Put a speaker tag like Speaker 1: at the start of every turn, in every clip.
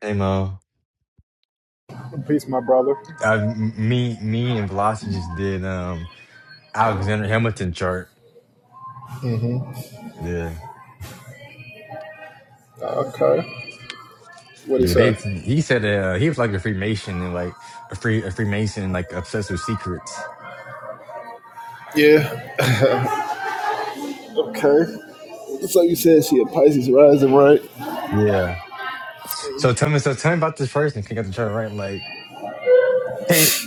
Speaker 1: Hey Mo,
Speaker 2: Peace, my brother.
Speaker 1: I, m- me, me, and Velocity just did um Alexander Hamilton chart. Yeah,
Speaker 2: Okay. What he
Speaker 1: yeah. They
Speaker 2: say?
Speaker 1: he said uh, he was like a Freemason and like a free a Freemason like obsessed with secrets.
Speaker 2: Yeah. Okay. It's like you said, she a Pisces rising, right?
Speaker 1: Yeah. So tell me, so tell me about this person. Can you get the chart right? Like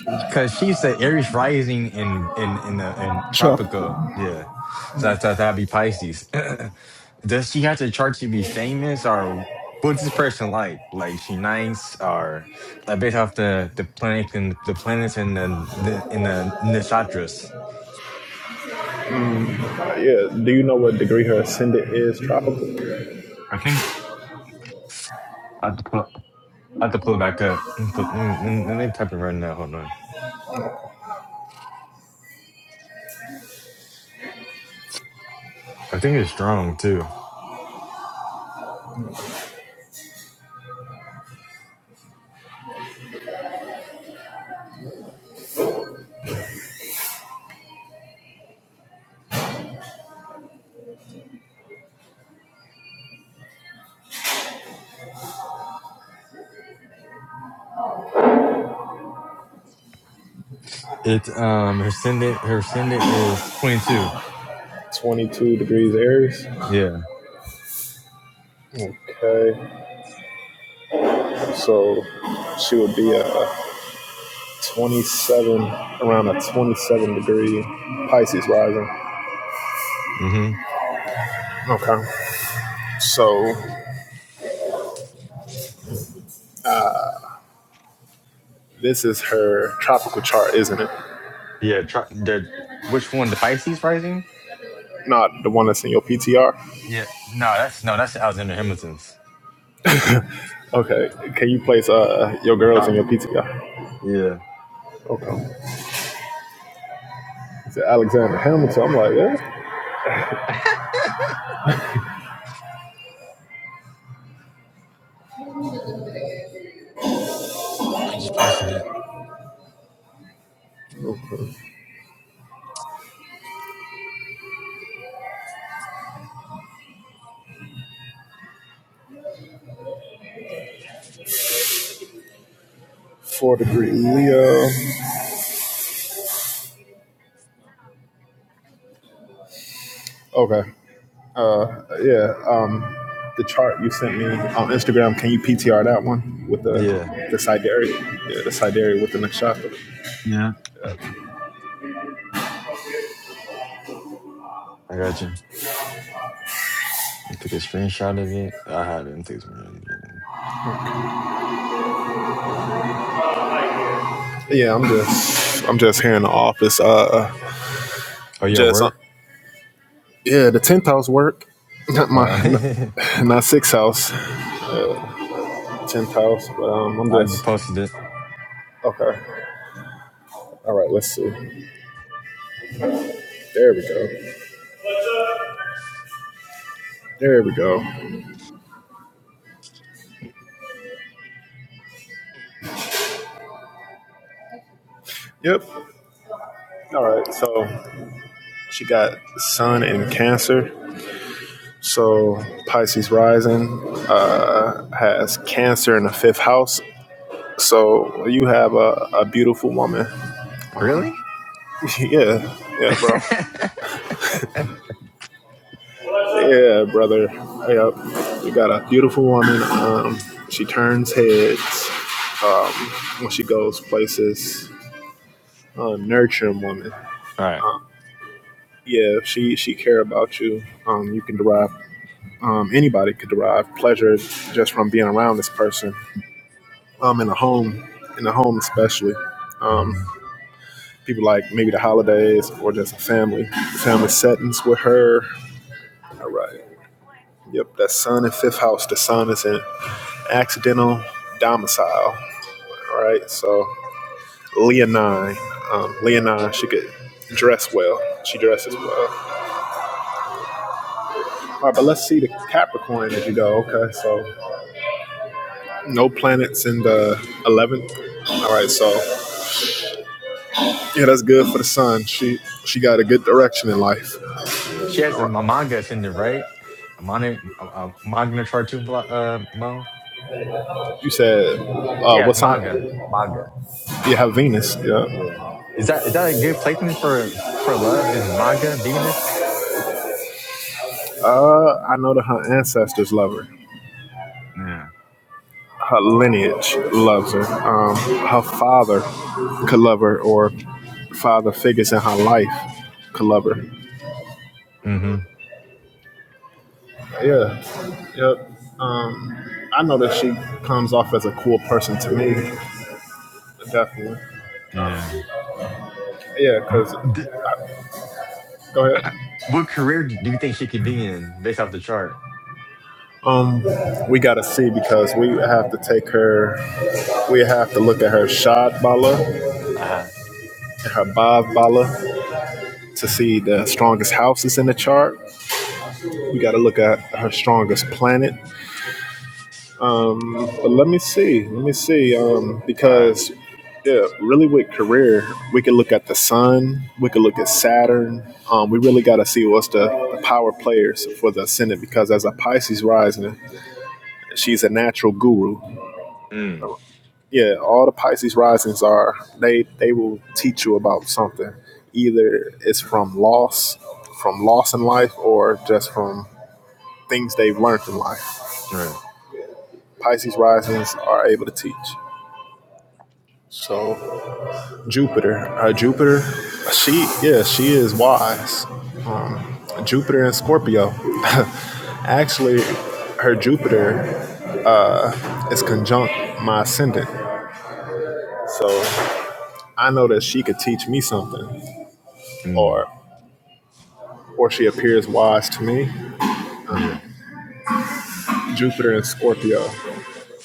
Speaker 1: Because she said Aries rising in in in the in tropical,
Speaker 2: Tropical.
Speaker 1: yeah. So I thought that'd be Pisces. Does she have to chart to be famous, or what's this person like? Like she nice, or like based off the the planet and the planets and the, the in the nakshatras?
Speaker 2: Uh, yeah. Do you know what degree her ascendant is? Tropical.
Speaker 1: I think I have to pull I have to pull it back up. Let me, put- let me, let me type it right now. Hold on. I think it's strong too. It um her ascendant her ascendant is twenty two.
Speaker 2: Twenty-two degrees Aries.
Speaker 1: Yeah.
Speaker 2: Okay. So she would be a twenty-seven, around a twenty-seven degree Pisces rising.
Speaker 1: Mm-hmm.
Speaker 2: Okay. So this is her tropical chart, isn't it?
Speaker 1: Yeah, try, the which one? The Pisces rising?
Speaker 2: Not the one that's in your PTR.
Speaker 1: Yeah. No, that's no, that's Alexander Hamilton's.
Speaker 2: Okay, can you place uh your girls in
Speaker 1: Stop.
Speaker 2: your PTR?
Speaker 1: Yeah,
Speaker 2: Okay. It's Alexander Hamilton. I'm like, yeah.
Speaker 1: I just posted it.
Speaker 2: Okay. Four degree Leo. Okay. Uh, yeah. Um, the chart you sent me on Instagram. Can you PTR that one with the
Speaker 1: yeah,
Speaker 2: the Sidari? Yeah, the Sidari with the nakshatra.
Speaker 1: Yeah. I got you. You took a screenshot of it. I had it. and took a screenshot of it.
Speaker 2: Yeah, I'm just I'm just here in the office. Uh,
Speaker 1: Oh yeah,
Speaker 2: just uh,
Speaker 1: work.
Speaker 2: yeah, the tenth house work. Not my not,
Speaker 1: Uh,
Speaker 2: not sixth house, tenth house. But um, I'm
Speaker 1: I just
Speaker 2: just
Speaker 1: posted it.
Speaker 2: okay. All right, let's see. There we go. There we go. Yep. All right. So she got Sun in Cancer. So Pisces rising uh, has Cancer in the fifth house. So you have a, a beautiful woman.
Speaker 1: Really?
Speaker 2: yeah. Yeah, bro.
Speaker 1: All
Speaker 2: Yeah, brother. Yep. You got a beautiful woman. Um, she turns heads um, when she goes places. Uh, nurturing woman.
Speaker 1: right.
Speaker 2: Um, yeah, if she she care about you. Um, you can derive Um, anybody could derive pleasure just from being around this person um, in a home, in the home especially. Um,
Speaker 1: hmm
Speaker 2: people like maybe the holidays or just a family, family settings with her. All right. Yep, that sun in fifth house. The sun is in accidental domicile. All right. So Leonine, um, Leonine, she could dress well. She dresses well. All right, but let's see the Capricorn as you go. Okay, so no planets in the 11th. All right, so Yeah, that's good for the son. She she got a good direction in life.
Speaker 1: Yeah, she has a
Speaker 2: You
Speaker 1: manga is in there, right? A manga, a, a manga chart too, Bla- uh, Mo.
Speaker 2: said,
Speaker 1: She
Speaker 2: uh,
Speaker 1: has
Speaker 2: what
Speaker 1: manga,
Speaker 2: sign?
Speaker 1: manga.
Speaker 2: Yeah, Venus. Yeah.
Speaker 1: Yeah. Is that is that a good placement for for love? Is manga veganist?
Speaker 2: Uh, I know that her ancestors love her.
Speaker 1: Yeah,
Speaker 2: Her lineage loves her. Um, her father could love her, or father figures in her life could love her.
Speaker 1: Mm-hmm.
Speaker 2: Yeah. Yep. Um, I know that she comes off as a cool person to me. Definitely.
Speaker 1: yeah.
Speaker 2: Yeah, because,
Speaker 1: D-
Speaker 2: go ahead.
Speaker 1: uh, What career do you think she could be in based off the chart?
Speaker 2: Um, we gotta see because we have to take her. We have to look at her shad bala and
Speaker 1: Uh huh.
Speaker 2: her bav bala to see the strongest houses in the chart. We gotta look at her strongest planet. But let me see. Let me see. Um,
Speaker 1: All right.
Speaker 2: because yeah, really with career, we could look at the sun. We could look at Saturn. Um, we really gotta see what's the, the power players for the ascendant because as a Pisces rising, she's a natural guru.
Speaker 1: Mm.
Speaker 2: yeah, all the Pisces risings are they they will teach you about something. Either it's from loss, from loss in life, or just from things they've learned in life.
Speaker 1: Right.
Speaker 2: Pisces risings are able to teach. So Jupiter, uh, Jupiter, she yeah she is wise. Um, Jupiter and Scorpio, actually, her Jupiter uh, is conjunct my ascendant. So I know that she could teach me something,
Speaker 1: Mm.
Speaker 2: or or she appears wise to me.
Speaker 1: yeah.
Speaker 2: Jupiter in Scorpio.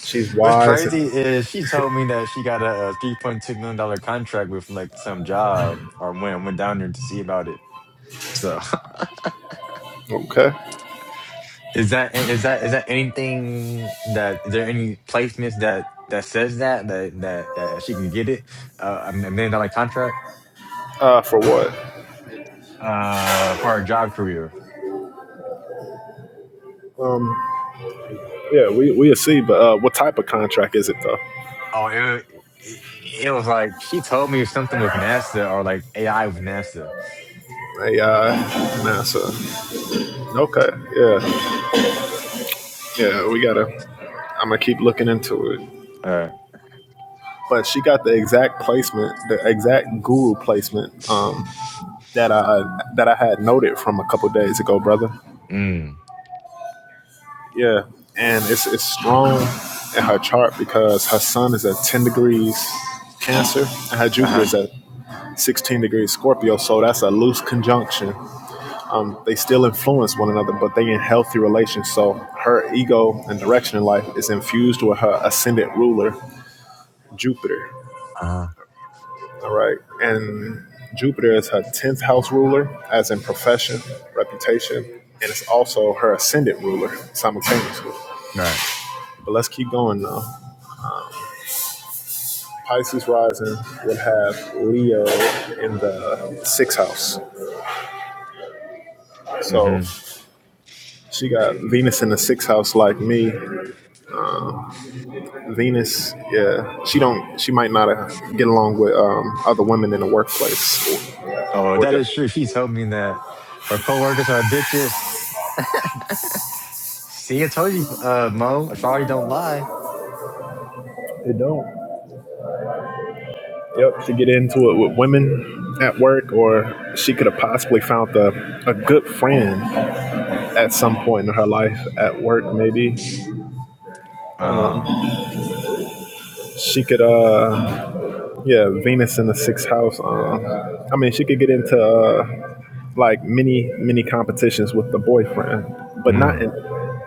Speaker 2: She's
Speaker 1: What's
Speaker 2: wise. And,
Speaker 1: crazy is she told me that she got a, a three point two million dollar contract with like some job or went went down there to see about it. So.
Speaker 2: okay.
Speaker 1: Is that is that is that anything that is there any placements that that says that that that that she can get it uh, a million dollar contract
Speaker 2: Uh, for what?
Speaker 1: uh for her job career?
Speaker 2: Yeah, we we'll see. But uh, what type of contract is it though?
Speaker 1: Oh, it, it it was like she told me something with NASA or like AI with NASA.
Speaker 2: AI, NASA. Okay. Yeah. Yeah. We gotta. I'm gonna keep looking into it.
Speaker 1: Uh,
Speaker 2: But she got the exact placement, the exact guru placement um, that I that I had noted from a couple days ago, brother.
Speaker 1: mm,
Speaker 2: Yeah, and it's it's strong in her chart because her sun is at ten degrees Cancer and her
Speaker 1: uh
Speaker 2: Jupiter
Speaker 1: huh,
Speaker 2: is at sixteen degrees Scorpio. So that's a loose conjunction. They still influence one another, but they in healthy relations. So her ego and direction in life is infused with her ascendant ruler Jupiter.
Speaker 1: uh huh.
Speaker 2: All right, and Jupiter is her tenth house ruler, as in profession, reputation, and it's also her ascendant ruler simultaneously.
Speaker 1: Right.
Speaker 2: But let's keep going now. Pisces rising would have Leo in the sixth house. So
Speaker 1: Mm-hmm.
Speaker 2: she got Venus in the sixth house like me. Venus, yeah, she don't she might not uh, get along with um, other women in the workplace or,
Speaker 1: Oh,
Speaker 2: or
Speaker 1: that
Speaker 2: just
Speaker 1: is true. She told me that her coworkers are bitches. See, I told you, uh, Mo. Sorry, don't lie.
Speaker 2: they don't. Yep, to get into it with women at work, or she could have possibly found the, a good friend at some point in her life at work. Maybe
Speaker 1: Uh,
Speaker 2: she could, uh, yeah, Venus in the sixth house. Um, I mean, she could get into uh, like many many competitions with the boyfriend, but not
Speaker 1: mm,
Speaker 2: in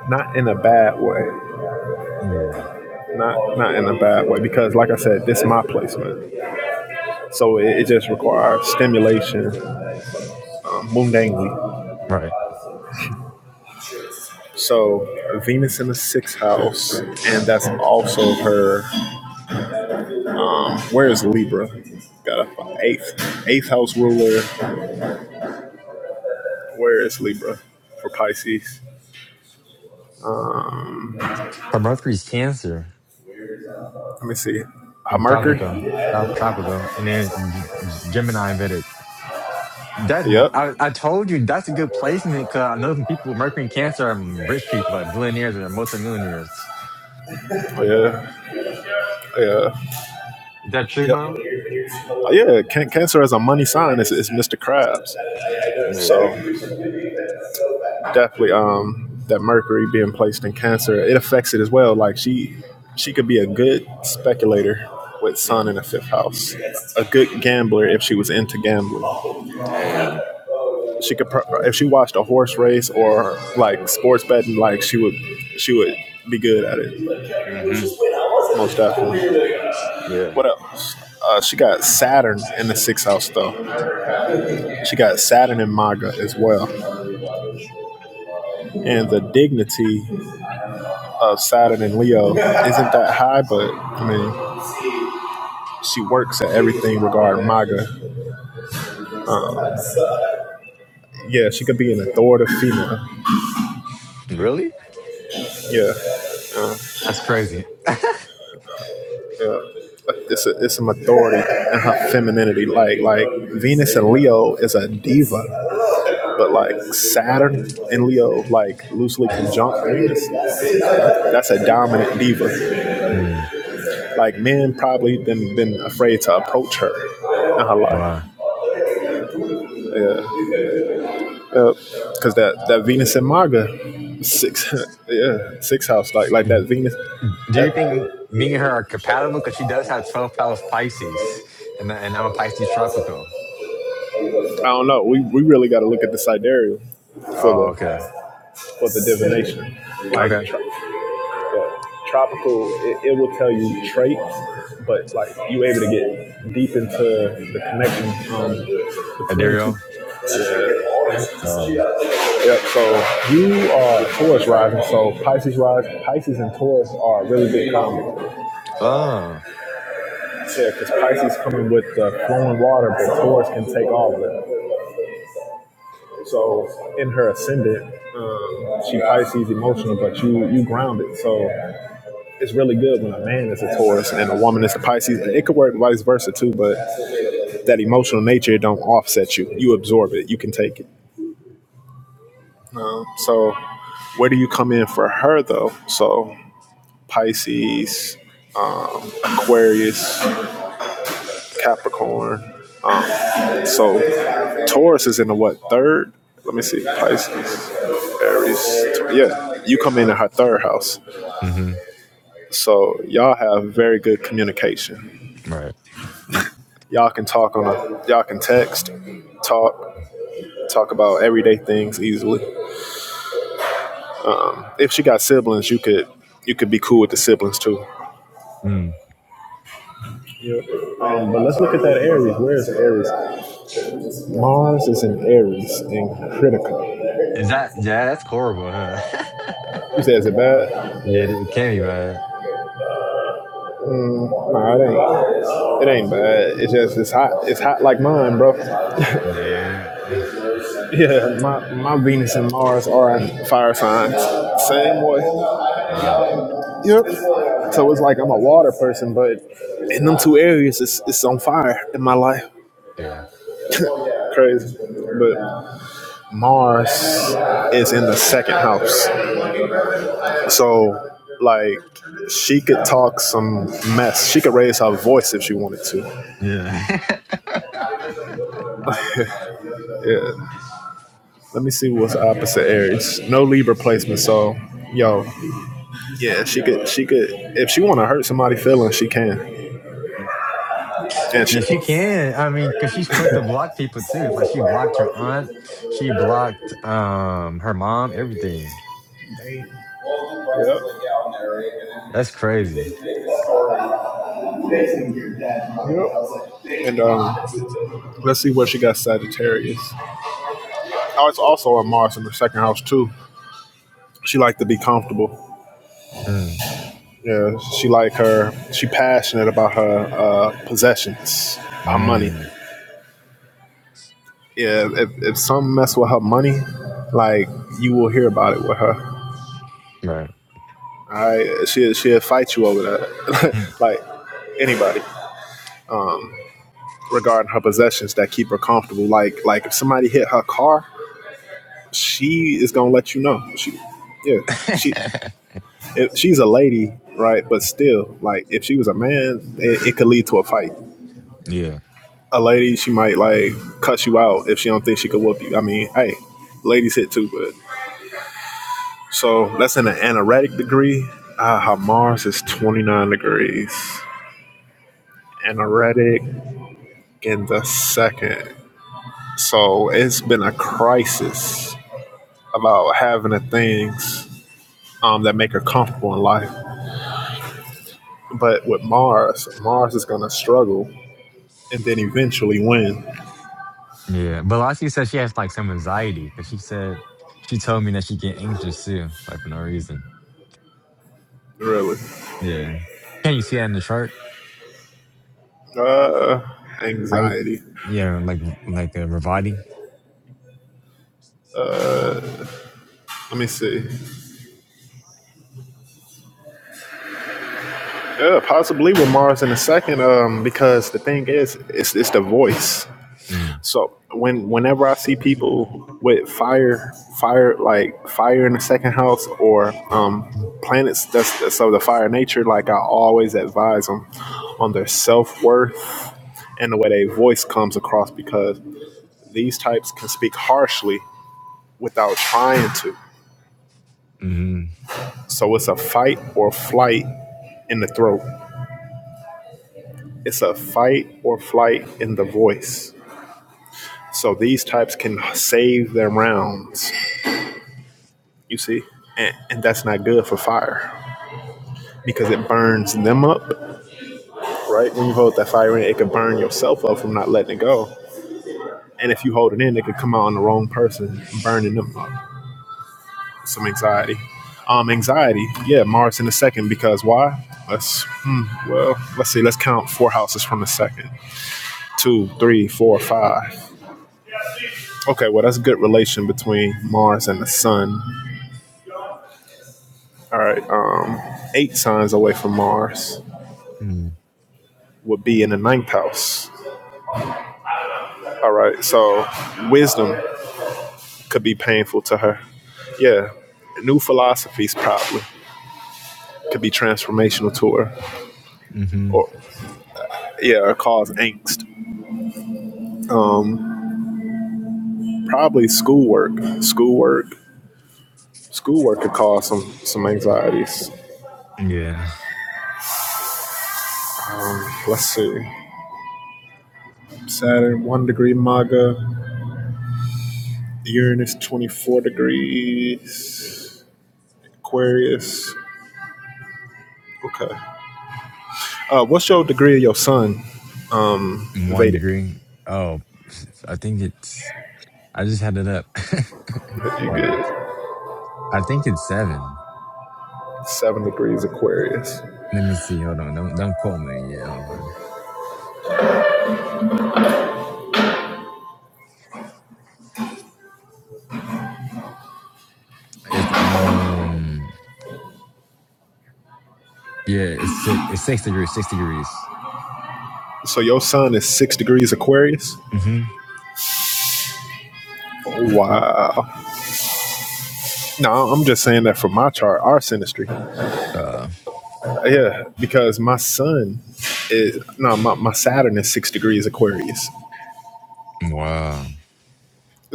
Speaker 2: not in a bad way.
Speaker 1: yeah.
Speaker 2: Not not in a bad way because, like I said, this is my placement, so it, it just requires stimulation, um, mundangly.
Speaker 1: Right.
Speaker 2: So Venus in the sixth house, and that's also her. Where is Libra? Got a fi- eighth eighth house ruler. Where is Libra for Pisces?
Speaker 1: Her Mercury's Cancer
Speaker 2: Let me see. Her
Speaker 1: in Tropico,
Speaker 2: Mercury.
Speaker 1: South Tropico, and then G- Gemini in Vedic. That
Speaker 2: Yep.
Speaker 1: I,
Speaker 2: Oh,
Speaker 1: I told you that's a good placement because I know some people with Mercury and Cancer are rich people, like billionaires or multimillionaires. Is
Speaker 2: Yeah. Oh, Yeah.
Speaker 1: that true,
Speaker 2: Yep.
Speaker 1: Mo?
Speaker 2: Yeah, can- Cancer as a money sign is, is Mr. Krabs.
Speaker 1: Yeah.
Speaker 2: So definitely, um, that Mercury being placed in Cancer, it affects it as well. Like she, she could be a good speculator with Sun
Speaker 1: Mm,
Speaker 2: in the fifth house, a good gambler if she was into gambling.
Speaker 1: dang.
Speaker 2: She could, pro- if she watched a horse race or like sports betting, like she would, she would be good at it
Speaker 1: hmm
Speaker 2: most definitely.
Speaker 1: Yeah.
Speaker 2: What else? Uh, she got Saturn in the sixth house, though. She got Saturn in MAGA as well. And the dignity of Saturn and Leo isn't that high, but I mean, she works at everything regarding MAGA. Yeah, she could be an authoritative female.
Speaker 1: Really?
Speaker 2: Yeah,
Speaker 1: That's crazy.
Speaker 2: yeah. But It's, a, it's some authority in her femininity. Like like Venus and Leo is a diva, but like Saturn and Leo, like loosely conjunct Venus, that's a dominant diva.
Speaker 1: Mm,
Speaker 2: Like men probably been been afraid to approach her in her life.
Speaker 1: wow.
Speaker 2: because that that Venus and Maga six yeah six house like like that
Speaker 1: Do
Speaker 2: Venus that
Speaker 1: you think me and her are compatible? Because she does have 12th house Pisces, and, and I'm a Pisces tropical.
Speaker 2: I don't know we, we really got to look at the sidereal for
Speaker 1: Oh,
Speaker 2: the
Speaker 1: okay.
Speaker 2: for the divination like
Speaker 1: Okay.
Speaker 2: tro- yeah, tropical it, it will tell you traits but like you able to get deep into the connection um, between two
Speaker 1: Adirio.
Speaker 2: Yep. So you are Taurus rising. So Pisces rise. Pisces and Taurus are a really big combo.
Speaker 1: Oh,
Speaker 2: Yeah, because Pisces coming with the flowing water, but Taurus can take all of it. So in her ascendant, um, she Pisces emotional, but you you grounded. So it's really good when a man is a Taurus and a woman is a Pisces. It could work vice versa too, but that emotional nature don't offset you. You absorb it. You can take it. So where do you come in for her though? So Pisces, um, Aquarius, Capricorn. So Taurus is in the what third? Let me see. Pisces, Aries. Yeah, you come in at her third house.
Speaker 1: hmm
Speaker 2: So y'all have very good communication.
Speaker 1: Right.
Speaker 2: Y'all can talk on a, y'all can text, talk, talk about everyday things easily. If she got siblings, you could you could be cool with the siblings too.
Speaker 1: Mm.
Speaker 2: Yep. Um, but let's look at that Aries. Where is Aries? Mars is in Aries in Critica.
Speaker 1: Is that yeah? That's horrible, huh?
Speaker 2: You said is it bad?
Speaker 1: yeah, it it can be bad.
Speaker 2: No, it ain't. It ain't bad. It's just it's hot. It's hot like mine, bro.
Speaker 1: Yeah.
Speaker 2: Yeah. My my Venus and Mars are fire signs. Same way.
Speaker 1: Uh,
Speaker 2: Yep. So it's like I'm a water person, but in them two areas, it's it's on fire in my life.
Speaker 1: yeah.
Speaker 2: Crazy. But Mars is in the second house, so like she could talk some mess. She could raise her voice if she wanted to.
Speaker 1: Yeah.
Speaker 2: Yeah. Let me see what's opposite Aries. No Libra placement, so yo, yeah, she could, she could, if she want to hurt somebody' feelings, she can, and
Speaker 1: yeah,
Speaker 2: she,
Speaker 1: she can. I mean, because she's quick to block people too. Like she blocked her aunt, she blocked um her mom, everything.
Speaker 2: Yep.
Speaker 1: That's crazy.
Speaker 2: Yep. And um, let's see where she got Sagittarius. Oh, it's also a Mars in the second house too. She like to be comfortable.
Speaker 1: Mm.
Speaker 2: Yeah, she like her. She passionate about her uh, possessions, her money.
Speaker 1: Mm.
Speaker 2: Yeah, if if some mess with her money, like you will hear about it with her.
Speaker 1: Right.
Speaker 2: I she she'll fight you over that. like anybody regarding her possessions that keep her comfortable. Like like if somebody hit her car, she is gonna let you know. She yeah she if she's a lady right, but still like if she was a man, it, it could lead to a fight.
Speaker 1: yeah.
Speaker 2: a lady, she might like cut you out if she don't think she could whoop you. I mean, hey, ladies hit too, but so that's in an anoretic degree. Ah, how Mars is 29 degrees. Anoretic in the second. So it's been a crisis about having the things um, that make her comfortable in life. But with Mars, Mars is going to struggle and then eventually win.
Speaker 1: Yeah, but Lassie said she has like some anxiety because she said she told me that she get anxious too, like for no reason.
Speaker 2: Really.
Speaker 1: Yeah, can you see that in the chart?
Speaker 2: Uh,
Speaker 1: I
Speaker 2: anxiety.
Speaker 1: yeah, like like uh, Ravati.
Speaker 2: Let me see. Yeah, possibly with Mars in a second. Um, because the thing is, it's it's the voice.
Speaker 1: Mm.
Speaker 2: So when whenever I see
Speaker 1: Mm-hmm.
Speaker 2: people with fire, fire like fire in the second house or um planets that's that's of the fire nature, like I always advise them on their self worth and the way their voice comes across because these types can speak harshly without trying to. So it's a fight or flight in the throat. It's a fight or flight in the voice. So these types can save their rounds, you see? And, and that's not good for fire because it burns them up, right? When you hold that fire in, it could burn yourself up from not letting it go. And if you hold it in, it could come out on the wrong person, burning them up. Some anxiety. Um, anxiety, yeah, Mars in a second because why? Let's, hmm, well, let's see, let's count four houses from the second. Two, three, four, five. Okay, well, that's a good relation between Mars and the Sun All right. Um, eight signs away from Mars
Speaker 1: Mm.
Speaker 2: would be in the ninth house. All right. So wisdom could be painful to her. Yeah. New philosophies probably could be transformational to her.
Speaker 1: Mm-hmm.
Speaker 2: Or yeah, or cause angst. Probably schoolwork. Schoolwork. Schoolwork could cause some some anxieties.
Speaker 1: Yeah,
Speaker 2: Let's see. Saturn one degree MAGA. Uranus twenty four degrees. Aquarius. Okay. Uh, what's your degree of your son? Um,
Speaker 1: one
Speaker 2: Vedic.
Speaker 1: degree. Oh, I think it's. I just had it up.
Speaker 2: you
Speaker 1: hold on,
Speaker 2: get
Speaker 1: I think it's seven.
Speaker 2: seven degrees Aquarius.
Speaker 1: Let me see. Hold on, don't don't quote me. Yeah, hold on. It's um. Yeah, it's six. It's six degrees. Six degrees.
Speaker 2: So your son is six degrees Aquarius.
Speaker 1: Mhm.
Speaker 2: Wow. No, I'm just saying that for my chart, our synastry.
Speaker 1: Uh,
Speaker 2: Yeah, because my son is no, my, my Saturn is six degrees Aquarius.
Speaker 1: wow.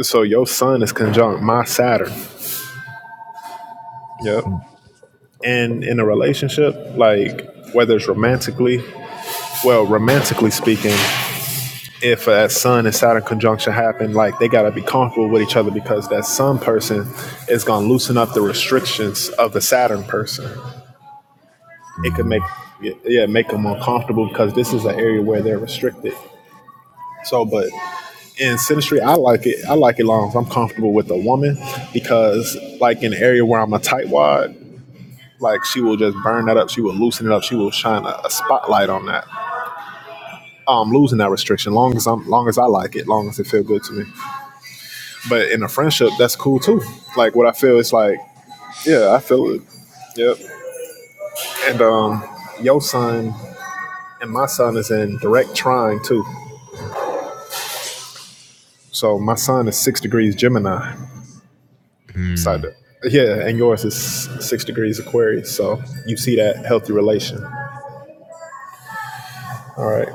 Speaker 2: So your son is conjunct my Saturn. Yep. And in a relationship, like whether it's romantically, well, romantically speaking, if that Sun and Saturn conjunction happen, like they gotta be comfortable with each other because that Sun person is gonna loosen up the restrictions of the Saturn person. It could
Speaker 1: Mm-hmm.
Speaker 2: make yeah yeah, make them uncomfortable because this is an area where they're restricted. So, but in synastry, I like it. I like it long as I'm comfortable with a woman because, like, in an area where I'm a tightwad, like she will just burn that up. She will loosen it up. She will shine a, a spotlight on that. I'm um, losing that restriction. Long as I'm, long as I like it, long as it feel good to me. But in a friendship, that's cool too. Like what I feel is like, yeah, I feel it. Yep. And um, your son and my son is in direct trine too. So my son is six degrees Gemini. Side
Speaker 1: Mm.
Speaker 2: up. yeah, and yours is six degrees Aquarius. So you see that healthy relation. All right.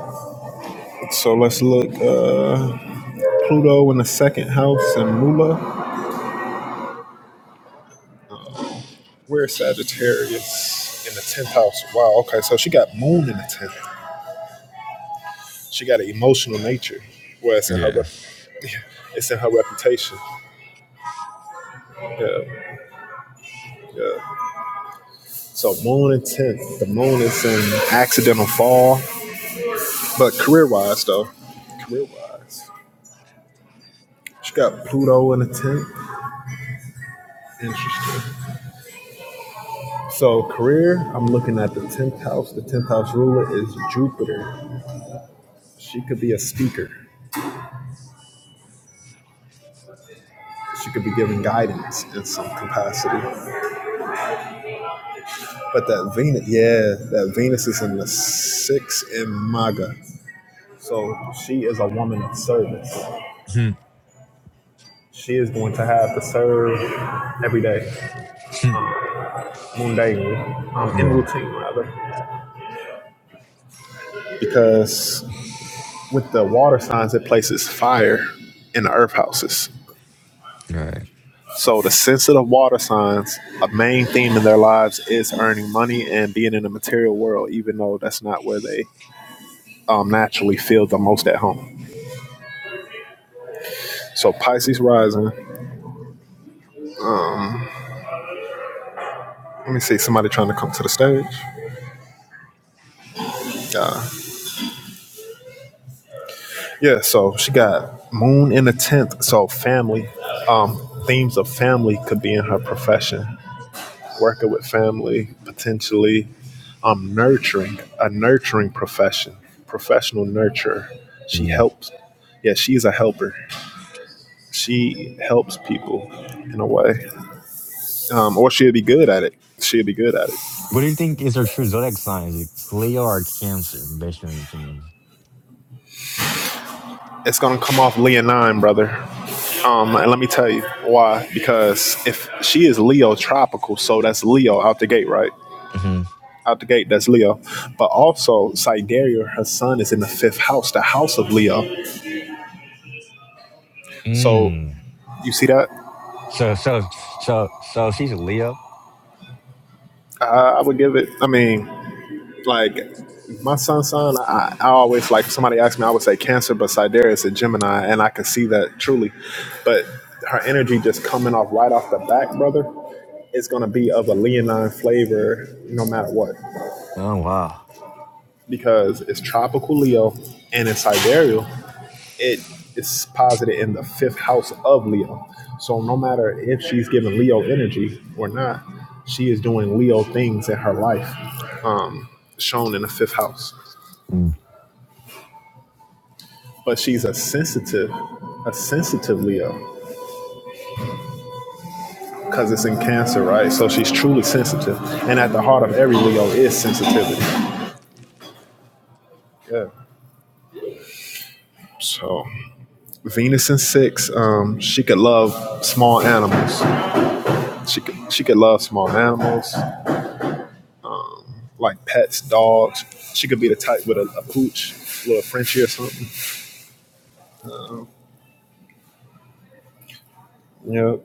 Speaker 2: So let's look uh, Pluto in the second house and Mula. Where's Sagittarius in the tenth house? Wow. Okay. So she got Moon in the tenth. She got an emotional nature, where it's in her
Speaker 1: Yeah.
Speaker 2: rep- it's in her reputation. Yeah, yeah. So Moon and Tenth, the Moon is in accidental fall, but career wise though, career wise, she got Pluto in the tenth. Interesting. So career, I'm looking at the tenth house. The tenth house ruler is Jupiter. She could be a speaker. She could be giving guidance in some capacity. But that Venus, yeah, that Venus is in the sixth in Maga. So she is a woman of service.
Speaker 1: Mhm.
Speaker 2: She is going to have to serve every day, mundanely, um, in
Speaker 1: yeah.
Speaker 2: routine rather. Because with the water signs, it places fire in the earth houses.
Speaker 1: Right.
Speaker 2: So the sensitive water signs, a main theme in their lives is earning money and being in the material world, even though that's not where they um, naturally feel the most at home. So Pisces rising. Let me see somebody trying to come to the stage. Yeah, so she got moon in the tenth. So family, um, themes of family could be in her profession. Working with family, potentially, um, nurturing a nurturing profession, professional nurturer. She
Speaker 1: Mm.
Speaker 2: helps. Yeah, she's a helper. She helps people in a way, um, or she'll be good at it. She'll be good at it.
Speaker 1: What do you think is our true zodiac signs? Like It's Leo or Cancer, based on your opinion.
Speaker 2: It's gonna come off Leonine, brother. Um, and let me tell you why. Because if she is Leo tropical, so that's Leo out the gate, right?
Speaker 1: hmm
Speaker 2: out the gate, that's Leo. But also, Sidereal, her son, is in the fifth house, the house of Leo. So
Speaker 1: Mm.
Speaker 2: you see that?
Speaker 1: So, so, so, so she's a Leo.
Speaker 2: Uh, I would give it. I mean, like my son's son, I, I always like. if Somebody asked me, I would say Cancer, but Sidereal is a Gemini, and I can see that truly. But her energy just coming off right off the back, brother. It's gonna be of a Leonine flavor, no matter what,
Speaker 1: Oh wow.
Speaker 2: because it's tropical Leo and it's sidereal. it is posited in the fifth house of Leo. So no matter if she's giving Leo energy or not, she is doing Leo things in her life, um, shown in the fifth house.
Speaker 1: Mm.
Speaker 2: But she's a sensitive, a sensitive Leo because it's in Cancer, right? So she's truly sensitive, and at the heart of every Leo is sensitivity. Yeah. So Venus in six, um, she could love small animals. She could she could love small animals. like pets, dogs. She could be the type with a, a pooch, a little Frenchie or something. Yep.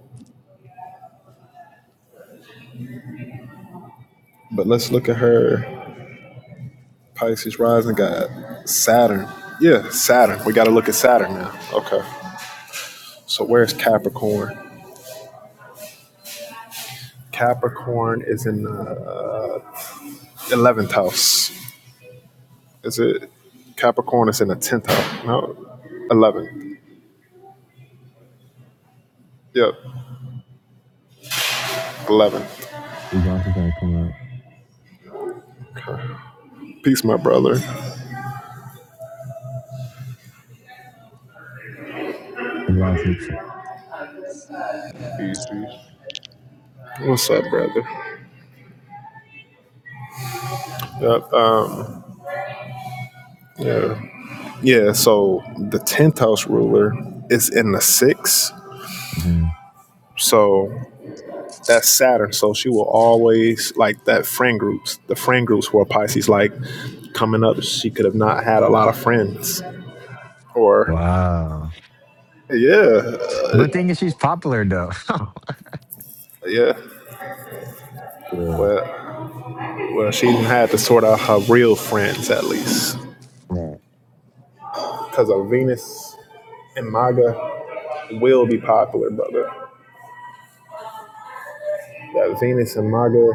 Speaker 2: But let's look at her Pisces rising god, Saturn. Yeah, Saturn. We got to look at Saturn now. Okay. So where's Capricorn? Capricorn is in the uh, eleventh house. Is it? Capricorn is in the tenth house. No, eleven. Yep, eleven.
Speaker 1: Iblasi's gonna come up.
Speaker 2: Okay. Peace, my brother.
Speaker 1: Iblasi.
Speaker 3: Peace, peace.
Speaker 2: What's up, brother? Yep. Um, Yeah. Yeah, so the 10th house ruler is in the 6th.
Speaker 1: hmm
Speaker 2: So that's Saturn. So she will always like that friend groups. The friend groups who are Pisces like coming up, she could have not had a lot of friends. Or
Speaker 1: Wow.
Speaker 2: yeah,
Speaker 1: But thing is, she's popular though.
Speaker 2: yeah.
Speaker 1: Yeah.
Speaker 2: Well, well, she didn't have to sort out her real friends at least.
Speaker 1: Right.
Speaker 2: Cuz a Venus in MAGA will be popular, brother. That Venus in MAGA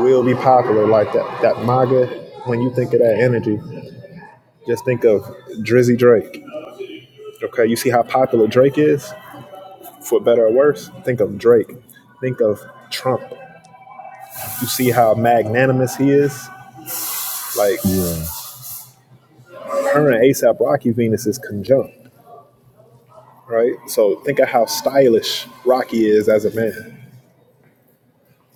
Speaker 2: will be popular like that. That MAGA, when you think of that energy, just think of Drizzy Drake. Okay, you see how popular Drake is, for better or worse? Think of Drake. Think of Trump. You see how magnanimous he is? Like,
Speaker 1: Yeah.
Speaker 2: her and ASAP Rocky Venus is conjunct, right? So think of how stylish Rocky is as a man.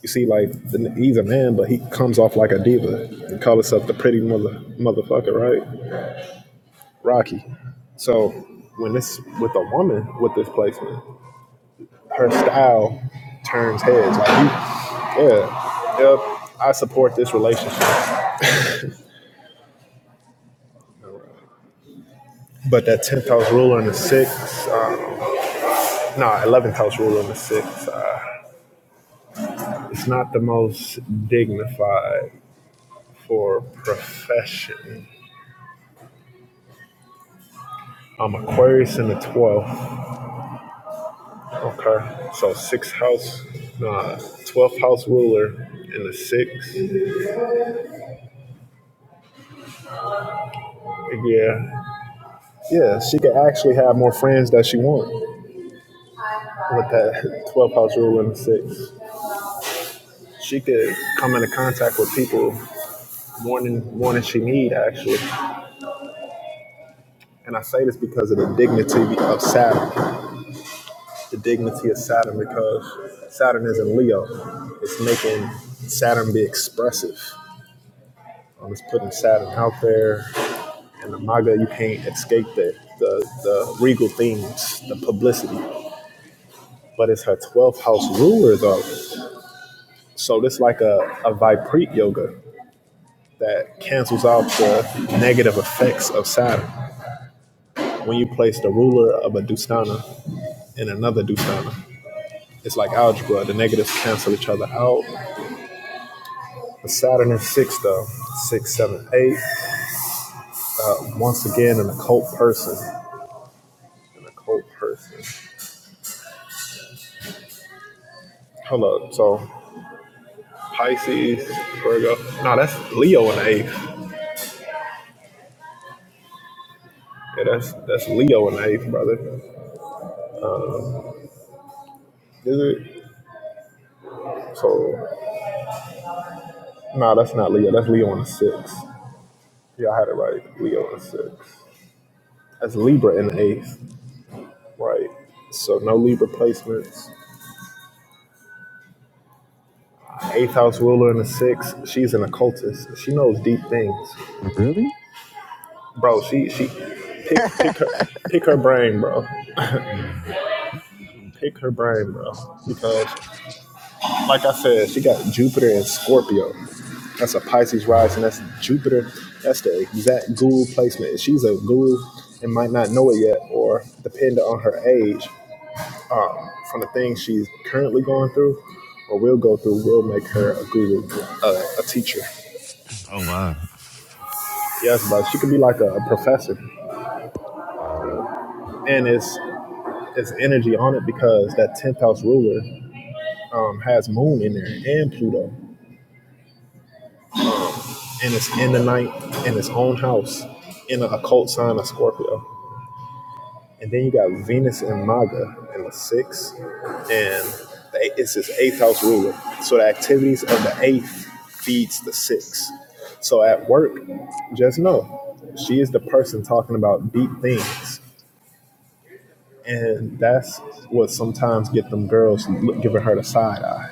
Speaker 2: You see, like, he's a man, but he comes off like a diva and call himself the pretty mother motherfucker, right? Rocky. So when it's with a woman with this placement, her style turns heads. Like you, yeah, yep. I support this relationship, but that tenth house ruler in the six, uh, no, eleventh house ruler in the six, uh, it's not the most dignified for profession. I'm Aquarius in the 12th. Okay. So sixth house, nah, 12th house ruler in the sixth. Yeah. Yeah, she could actually have more friends that she wants with that 12 house rule and six. She could come into contact with people more than more than she need actually. And I say this because of the dignity of Saturn, the dignity of Saturn because Saturn is in Leo. It's making Saturn be expressive. Um, it's putting Saturn out there, and the MAGA you can't escape that the the regal themes, the publicity. But it's her 12th house ruler though. So this like a, a Vipreet yoga that cancels out the negative effects of Saturn. When you place the ruler of a Dustana in another Dustana, it's like algebra. The negatives cancel each other out. The Saturn is six though. Six, seven, eight. Uh, once again, an occult person. An occult person. Hold up. So Pisces, Virgo. No, that's Leo in the eighth. Yeah, that's that's Leo in the eighth, brother. Is it? So, no, that's not Leo. That's Leo in the sixth. Yeah, I had it right. Leo in six. That's Libra in the eighth. Right. So no Libra placements. Eighth house ruler in the sixth. She's an occultist. She knows deep things.
Speaker 1: Really?
Speaker 2: Bro, she she pick pick her pick her brain, bro.
Speaker 1: Mm.
Speaker 2: Pick her brain, bro. Because like I said, she got Jupiter in Scorpio. That's a Pisces rising. That's Jupiter. That's the exact guru placement. If She's a guru and might not know it yet, or depending on her age, um, from the things she's currently going through or will go through will make her a guru, a, a teacher.
Speaker 1: Oh wow.
Speaker 2: Yes, but she could be like a, a professor.
Speaker 1: Wow.
Speaker 2: And it's it's energy on it because that tenth house ruler um, has Moon in there and Pluto, and it's in the ninth in its own house in a occult sign of Scorpio. And then you got Venus and Maga in the sixth, and the, it's his eighth house ruler. So the activities of the eighth feeds the sixth. So at work, just know she is the person talking about deep things, and that's what sometimes get them girls giving her the side eye.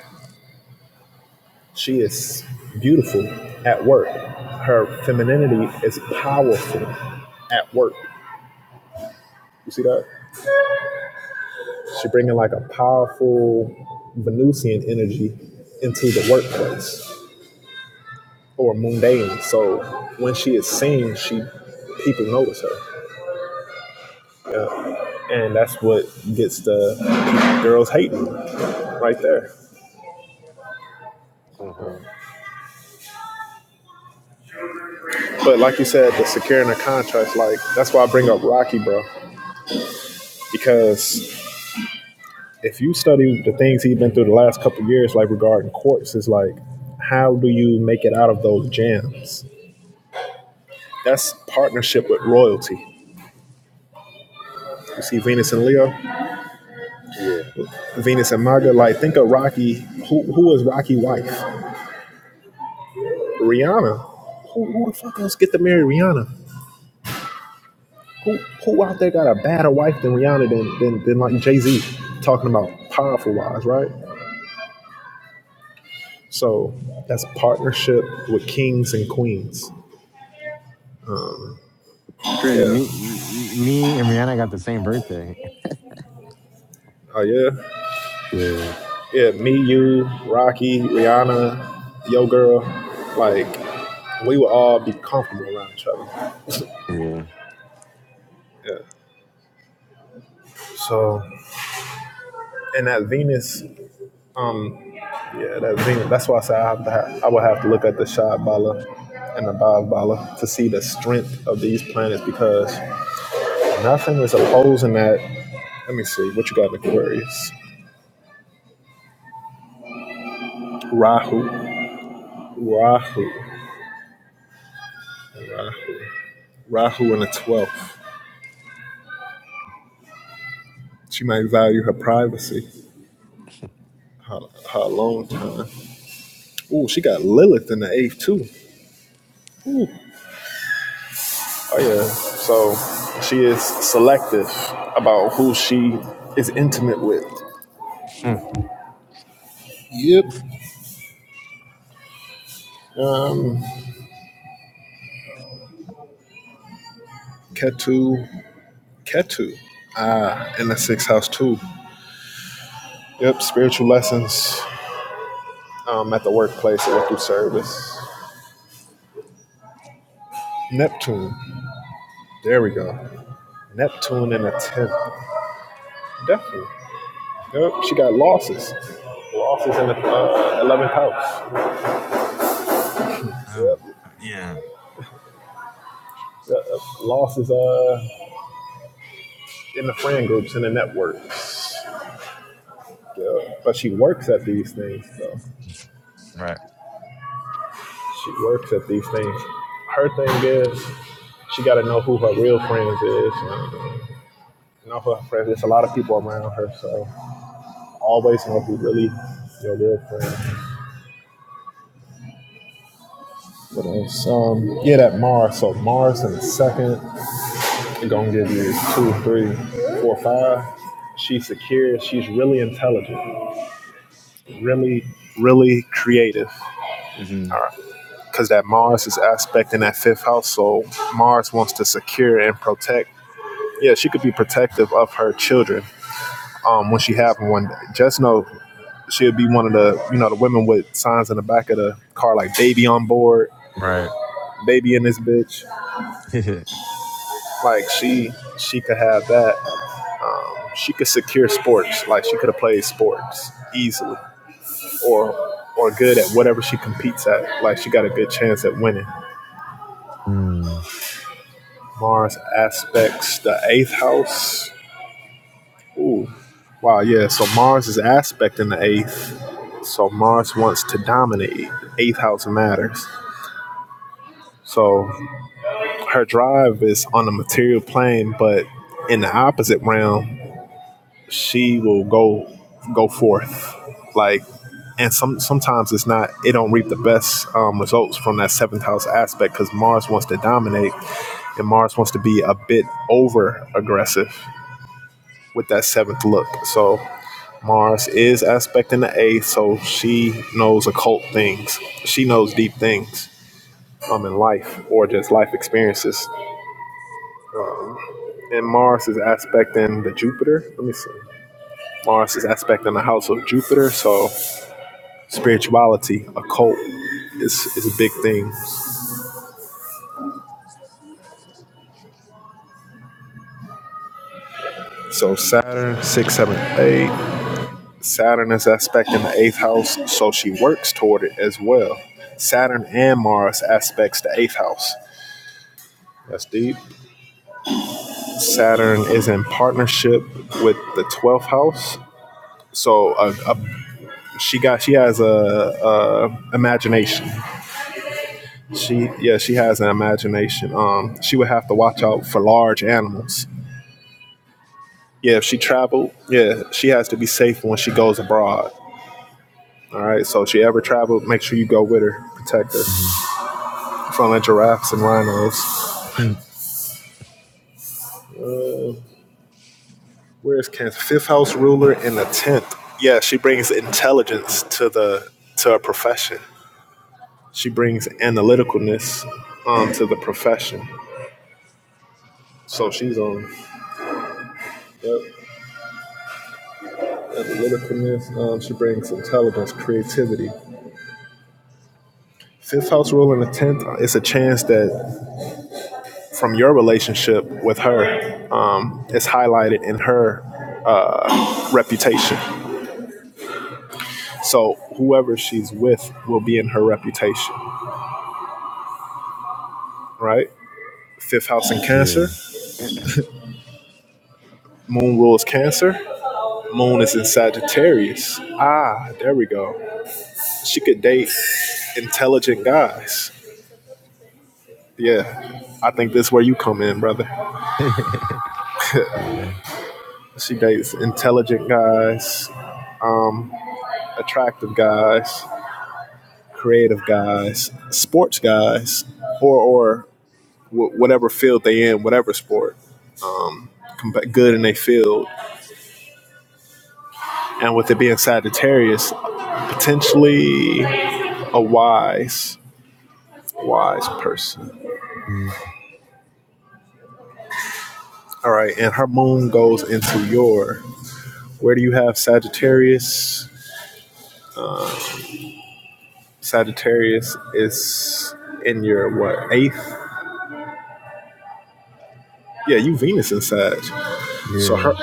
Speaker 2: She is beautiful at work. Her femininity is powerful at work. You see that? She bringing like a powerful Venusian energy into the workplace or mundane. So when she is seen, she people notice her, yeah. and that's what gets the girls hating right there.
Speaker 1: hmm
Speaker 2: But like you said, the securing the contract like that's why I bring up Rocky, bro, because if you study the things he's been through the last couple of years, like regarding courts, is like how do you make it out of those jams? That's partnership with royalty. You see Venus and Leo,
Speaker 1: Yeah.
Speaker 2: Venus and Maga. Like, think of Rocky. Who who is Rocky's wife? Rihanna. Who, who the fuck else get to marry Rihanna? Who who out there got a badder wife than Rihanna than than, than like Jay Z? Talking about powerful wives, right? So that's partnership with kings and queens.
Speaker 1: Crazy.
Speaker 2: Yeah.
Speaker 1: Me, m- me and Rihanna got the same birthday.
Speaker 2: Oh yeah.
Speaker 1: Yeah.
Speaker 2: Yeah. Me, you, Rocky, Rihanna, yo girl. Like we would all be comfortable around each other.
Speaker 1: Yeah.
Speaker 2: Yeah. So and that Venus Yeah, that's Venus. That's why I said I have to. Have, I would have to look at the Shad Bala and the Bhav Bala to see the strength of these planets because nothing is opposing that. Let me see what you got in Aquarius. Rahu, Rahu, Rahu, Rahu in the twelfth. She might value her privacy, her, her alone time. Ooh, she got Lilith in the eighth too. Ooh. Oh yeah. So she is selective about who she is intimate with.
Speaker 1: Hmm.
Speaker 2: Yep. Um, Ketu, Ketu, ah, in the sixth house too. Yep, spiritual lessons um, at the workplace or through service. Neptune, there we go. Neptune in the tenth, definitely. Yep, she got losses. Losses in the uh, eleventh house.
Speaker 1: Um,
Speaker 2: Yep. yep.
Speaker 1: yeah.
Speaker 2: yep. Losses uh in the friend groups in the networks. Yeah. But she works at these things though.
Speaker 1: Right.
Speaker 2: She works at these things. Her thing is she got to know who her real friends is. And, and off of her friends, there's a lot of people around her, so always know who really your real friend. But it's, um, yeah, that Mars. So Mars in the second, it gonna give you two, three, four, five. She's secure. She's really intelligent. Really, really creative.
Speaker 1: hmm
Speaker 2: All right, because that Mars is aspect in that fifth house, so Mars wants to secure and protect yeah, she could be protective of her children um, when she have them one day. Just know she'll be one of the you know the women with signs in the back of the car like baby on board,
Speaker 1: Right.
Speaker 2: baby in this bitch. Like she she could have that. She could secure sports. Like she could have played sports easily or or good at whatever she competes at. Like she got a good chance at winning. Mars aspects the eighth house. Ooh. Wow, yeah. So Mars is aspect in the eighth. So Mars wants to dominate. Eighth house matters. So her drive is on the material plane, but in the opposite realm, she will go go forth. Like and some sometimes it's not it don't reap the best um, results from that seventh house aspect because Mars wants to dominate and Mars wants to be a bit over aggressive with that seventh look. So Mars is aspecting the eighth, so she knows occult things. She knows deep things um, in life or just life experiences. And Mars is aspecting the Jupiter. Let me see. Mars is aspecting the house of Jupiter, so spirituality, occult is, is a big thing. So Saturn, six, seven, eight. Saturn is aspecting the eighth house, so she works toward it as well. Saturn and Mars aspects the eighth house. That's deep. Saturn is in partnership with the 12th house. So uh, uh, she got she has a, a imagination. She yeah she has an imagination. Um, she would have to watch out for large animals. Yeah, if she traveled, yeah, she has to be safe when she goes abroad. All right, so if she ever traveled, make sure you go with her, protect her
Speaker 1: Mm-hmm.
Speaker 2: from the giraffes and rhinos. Uh, where is Cancer? Fifth house ruler in the tenth. Yeah, she brings intelligence to the to a profession. She brings analyticalness um, to the profession. So she's on yep. analyticalness. Um, she brings intelligence, creativity. Fifth house rule and the tenth uh, it's a chance that from your relationship with her, um, it's highlighted in her uh, reputation. So whoever she's with will be in her reputation, right? Fifth house in Cancer.
Speaker 1: yeah.
Speaker 2: Moon rules Cancer. Moon is in Sagittarius. Ah, there we go. She could date intelligent guys. Yeah, I think this is where you come in, brother.
Speaker 1: yeah.
Speaker 2: She dates intelligent guys, attractive guys, creative guys, sports guys, or or wh- whatever field they in, whatever sport, um, com- good in their field. And with it being Sagittarius, potentially a wise, wise person.
Speaker 1: Mm.
Speaker 2: All right, and her moon goes into your. Where do you have Sagittarius? Sagittarius is in your what eighth? Yeah, you Venus in Sag. So
Speaker 1: Yeah.
Speaker 2: her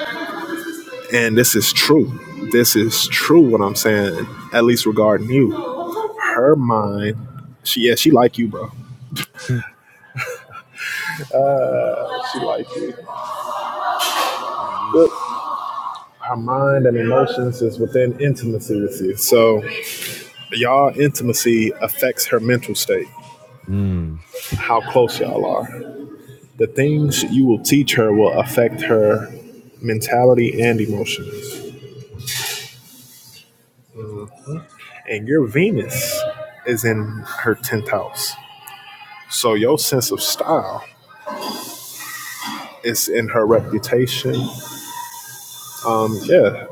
Speaker 2: and this is true. This is true what I'm saying, at least regarding you. Her mind, she yeah, she like you, bro. She like you. Yep. Her mind and emotions is within intimacy with you. So y'all intimacy affects her mental state,
Speaker 1: mm.
Speaker 2: how close y'all are. The things you will teach her will affect her mentality and emotions. and your Venus is in her 10th house. So your sense of style is in her reputation. Yeah,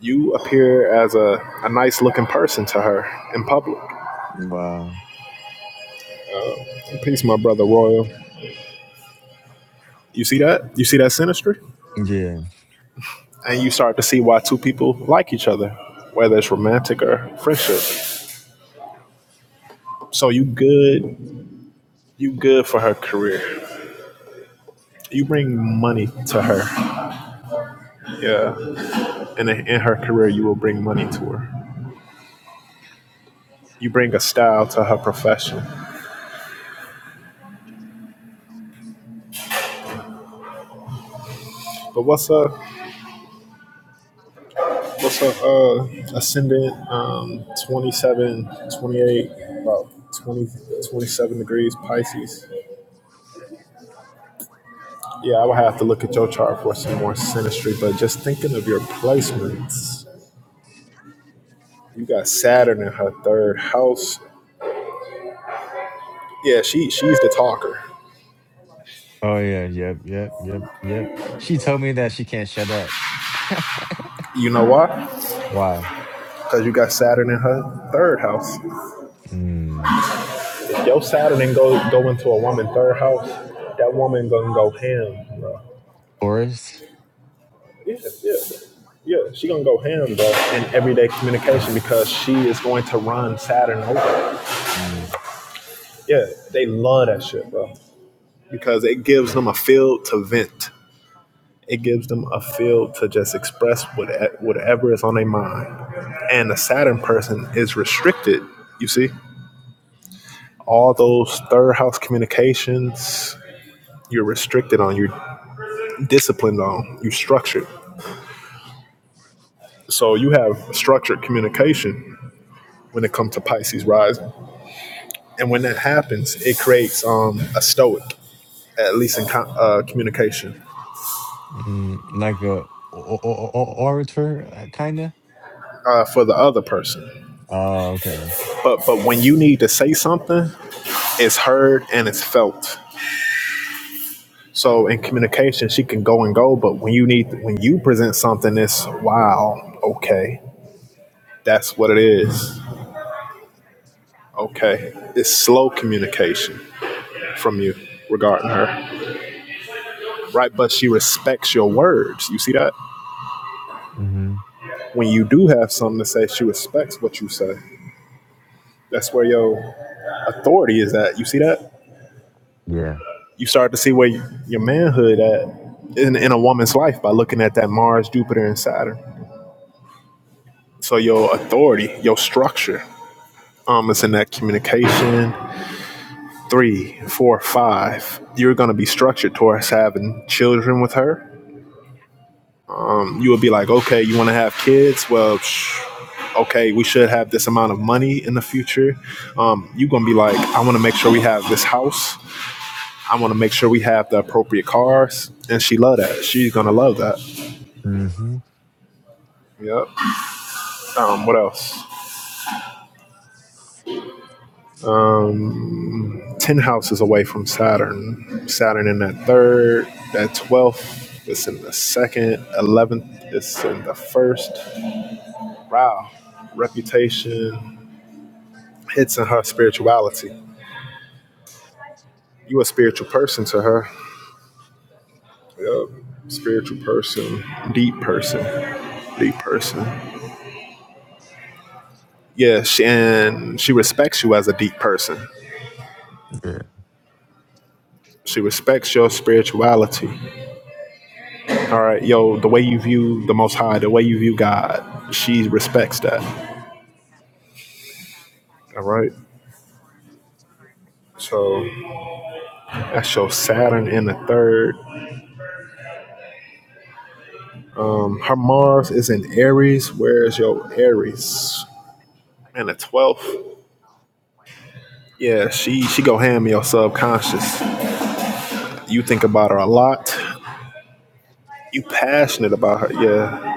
Speaker 2: you appear as a, a nice looking person to her in public.
Speaker 1: Wow.
Speaker 2: Peace, my brother Royal. You see that? You see that synastry?
Speaker 1: Yeah.
Speaker 2: And you start to see why two people like each other, whether it's romantic or friendship. So you good, you good for her career. You bring money to her. Yeah. And in in her career, you will bring money to her. You bring a style to her profession. But what's up? What's up? Uh, ascendant, um, 27, 28, about 20 27 degrees Pisces. Yeah, I would have to look at your chart for some more synastry, but just thinking of your placements, you got Saturn in her third house. Yeah, she she's the talker.
Speaker 1: Oh yeah. Yep. Yep. Yep. Yep. She told me that she can't shut up.
Speaker 2: You know why?
Speaker 1: Why?
Speaker 2: Because you got Saturn in her third house.
Speaker 1: mm.
Speaker 2: If your Saturn go go into a woman third house, that woman gonna go ham, bro.
Speaker 1: Taurus.
Speaker 2: Yeah, yeah, yeah. She gonna go ham bro in everyday communication because she is going to run Saturn over. Yeah, they love that shit, bro, because it gives them a field to vent. It gives them a field to just express what, whatever is on their mind. And the Saturn person is restricted. You see, all those third house communications you're restricted on, you're disciplined on, you're structured. So you have structured communication when it comes to Pisces rising and when that happens, it creates um, a stoic, at least in co- uh, communication,
Speaker 1: Mm, like a o- o- o- o- orator, kind of.
Speaker 2: uh, for the other person.
Speaker 1: Oh, okay.
Speaker 2: But but when you need to say something, it's heard and it's felt. So in communication, she can go and go, but when you need when you present something, it's wow, okay, that's what it is. Okay, it's slow communication from you regarding her, right? But she respects your words. You see that
Speaker 1: hmm
Speaker 2: when you do have something to say, she respects what you say. That's where your authority is that. You see that?
Speaker 1: Yeah.
Speaker 2: You start to see where y- your manhood at in, in a woman's life by looking at that Mars, Jupiter, and Saturn. So your authority, your structure, um, is in that communication. Three, four, five. You're gonna be structured towards having children with her. You would be like, okay, you want to have kids? Well, psh, okay, we should have this amount of money in the future. Um, you're gonna be like, I want to make sure we have this house I want to make sure we have the appropriate cars, and she love that. She's gonna love that.
Speaker 1: hmm
Speaker 2: Yep. Um, what else? Ten houses away from Saturn. Saturn in that third. That twelfth It's in the second. Eleventh It's in the first. Wow. Reputation hits in her spirituality. You a spiritual person to her. Yep. Spiritual person. Deep person. Deep person. Yeah, she, and she respects you as a deep person.
Speaker 1: Yeah.
Speaker 2: She respects your spirituality. All right, yo, the way you view the Most High, the way you view God, she respects that. All right. So that's your Saturn in the third. Um, Her Mars is in Aries. Where's your Aries? In the twelfth. Yeah, she she go ham your subconscious. You think about her a lot. You passionate about her. Yeah.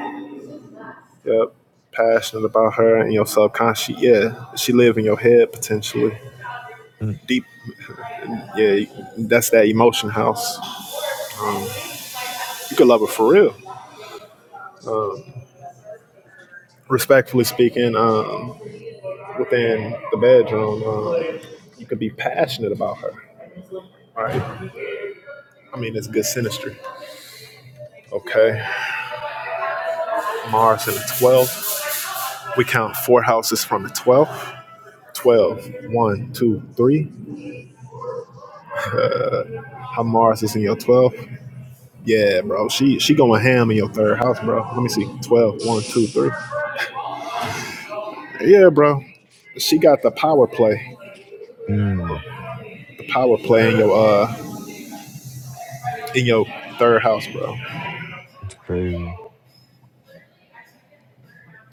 Speaker 2: Yep. Passionate about her and your subconscious. Yeah. She live in your head potentially.
Speaker 1: mm
Speaker 2: Deep Yeah, that's that emotion house. You could love her for real. Respectfully speaking, um, within the bedroom, um, you could be passionate about her, right? I mean, it's good synastry. Okay, Mars in the 12th. We count four houses from the 12th. one, two, 3. How Mars is in your 12th? Yeah, bro. She she going ham in your third house, bro. Let me see. Twelve, one, two, three. Yeah, bro. She got the power play.
Speaker 1: Mm.
Speaker 2: The power play in your uh in your third house, bro.
Speaker 1: It's crazy.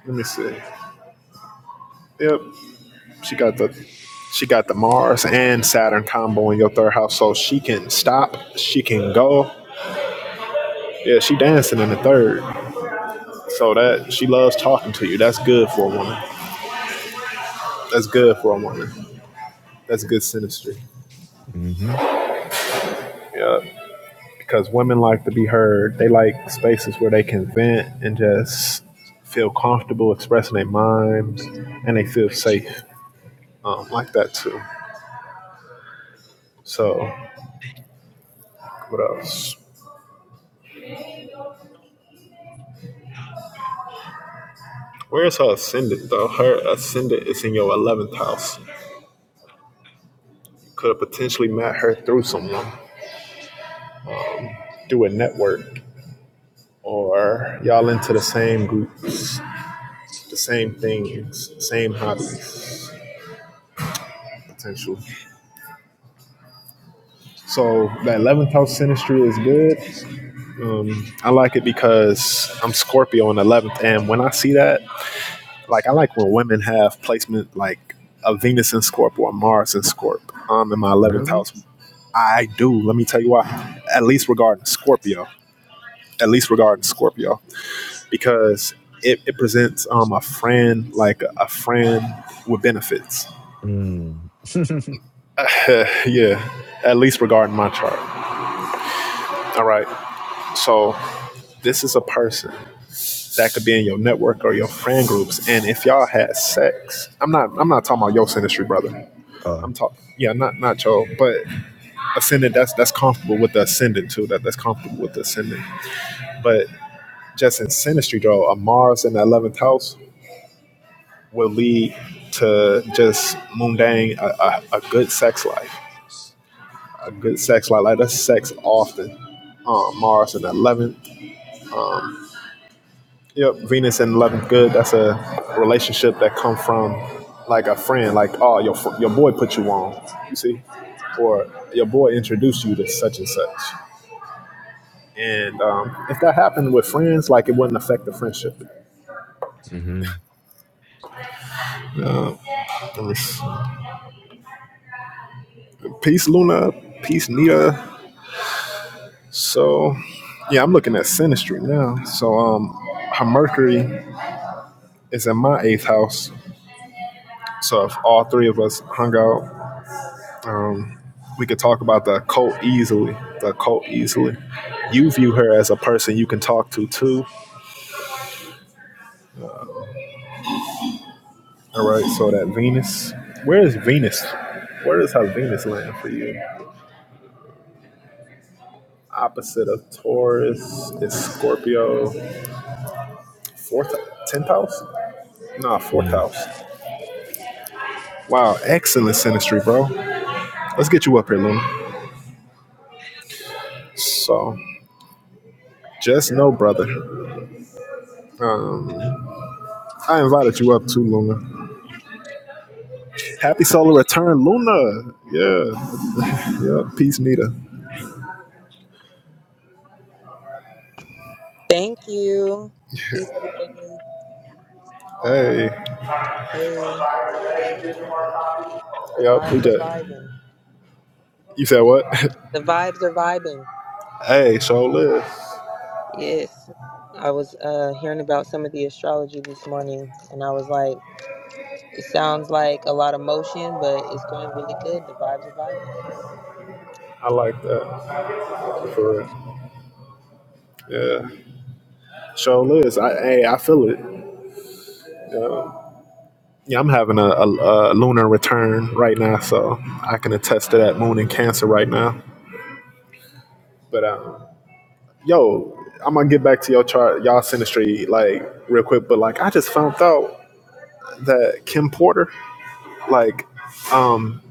Speaker 2: Let me see. Yep, she got the she got the Mars and Saturn combo in your third house, so she can stop, she can go. Yeah, she dancing in the third, so that she loves talking to you. That's good for a woman. That's good for a woman. That's good sinistry.
Speaker 1: hmm
Speaker 2: Yeah, because women like to be heard. They like spaces where they can vent and just feel comfortable expressing their mind, and they feel safe. Um, like that too. So, what else? Where's her ascendant, though? Her ascendant is in your 11th house. Could have potentially met her through someone, through a network, or y'all into the same groups, the same things, same hobbies, potential. So that 11th house synastry is good. Um, I like it because I'm Scorpio in 11th, and when I see that, Like I like when women have placement like a Venus in Scorp or a Mars in Scorp. I'm in my eleventh
Speaker 1: Really?
Speaker 2: house. I do. Let me tell you why. At least regarding Scorpio. At least regarding Scorpio, because it, it presents um a friend like a, a friend with benefits.
Speaker 1: Mm.
Speaker 2: Eh, yeah. At least regarding my chart. All right. So this is a person that could be in your network or your friend groups. And if y'all had sex, I'm not I'm not talking about your industry, brother.
Speaker 1: oh.
Speaker 2: I'm talking, yeah, not Nacho, but Ascendant. That's that's comfortable with the Ascendant too. That that's comfortable with the Ascendant. But just in Sinistry, though, a Mars in the eleventh house will lead to just mundane, a, a, a good sex life, a good sex life. Like that's sex often. Um, Mars in the eleventh. Yep, Venus in eleventh. Good. That's a relationship that come from like a friend. Like oh, your your boy put you on. You see, or your boy introduced you to such and such And um, if that happened with friends, like it wouldn't affect the friendship.
Speaker 1: hmm
Speaker 2: Peace, Luna. Peace, Nita. So, yeah, I'm looking at Sinistry now. So, um, her Mercury is in my eighth house. So, if all three of us hung out, um, we could talk about the occult easily. The occult easily. You view her as a person you can talk to, too. All right. So, that Venus. Where is Venus? Where is her Venus land for you? Opposite of Taurus is Scorpio. Fourth, tenth house? Nah, fourth
Speaker 1: Mm.
Speaker 2: house. Wow, excellent synastry, bro. Let's get you up here, Luna. So, just know, brother. Um, I invited you up too, Luna. Happy solar return, Luna. Yeah, yeah. Peace, Nita.
Speaker 4: Thank you. Peace, everybody.
Speaker 2: Hey,
Speaker 4: Hey, the
Speaker 2: yep. We
Speaker 4: vibes are
Speaker 2: just,
Speaker 4: vibing.
Speaker 2: you said what?
Speaker 4: The vibes are vibing.
Speaker 2: hey, show live.
Speaker 4: Yes. I was uh, hearing about some of the astrology this morning, and I was like, it sounds like a lot of motion, but it's going really good. The vibes are vibing.
Speaker 2: I like that
Speaker 4: Yeah.
Speaker 2: for real. Yeah, show live. I hey, I feel it. Yeah, I'm having a, a, a lunar return right now, so I can attest to that moon in Cancer right now. But um, yo, I'm gonna get back to your chart, y'all synastry, like real quick. But like, I just found out that Kim Porter, like, um,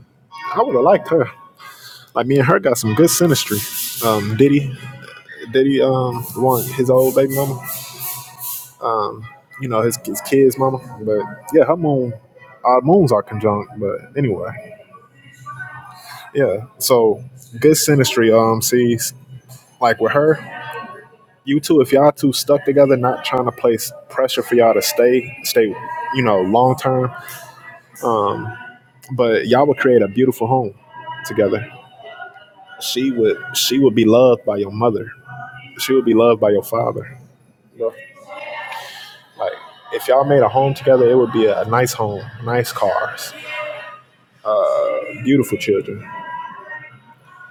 Speaker 2: I would have liked her. Like, me and her got some good synastry. Um, Diddy, Diddy, um, one his old baby mama, um, you know his his kids' mama. But yeah, her moon, our moons are conjunct. But anyway. Yeah. So good synastry. Um, see, like with her, you two, if y'all two stuck together, not trying to place pressure for y'all to stay, stay, you know, long term. Um, but y'all would create a beautiful home together. She would, she would be loved by your mother. She would be loved by your father. You know, like if y'all made a home together, it would be a, a nice home, nice cars, beautiful children.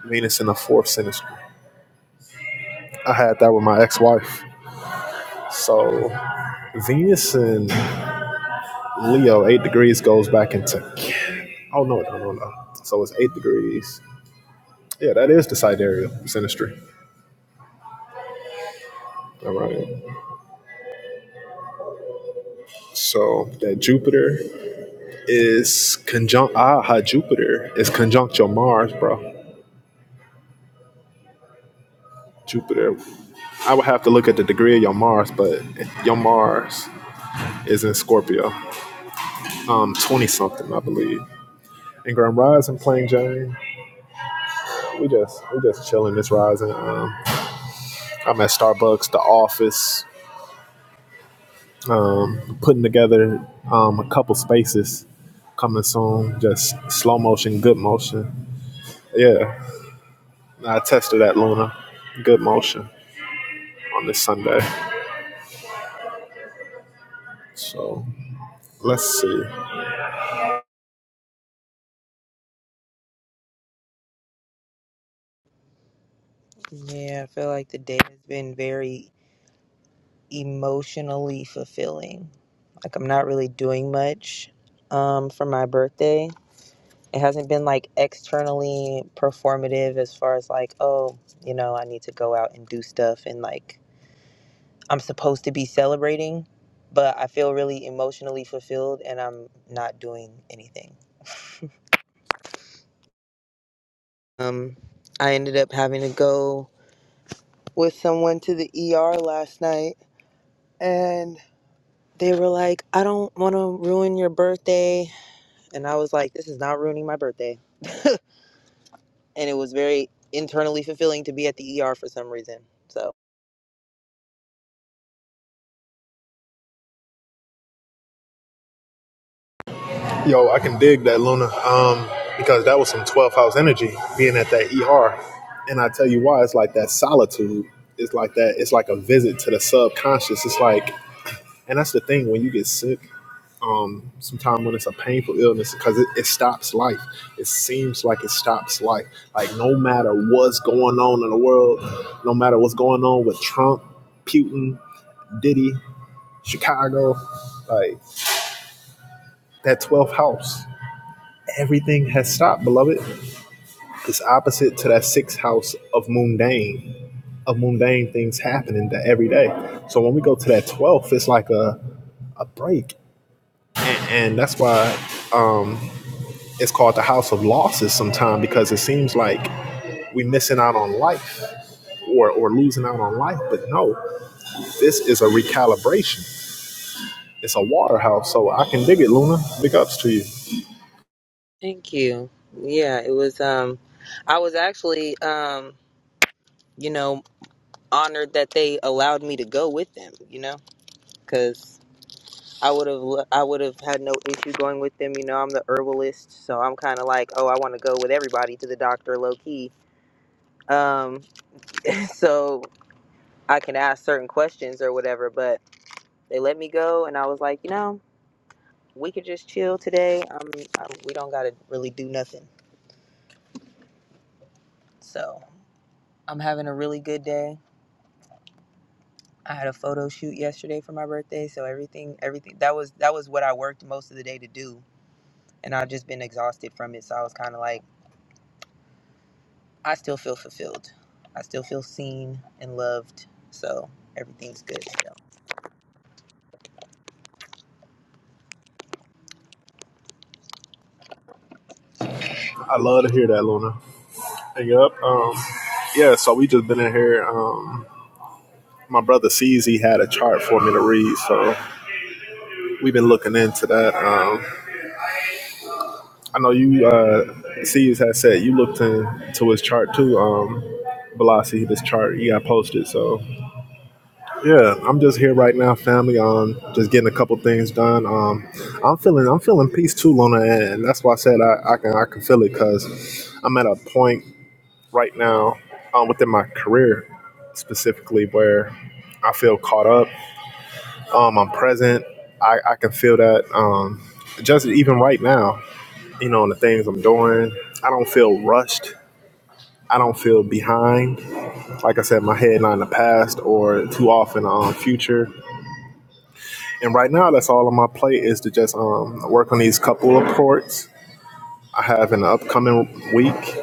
Speaker 2: Venus in the fourth synastry. I had that with my ex-wife. So Venus and Leo, eight degrees goes back into. Oh no, no, no, no. So it's eight degrees. Yeah, that is the sidereal sinistry. All right. So that Jupiter is conjunct. Ah, Jupiter is conjunct your Mars, bro. Jupiter. I would have to look at the degree of your Mars, but your Mars is in Scorpio, um, twenty something, I believe. And Grand Rising, playing Jane. We just we just chilling this rising. Um, I'm at Starbucks, the office. putting together um, a couple spaces coming soon. Just slow motion, good motion. Yeah, I tested that Luna, good motion on this Sunday. So let's see.
Speaker 4: Yeah, I feel like the day has been very emotionally fulfilling. Like, I'm not really doing much um, for my birthday. it hasn't been like externally performative as far as like oh you know i need to go out and do stuff and like i'm supposed to be celebrating but i feel really emotionally fulfilled and i'm not doing anything um i ended up having to go with someone to the er last night and they were like i don't want to ruin your birthday and i was like this is not ruining my birthday and it was very internally fulfilling to be at the er for some reason so
Speaker 2: Yo, I can dig that Luna um, because that was some 12 house energy being at that ER. And I tell you why, it's like that solitude. It's like that. It's like a visit to the subconscious. It's like, and that's the thing when you get sick um, sometimes when it's a painful illness because it, it stops life. It seems like it stops life. Like no matter what's going on in the world, no matter what's going on with Trump, Putin, Diddy, Chicago, like that 12th house, everything has stopped, beloved. It's opposite to that sixth house of mundane, of mundane things happening that every day. So when we go to that 12th, it's like a, a break. And, and that's why it's called the house of losses sometimes because it seems like we're missing out on life or, or losing out on life. But no, this is a recalibration. It's a water house. So I can dig it, Luna. Big ups to you.
Speaker 4: Thank you. Yeah, it was um I was actually um you know honored that they allowed me to go with them, you know, cuz I would have I would have had no issue going with them, you know, I'm the herbalist, so I'm kind of like, oh, I want to go with everybody to the doctor low key. Um so I can ask certain questions or whatever, but they let me go and I was like, you know, we could just chill today. Um I, we don't got to really do nothing. So, I'm having a really good day I had a photo shoot yesterday for my birthday, so everything everything that was that was what I worked most of the day to do, and I've just been exhausted from it. So I was kind of like, I still feel fulfilled. I still feel seen and loved. So everything's good. still.
Speaker 2: I love to hear that, Luna. Hey, Yep. Um, yeah, so we just been in here. Um, my brother sees had a chart for me to read, so we've been looking into that. Um, I know you, uh, C's has said you looked into his chart too, um, Velocity, this chart he got posted. So Yeah, I'm just here right now, family. Um, just getting a couple things done. Um, I'm feeling I'm feeling peace too, Lona, and that's why I said I, I can I can feel it because I'm at a point right now um, within my career specifically where I feel caught up. Um, I'm present. I, I can feel that. Um, just even right now, you know, in the things I'm doing, I don't feel rushed. I don't feel behind. Like I said, my head not in the past or too off in the um, future. And right now, that's all on my plate is to just um, work on these couple of reports I have in the upcoming week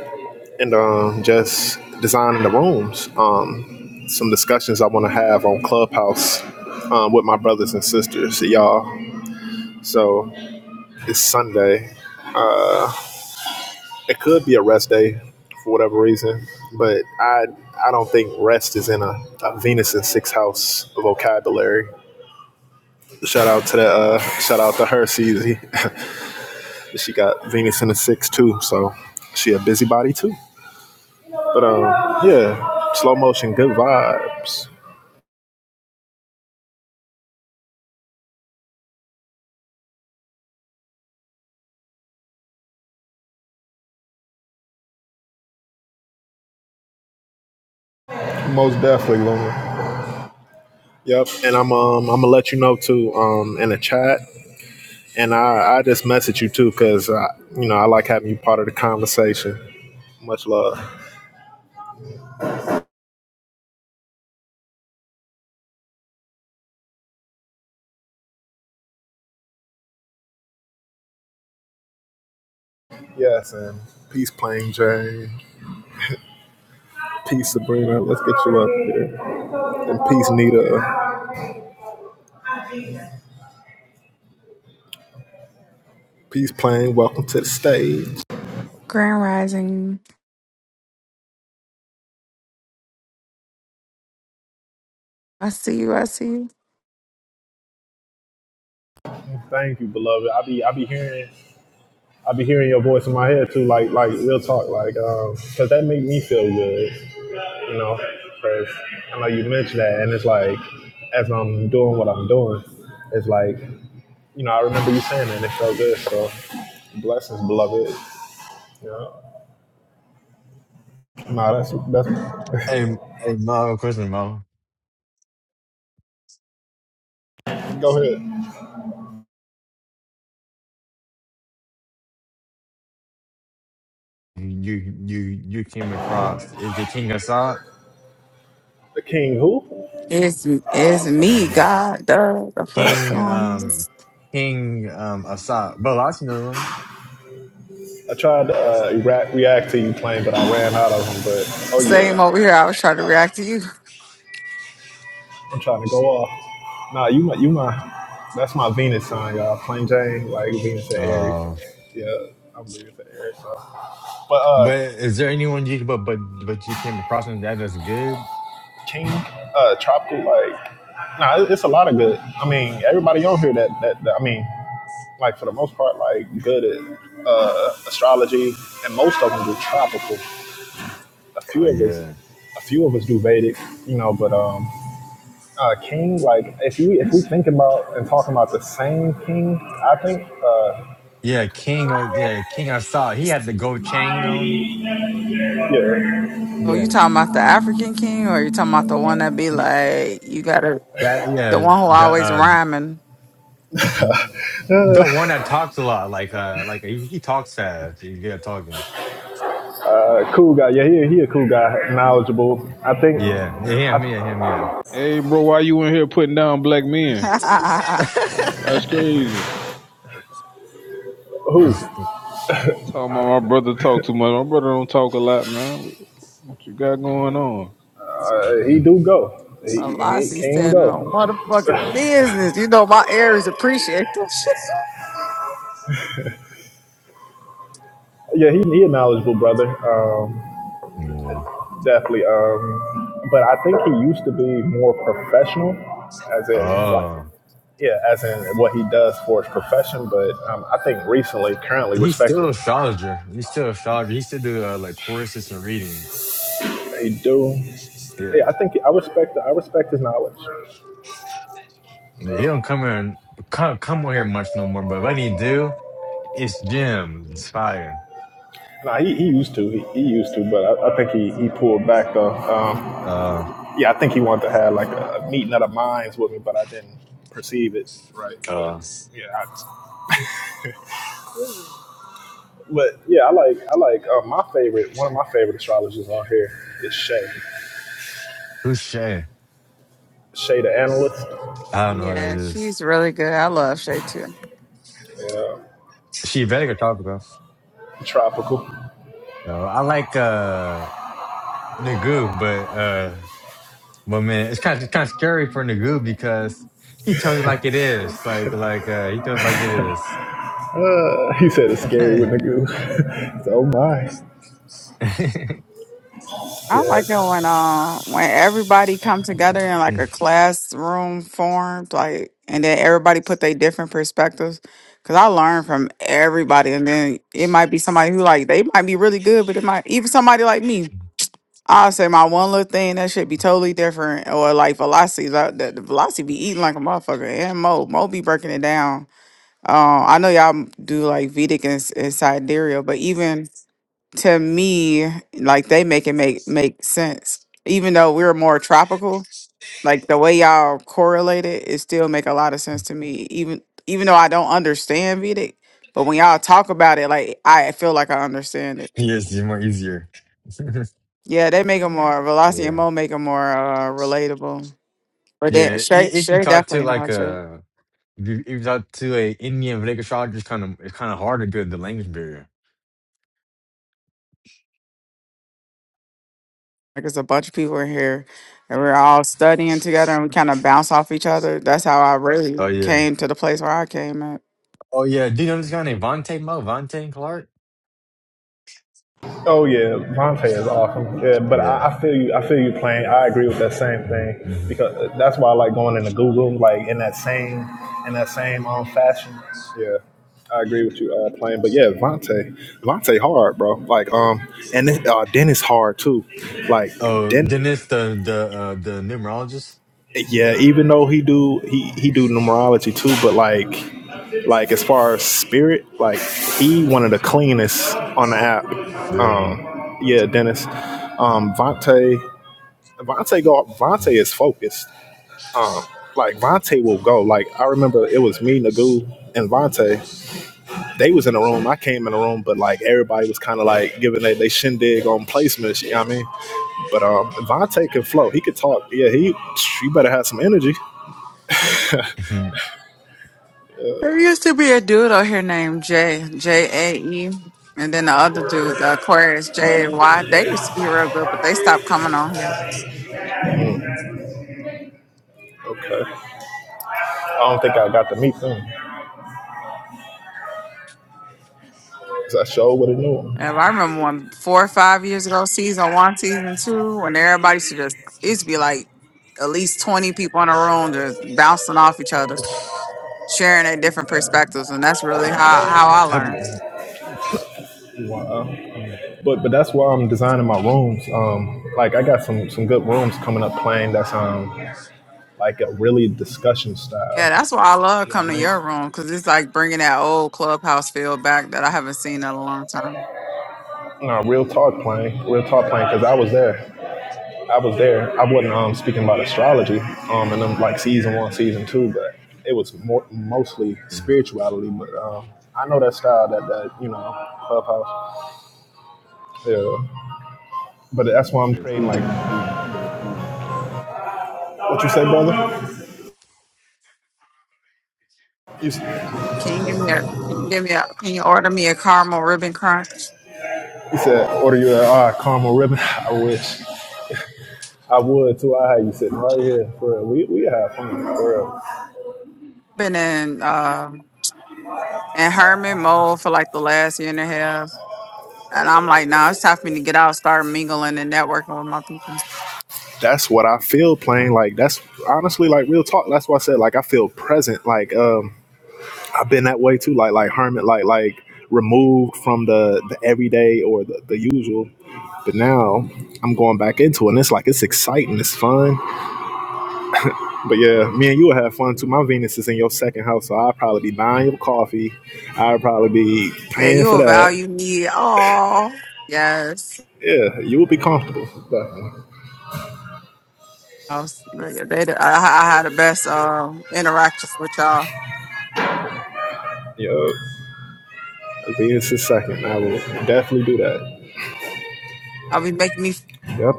Speaker 2: and um, just designing the rooms. Um, some discussions I want to have on Clubhouse um, with my brothers and sisters, y'all. So it's Sunday. It could be a rest day for whatever reason, but I I don't think rest is in a, a Venus in Six House vocabulary. Shout out to the uh, shout out to her, Cz. But she got Venus in the six too, so she a busybody too. But um, yeah, slow motion, good vibes. Most definitely, Luna. Yep, and I'm um I'm gonna let you know too um in the chat, and I I just message you too because you know I like having you part of the conversation. Much love. Yes, and peace, Plain Jane. Peace, Sabrina. Let's get you up here. And peace, Nita. Peace, Plain. Welcome to the stage.
Speaker 5: Grand Rising. I see you. I see you.
Speaker 2: Thank you, beloved. I be I be hearing I be hearing your voice in my head too, like like real talk, like um, 'cause cause that make me feel good, you know. 'Cause I know you mentioned that, and it's like as I'm doing what I'm doing, it's like you know I remember you saying that, and it felt good. So blessings, beloved. You know, nah, that's that's.
Speaker 1: Hey, m- hey, Mo. Question, Mo.
Speaker 2: go ahead.
Speaker 1: You, you, you came across is it King Assad?
Speaker 2: The king who?
Speaker 5: It's it's me,
Speaker 1: Mm.
Speaker 5: God. Duh, the fuck
Speaker 1: King,
Speaker 5: going? on?
Speaker 1: um, King, um, Assad. But I know
Speaker 2: I tried to uh, react, react to you playing, but I ran out of them. But oh
Speaker 5: Same
Speaker 2: yeah.
Speaker 5: over here. I was trying to react to you.
Speaker 2: I'm trying to go off. Nah, you my you my that's my Venus sign, y'all. Plain Jane, like Venus and
Speaker 1: them.
Speaker 2: Aries. Yeah, I'm Venus and Aries. So. But uh,
Speaker 1: But is there anyone you but but but you came across and that is good?
Speaker 2: King, uh, tropical, like, nah, it- it's a lot of good. I mean, everybody on here that that, that I mean, like for the most part, like good at uh, astrology, and most of them do tropical. A
Speaker 1: Oh
Speaker 2: few of us,
Speaker 1: yeah,
Speaker 2: a few of us do Vedic, you know. But um, uh, King, like if we if we think about and talking about the same King, I think. Uh,
Speaker 1: yeah, King. Uh, yeah, King. I saw he had
Speaker 5: It's-
Speaker 1: the gold chain on.
Speaker 2: Yeah,
Speaker 5: Oh, you
Speaker 1: Yeah,
Speaker 5: talking about the African king, or you talking about the one that be
Speaker 1: yeah,
Speaker 5: like you gotta
Speaker 1: that
Speaker 5: the
Speaker 1: yeah
Speaker 5: one who
Speaker 1: the
Speaker 5: always
Speaker 1: uh
Speaker 5: rhyming?
Speaker 1: the one that talks a lot. Like uh like he, he talks fast. He's good at talking.
Speaker 2: uh, cool guy. Yeah, he he a cool guy, knowledgeable. I think
Speaker 1: Yeah, yeah, him, yeah, him, yeah.
Speaker 3: Hey, bro, why you in here putting down black men? Oh, That's crazy.
Speaker 2: who
Speaker 1: It's-
Speaker 2: uh,
Speaker 3: Talking about my brother talk too much. My brother don't talk a lot, man. What you got going on?
Speaker 2: he do go. He, he
Speaker 5: Velocity
Speaker 2: can
Speaker 5: standing on
Speaker 2: go.
Speaker 5: motherfucking business. You know my Aries appreciate that shit.
Speaker 2: Yeah, he he a knowledgeable brother. Um,
Speaker 1: yeah.
Speaker 2: definitely. Um, but I think he used to be more professional, as in like
Speaker 1: Oh,
Speaker 2: yeah, as in what he does for his profession. But um, I think recently, currently,
Speaker 1: he's still an
Speaker 2: respectfully,
Speaker 1: astrologer. He's still an astrologer. He still do uh, like choruses and readings.
Speaker 2: he do.
Speaker 1: Yeah.
Speaker 2: Yeah, I think I respect I respect his knowledge.
Speaker 1: He don't come here and come come on here much no more. But when he do, it's Jim. It's fire.
Speaker 2: Nah, he, he used to. He, he used to, but I, I think he, he pulled back though. Um,
Speaker 1: Uh,
Speaker 2: yeah, I think he wanted to have like a, a meeting of the minds with me, but I didn't perceive it right. But
Speaker 1: Uh,
Speaker 2: yeah, I, but yeah, I like I like uh, my favorite. One of my favorite astrologers on here is Shay.
Speaker 1: who's Shay?
Speaker 2: Shay, the analyst.
Speaker 1: I don't know
Speaker 5: Yeah,
Speaker 1: who that is.
Speaker 5: she's really good. I love Shay too.
Speaker 2: Yeah,
Speaker 1: She better could talk about.
Speaker 2: tropical.
Speaker 1: Uh, I like uh Nagu, but uh, but man, it's kind of kind of scary for Nagu because he tells it like it is. Like like uh, he tells it like it is.
Speaker 2: Uh, he said it's scary with the goo. so oh my.
Speaker 1: yes,
Speaker 5: I
Speaker 2: Yeah.
Speaker 5: like it when uh when everybody come together in like a classroom form, like and then everybody put their different perspectives. Cause I learn from everybody, and then it might be somebody who like they might be really good, but it might even somebody like me. I'll say my one little thing that should be totally different, or like velocities. I, the, the velocity be eating like a motherfucker, and Mo Mo be breaking it down. uh I know y'all do like Vedic and, and sidereal, but even to me, like they make it make make sense. Even though we're more tropical, like the way y'all correlate it, it still make a lot of sense to me. Even even though I don't understand Vedic, but when y'all talk about it, like I feel like I understand it.
Speaker 1: it's more easier.
Speaker 5: Yeah, they make them more Velocity and
Speaker 1: yeah,
Speaker 5: Mo make them more uh, relatable. But they
Speaker 1: yeah.
Speaker 5: Shay
Speaker 1: i- If you
Speaker 5: Shay
Speaker 1: talk to
Speaker 5: definitely
Speaker 1: like
Speaker 5: knows Shay.
Speaker 1: a If you- if you're out to a Indian Vegas shot, it's kind of it's kind of hard to build the language barrier.
Speaker 5: Like it's a bunch of people in here, and we're all studying together, and we kind of bounce off each other. That's how I really
Speaker 1: Oh yeah,
Speaker 5: came to the place where I came at.
Speaker 1: oh yeah. Do you know this guy named Vontae Mo? Vontae Clark.
Speaker 2: Oh yeah, Vontae is awesome. Yeah, but
Speaker 1: Yeah.
Speaker 2: I, I feel you. I feel you playing. I agree with that same thing
Speaker 1: Mm-hmm.
Speaker 2: because that's why I like going into Google, like in that same in that same um fashion. Yeah, I agree with you uh, playing. But yeah, Vontae, Vontae hard, bro. Like um, and this, uh, Dennis hard too. Like
Speaker 1: Oh,
Speaker 2: Den,
Speaker 1: Dennis, the the uh, the numerologist.
Speaker 2: yeah, even though he do he he do numerology too, but like like as far as spirit, like he one of the cleanest on the app.
Speaker 1: Yeah.
Speaker 2: Um, yeah, Dennis. Um, Vontae, Vontae go. Vontae is focused. Like Vontae will go. Like I remember it was me, Nagu, and Vontae. They was in a room. I came in a room, but like everybody was kind of like giving they, they shindig on placements. You know what I mean? But um, Vontae can flow. He could talk. Yeah, he. You better have some energy.
Speaker 1: Mhm.
Speaker 5: There used to be a dude out here named Jay, J A E, and then the other dude, the Aquarius, J A Y. They used to be real good, but they stopped coming on here.
Speaker 2: Okay. I don't think I got to meet them. 'cause I showed what I knew.
Speaker 5: And I remember when four or five years ago, season one, season two, when everybody used to just, it used to be like at least 20 people in a room just bouncing off each other, sharing their different perspectives. And that's really how, how I
Speaker 1: Have-
Speaker 5: learned.
Speaker 2: Wow.
Speaker 1: oh.
Speaker 2: But but that's why I'm designing my rooms. Um, like I got some some good rooms coming up playing that's um like a really discussion
Speaker 5: Yeah,
Speaker 2: style.
Speaker 5: that's why I love
Speaker 2: You know
Speaker 5: coming
Speaker 2: what
Speaker 5: to
Speaker 2: I mean?
Speaker 5: your room because it's like bringing that old clubhouse feel back that I haven't seen in a long time.
Speaker 2: No, real talk playing, real talk playing. Cause I was there, I was there. I wasn't um speaking about astrology um and then like season one, season two, but it was more, mostly spirituality. But um, I know that style that that you know clubhouse. Yeah. But that's why I'm praying, like, what you say, brother? You,
Speaker 5: Can you give me a can you give me a can you order me a caramel ribbon crunch?
Speaker 2: you said, order you a ah, caramel ribbon. I wish. I would too. I had you sitting right here. For real. We, we have fun. For real.
Speaker 5: Been in um in hermit mode for like the last year and a half. And I'm like, nah, it's time for me to get out, start mingling and networking with my people.
Speaker 2: That's what I feel playing. Like, that's honestly, like, real talk. That's why I said, like, I feel present. Like, um, I've been that way too. Like, like, hermit, like, like, removed from the, the everyday or the, the usual. But now I'm going back into it. And it's like, it's exciting. It's fun. But yeah, me and you will have fun too. My Venus is in your second house, so I'll probably be buying your coffee. I'll probably be
Speaker 5: Yeah,
Speaker 2: paying for
Speaker 5: you'll
Speaker 2: that.
Speaker 5: value me. Oh yes.
Speaker 2: Yeah, you will be comfortable. Definitely.
Speaker 5: I, was, yeah, they, the- I, I had the best um interactions with y'all.
Speaker 2: Yep. Venus is second. I will definitely do that.
Speaker 5: I'll be making me
Speaker 2: Yep.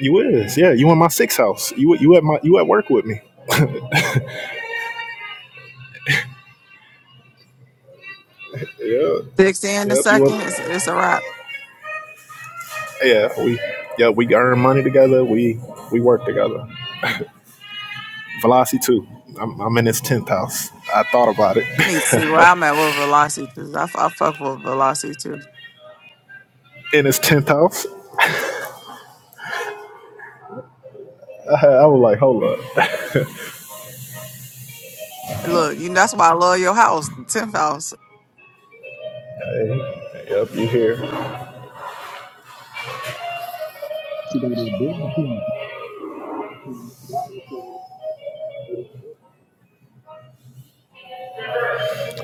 Speaker 2: You is. Yeah, you in my sixth house. You you at my you at work with me. Yeah.
Speaker 5: six in a
Speaker 2: Yep. You
Speaker 5: second. It's,
Speaker 2: up?
Speaker 5: it's a wrap.
Speaker 2: Yeah. We. Yeah. We earn money together. We we work together. Velocity too. I'm, I'm in his tenth house. I thought about it.
Speaker 5: need to. Well, I'm at with Velocity too. I, f- I fuck with Velocity too.
Speaker 2: in his tenth house, I, I was like, hold up.
Speaker 5: Look, you that's why I love your house, the tenth house.
Speaker 2: Hey, yep, you here.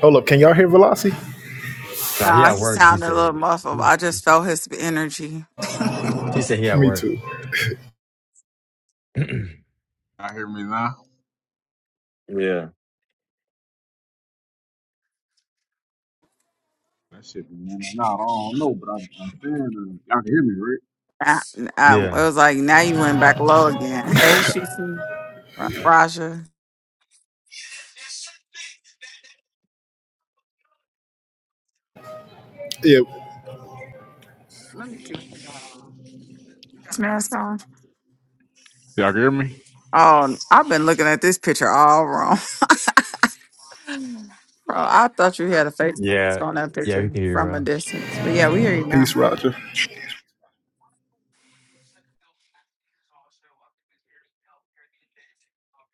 Speaker 2: Hold up, can y'all hear Velocity?
Speaker 1: Nah, he
Speaker 5: Nah,
Speaker 1: at
Speaker 5: he
Speaker 1: work. He
Speaker 5: sounded a little
Speaker 1: said.
Speaker 5: muffled.
Speaker 1: He,
Speaker 5: I just felt his energy.
Speaker 1: he said he at
Speaker 2: Me
Speaker 1: work.
Speaker 2: too.
Speaker 3: I hear me now.
Speaker 1: yeah.
Speaker 3: That shit been in and out. I don't know, but I, I'm saying uh, y'all can hear me, right?
Speaker 5: I, I, it
Speaker 1: Yeah.
Speaker 5: was like now you went back low again. Hey, Shusi, Ra- Raja,
Speaker 2: Yep.
Speaker 5: this man's
Speaker 3: Y'all can hear me?
Speaker 5: on. Oh, I've been looking at this picture all wrong, bro. I thought you had a face
Speaker 1: Yeah.
Speaker 5: on that
Speaker 1: Yeah. We
Speaker 5: picture
Speaker 1: can hear you,
Speaker 5: from a
Speaker 1: bro.
Speaker 5: distance, but yeah, we hear you
Speaker 2: Peace,
Speaker 5: now.
Speaker 2: Roger.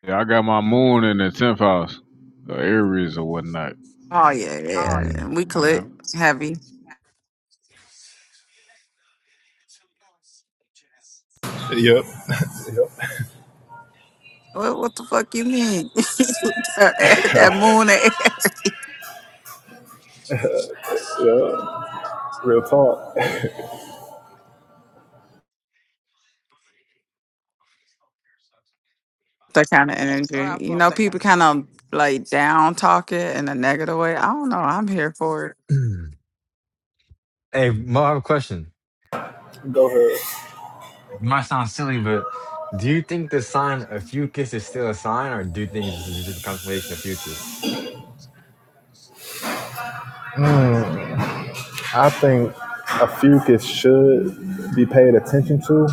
Speaker 3: Yeah, I got my moon in the tenth house, uh, Aries or whatnot.
Speaker 5: Oh yeah, yeah, and we
Speaker 3: Yeah.
Speaker 5: click heavy.
Speaker 2: Yep. Yep.
Speaker 5: What, what the fuck you mean? that moon air.
Speaker 2: Yeah. Real talk.
Speaker 5: that kind of energy. You know, people kind of like down talk it in a negative way. I don't know. I'm here for it.
Speaker 1: Mm. hey, Mo, I have a question. It might sound silly, but do you think the sign of Fucus is still a sign, or do you think it's just a constellation of Fucus?
Speaker 2: I think a fucus should be paid attention to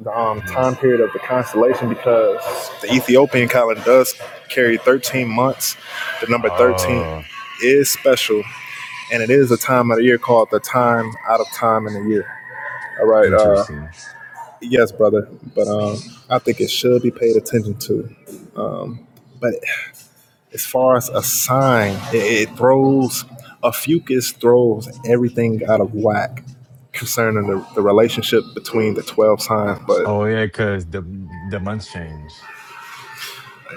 Speaker 2: the um, time
Speaker 1: Mhm.
Speaker 2: period of the constellation because the Ethiopian calendar does carry 13 months. The number 13
Speaker 1: Oh,
Speaker 2: is special, and it is a time of the year called the time out of time in the year. All right. Uh,
Speaker 1: interesting.
Speaker 2: Yes, brother, but um, I think it should be paid attention to. But as far as a sign, it, it throws a fucus throws everything out of whack concerning the, the relationship between the twelve signs. But
Speaker 1: Oh yeah, because the the months change.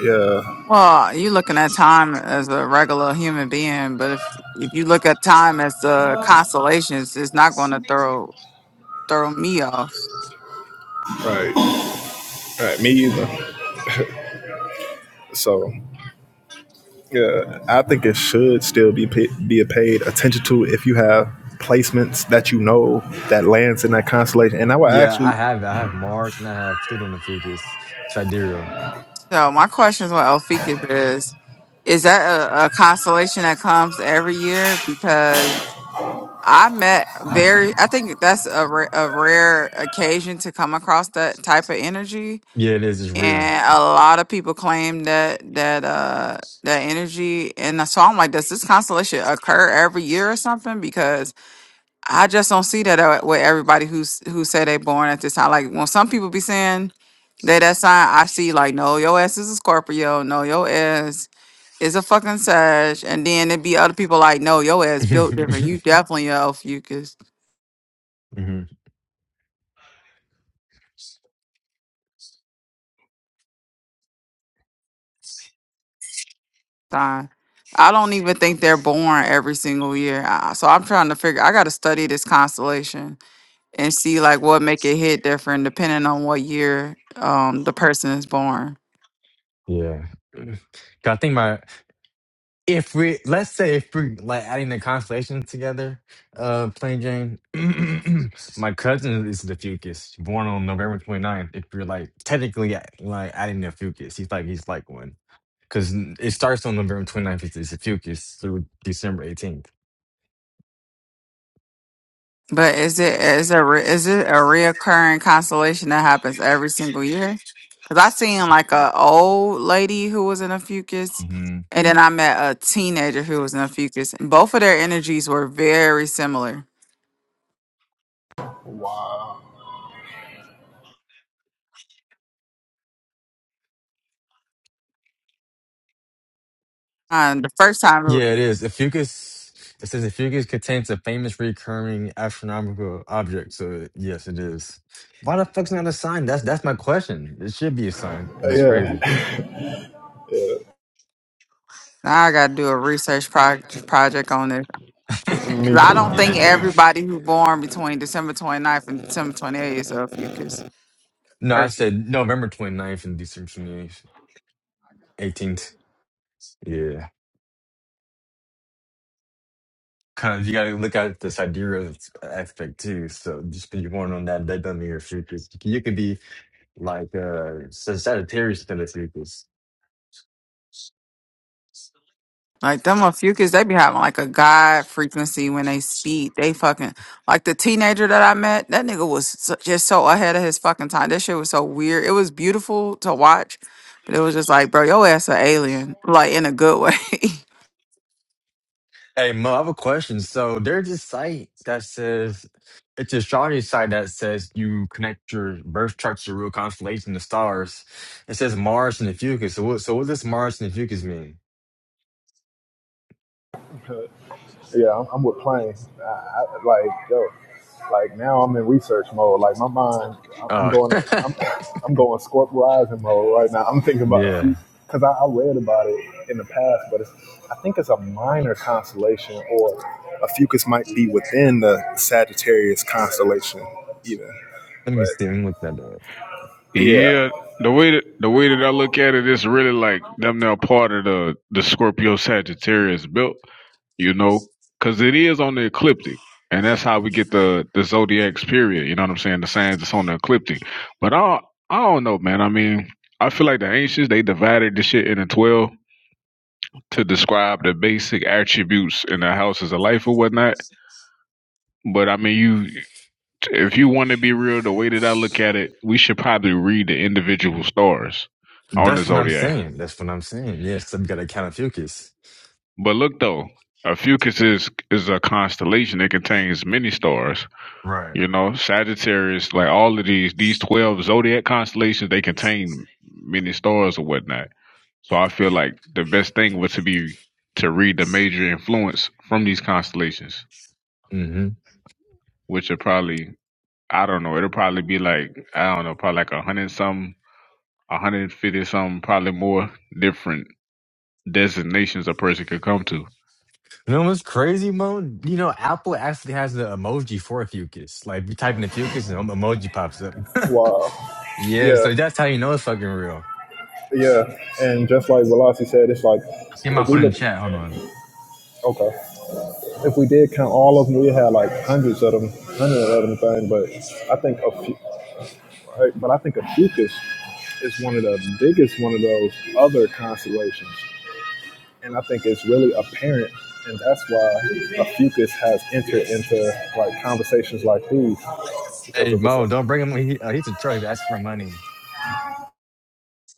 Speaker 2: yeah,
Speaker 5: Well, you looking at time as a regular human being, but if if you look at time as uh, constellations, it's not going to throw throw me off.
Speaker 2: right, right, me either. So yeah, I think it should still be pa- be paid attention to if you have placements that you know that lands in that constellation. And I would
Speaker 1: Yeah, I
Speaker 2: actually,
Speaker 1: have it. I have Mars and I have Pluto in the Fucus. Sidereal.
Speaker 5: So my question is, what Elfikus is? Is that a, a constellation that comes every year? Because I met very, I think that's a, ra- a rare occasion to come across that type of energy
Speaker 1: Yeah, it is. It's rare.
Speaker 5: and a lot of people claim that that uh that energy and so I'm like, does this constellation occur every year or something? Because I just don't see that uh, with everybody who's who say they born at this time. Like when some people be saying that that sign, I see like, no, your ass is a Scorpio, no, your ass is a fucking Sag, and then it be other people like, no, your ass built different. You definitely a Ophiuchus.
Speaker 1: hmm
Speaker 5: time. I don't even think they're born every single year. I- So I'm trying to figure. I got to study this constellation and see like what make it hit different depending on what year um the person is born.
Speaker 1: Yeah. 'Cause I think my if we let's say if we like adding the constellations together, uh, plain Jane, my cousin is the Fucus, born on November 29th. If you're like technically a- like adding the Fucus, he's like he's like one because it starts on November 29th. It's, it's the Fucus through December 18th.
Speaker 5: But is it is a re- is it a reoccurring constellation that happens every single year? Because I seen like a old lady who was in a fucus,
Speaker 1: hmm
Speaker 5: and then I met a teenager who was in a fucus. and Both of their energies were very similar. Um, the first time
Speaker 1: Yeah, it is. The Fucus. It says the Fucus contains a famous recurring astronomical object. So yes, it is. Why the fuck's not a sign? That's that's my question. It should be a sign. It's
Speaker 2: yeah,
Speaker 1: crazy.
Speaker 5: Now I gotta do a research proj- project on this
Speaker 2: me
Speaker 5: because I
Speaker 2: too.
Speaker 5: don't
Speaker 1: Yeah.
Speaker 5: think everybody who born between December 29th and December 28th is a fucus
Speaker 1: No, I
Speaker 5: person.
Speaker 1: said November 29th and December 28th, 18th. Yeah. Because you got to look at the sidereal aspect too. So just because you're born on that, that doesn't mean you're futurist. You could be like uh, Sag- Sagittarius instead of futurist.
Speaker 5: Like them a fucus, they be having like a god frequency when they speak. They fucking like the teenager that I met. That nigga was so, just so ahead of his fucking time. That shit was so weird. It was beautiful to watch, but it was just like, bro, your ass an alien, like in a good way.
Speaker 1: Hey, Mo, I have a question. So there's this site that says, it's an astrology site that says you connect your birth chart to your real constellation, the stars. It says Mars and the Fucus. So what, so what does Mars and the Fucus mean?
Speaker 2: Yeah, I'm, I'm with Plain. I, I, like, yo, like now I'm in research mode. Like my mind, I'm I'm
Speaker 1: Oh.
Speaker 2: going, I'm, I'm going Scorp Rising mode right now. I'm thinking about a
Speaker 1: Yeah.
Speaker 2: few because I, I read about it in the past, but it's, I think it's a minor constellation, or a Fucus might be within the Sagittarius constellation, even.
Speaker 1: Let me see. Let
Speaker 2: But
Speaker 1: me look that up.
Speaker 2: yeah,
Speaker 3: Yeah, the way that the way that I look at it, it's really like them now part of the the Scorpio Sagittarius built, you know, because it is on the ecliptic, and that's how we get the the zodiac's period. You know what I'm saying? The signs that's on the ecliptic. But I don't- I don't know, man. I mean, I feel like the ancients they divided the shit into twelve to describe the basic attributes in the houses of life or whatnot. But I mean, you if you want to be real, the way that I look at it, we should probably read the individual stars on the
Speaker 1: That's what I'm
Speaker 3: zodiac.
Speaker 1: saying. That's what I'm saying. Yeah, so we got to count Fucus.
Speaker 3: But look though, a Fucus is is a constellation that contains many stars.
Speaker 1: Right.
Speaker 3: You know, Sagittarius, like all of these these twelve zodiac constellations, they contain many stars or whatnot. So I feel like the best thing would to be to read the major influence from these constellations,
Speaker 1: Mm-hmm.
Speaker 3: which are probably I don't know, it'll probably be like I don't know, probably like a hundred something 150 something, probably more different designations a person could come to.
Speaker 1: You know what's crazy, Mo? You know, Apple actually has an emoji for Fucus. Like, you type in the Fucus and an emoji pops up.
Speaker 2: wow,
Speaker 1: yeah,
Speaker 2: yeah,
Speaker 1: so that's how you know it's fucking real.
Speaker 2: yeah. And just like Velocity said, it's like
Speaker 1: See, him I
Speaker 2: if
Speaker 1: might put
Speaker 2: we
Speaker 1: it in
Speaker 2: look,
Speaker 1: chat. Hold on.
Speaker 2: okay. if we did count all of them, we had like hundreds of them, hundred of them thing. But I think a few, right, but I think a fucus is one of the biggest one of those other constellations, and I think it's really apparent, and that's why a fucus has entered into like conversations like these because
Speaker 1: Hey,
Speaker 2: of this.
Speaker 1: Mo,
Speaker 2: uh,
Speaker 1: don't bring him. He, uh, he's a troll. He's asking for money.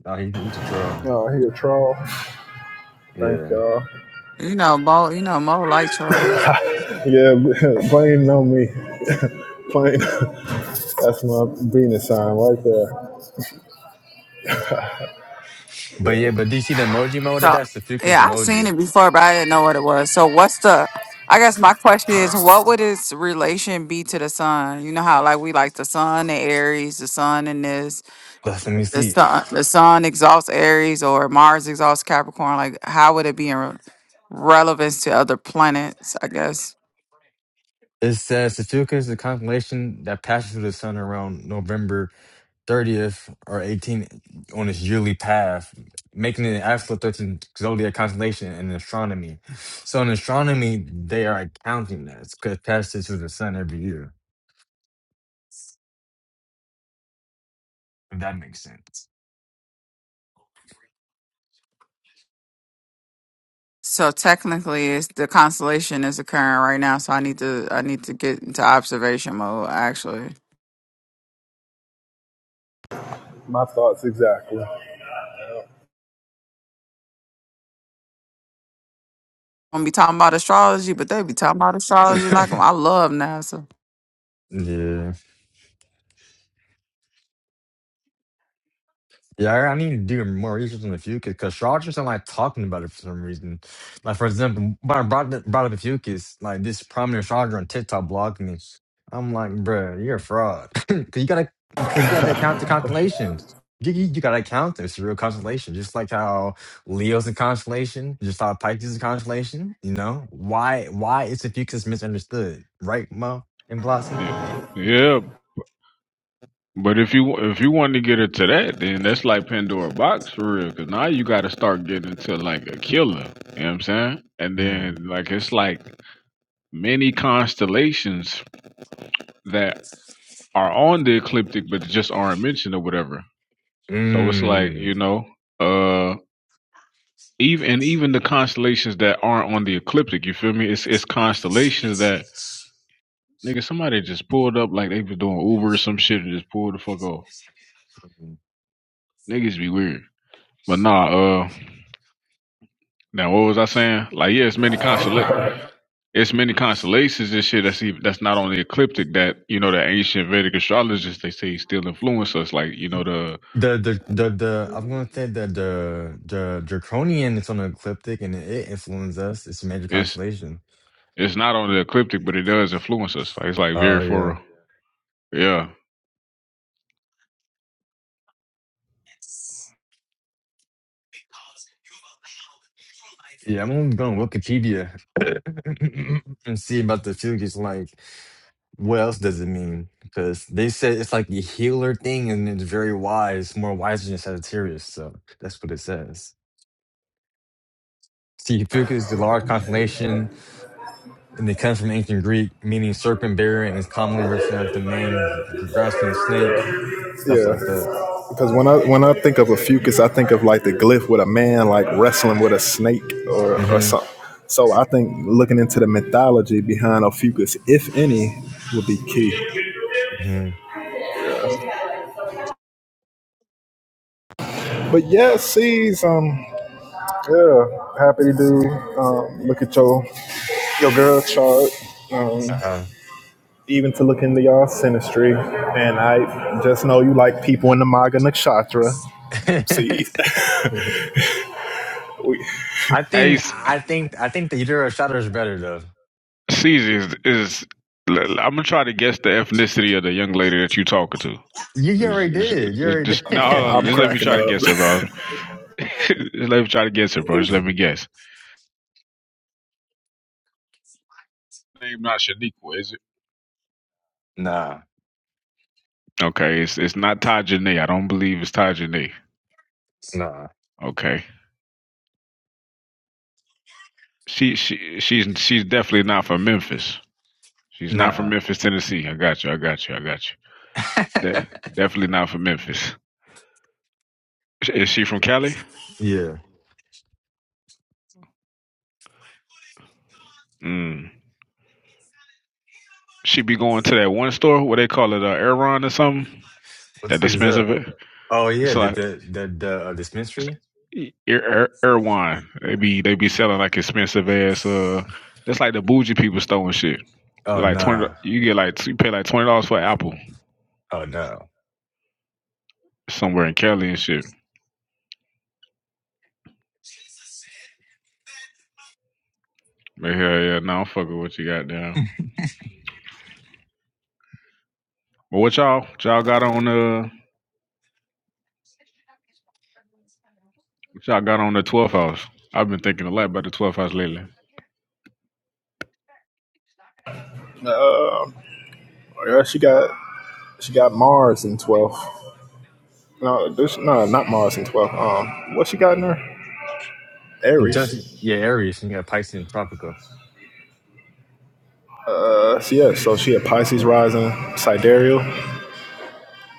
Speaker 1: Oh, he, he's a troll.
Speaker 2: Oh, he a troll. Thank
Speaker 1: Yeah.
Speaker 2: y'all.
Speaker 5: you know, Mo. You know, Mo like trolls.
Speaker 2: Yeah, blame on me. Blame. That's my Venus sign right there.
Speaker 1: But yeah, but do you see the emoji, Mo? That,
Speaker 5: So
Speaker 1: that's the Fucus
Speaker 5: yeah, I've seen
Speaker 1: emoji.
Speaker 5: it before, but I didn't know what it was. So what's the? I guess my question is, what would its relation be to the sun? You know how like we like the sun and Aries, the sun and this,
Speaker 1: Let's, let me
Speaker 5: the
Speaker 1: see.
Speaker 5: sun, the sun exalts Aries or Mars exalts Capricorn. Like how would it be in re- relevance to other planets? I guess.
Speaker 1: It says Satuka is the constellation that passes through the sun around November 30th or 18th on its yearly path, making it an absolute 13th zodiac constellation in astronomy. So in astronomy, they are counting that because it passes through the sun every year. If that makes sense.
Speaker 5: So technically, it's the constellation is occurring right now. So I need to I need to get into observation mode. Actually, I'm
Speaker 2: My thoughts exactly.
Speaker 5: gonna be talking about astrology, but they be talking about astrology like I love NASA.
Speaker 1: yeah. Yeah, I I need to do more research in the fucus because Chargers not like talking about it for some reason. Like for example, when I brought up- brought up the fucus, like this prominent Charger on TikTok blocking me. I'm like, bruh, you're a fraud. Cause you gotta, cause you gotta count the constellations. You, you, you gotta count this real constellation, just like how Leo's a constellation, just how Pisces is a constellation. You know why? Why is the fucus misunderstood, right, Mo and Blasi?
Speaker 3: Yeah, yeah. But if you if you wanted to get into that, then that's like Pandora box for real. Cause now you got to start getting into like a killer. You know what I'm saying? And
Speaker 1: Yeah.
Speaker 3: then like it's like many constellations that are on the ecliptic but just aren't mentioned or whatever. So it's like
Speaker 1: Mm.
Speaker 3: you know, uh, even and even the constellations that aren't on the ecliptic. You feel me? It's it's constellations that Nigga, somebody just pulled up like they was doing Uber or some shit and just pulled the fuck off. Niggas be weird. But nah, uh now what was I saying? Like yeah, it's many consola- it's many constellations and shit that's even, that's not on the ecliptic that, you know, the ancient Vedic astrologists they say still influence us. Like, you know, the
Speaker 1: The the the the I'm gonna say that the the draconian is on the ecliptic and it influences us. It's a major
Speaker 3: it's
Speaker 1: constellation.
Speaker 3: it's not on the ecliptic, but it does influence us. Like it's like
Speaker 1: Oh
Speaker 3: very
Speaker 1: yeah,
Speaker 3: for Yeah.
Speaker 1: yeah. I'm gonna go on Wikipedia and see about the Fugees. Like, what else does it mean? Because they said it's like the healer thing, and it's very wise, more wiser than Sagittarius. So that's what it says. See, Fucus is a large constellation, and it comes from ancient Greek, meaning serpent bearer, and is commonly represented as the man grasping a snake,
Speaker 2: Yeah.
Speaker 1: stuff
Speaker 2: Yeah,
Speaker 1: like that.
Speaker 2: because when I when I think of a fucus, I think of like the glyph with a man like wrestling with a snake or or
Speaker 1: Mm-hmm.
Speaker 2: something. So I think looking into the mythology behind a fucus, if any, would be key.
Speaker 1: hmm
Speaker 2: But yeah, sees um yeah, happy to do um look at your your girl chart. Um
Speaker 1: Uh-huh.
Speaker 2: even to look into y'all synastry, And I just know you like people in the Maga Nakshatra. See, we,
Speaker 1: I think
Speaker 3: Ace
Speaker 1: I think I think the Euro Shadow is better though.
Speaker 3: Caesar is, is I'm gonna try to guess the ethnicity of the young lady that you talking to.
Speaker 1: You, you
Speaker 3: Just,
Speaker 1: already
Speaker 3: it's-
Speaker 1: did. You
Speaker 3: it's
Speaker 1: already
Speaker 3: just no,
Speaker 1: did.
Speaker 3: hold on.
Speaker 2: I'm
Speaker 3: Just let me
Speaker 2: cracking
Speaker 3: try to
Speaker 2: up.
Speaker 3: guess it, bro. just let me try to guess it, bro. Just let me guess. Name not Shaniqua, is it?
Speaker 1: nah.
Speaker 3: Okay, it's it's not Tajane. I don't believe it's Tajane.
Speaker 1: Nah.
Speaker 3: Okay, she she she's she's definitely not from Memphis. She's not from
Speaker 1: Nah.
Speaker 3: Memphis, Tennessee. I got you. I got you. I got you. De- definitely not from Memphis. Is she from Cali?
Speaker 1: Yeah.
Speaker 3: Mm. She be going to that one store. What they call it, uh, Aeron or something.
Speaker 1: What the
Speaker 3: That
Speaker 1: fuck is that?
Speaker 3: expensive.
Speaker 1: Oh yeah,
Speaker 3: It's
Speaker 1: the
Speaker 3: like
Speaker 1: the the, the uh, dispensary?
Speaker 3: Air Ir- They be they be selling like expensive ass uh that's like the bougie people store and shit. It's
Speaker 1: Oh
Speaker 3: like twenty
Speaker 1: nah.
Speaker 3: you get like you pay like twenty dollars for an apple
Speaker 1: Oh no.
Speaker 3: somewhere in Cali and shit. But hell yeah, no, I'm fucking with you got down. But what y'all what y'all got on uh what y'all got on the twelfth house? I've been thinking a lot about the twelfth house lately.
Speaker 2: Uh, yeah, she got she got Mars in twelve. No, this no, not Mars in twelve. Um, what she got in her?
Speaker 1: Just
Speaker 2: Aries.
Speaker 1: yeah, Aries, you got Pisces and Tropical.
Speaker 2: Uh, so yeah, so she had Pisces rising, sidereal.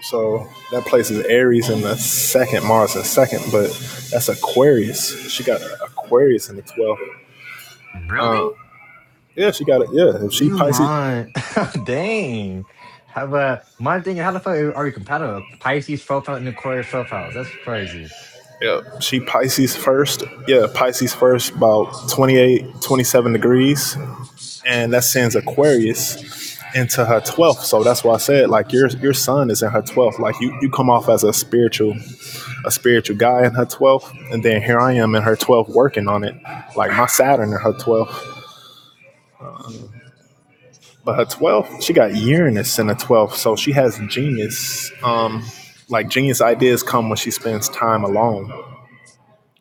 Speaker 2: So that places Aries in the second, Mars in second, but that's Aquarius. She got Aquarius in the twelfth. Yeah, she got it. Yeah, if she
Speaker 1: You
Speaker 2: Pisces.
Speaker 1: lying. Dang. How about my thing? How the fuck are we compatible? Pisces, 12 house, and Aquarius, 12 house. That's crazy.
Speaker 2: Yeah, she Pisces first. Yeah, Pisces first, about 28, 27 degrees. and that sends Aquarius into her 12th. So that's why I said like your your son is in her 12th. Like you you come off as a spiritual a spiritual guy in her 12th and then here I am in her 12th working on it. Like my Saturn in her 12th. But her 12th, she got Uranus in her 12th. So she has genius um like genius ideas come when she spends time alone.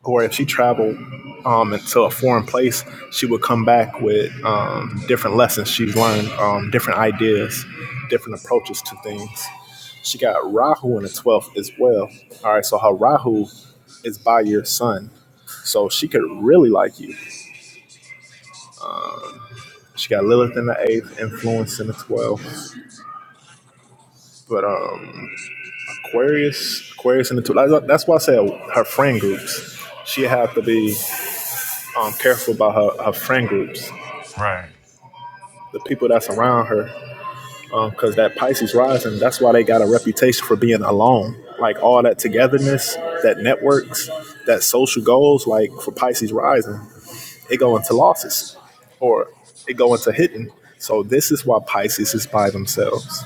Speaker 2: or if she traveled um, into a foreign place, she would come back with um, different lessons she's learned, um, different ideas, different approaches to things. She got Rahu in the 12th as well. All right, so her Rahu is by your sun. So she could really like you. She got Lilith in the 8th, Influence in the 12th. But um, Aquarius, Aquarius in the 12th. That's why I said her friend groups. She have to be um, careful about her, her friend groups, the people that's around her because uh, that Pisces rising, that's why they got a reputation for being alone. Like all that togetherness, that networks, that social goals, like for Pisces rising, it go into losses or it go into hidden. So this is why Pisces is by themselves.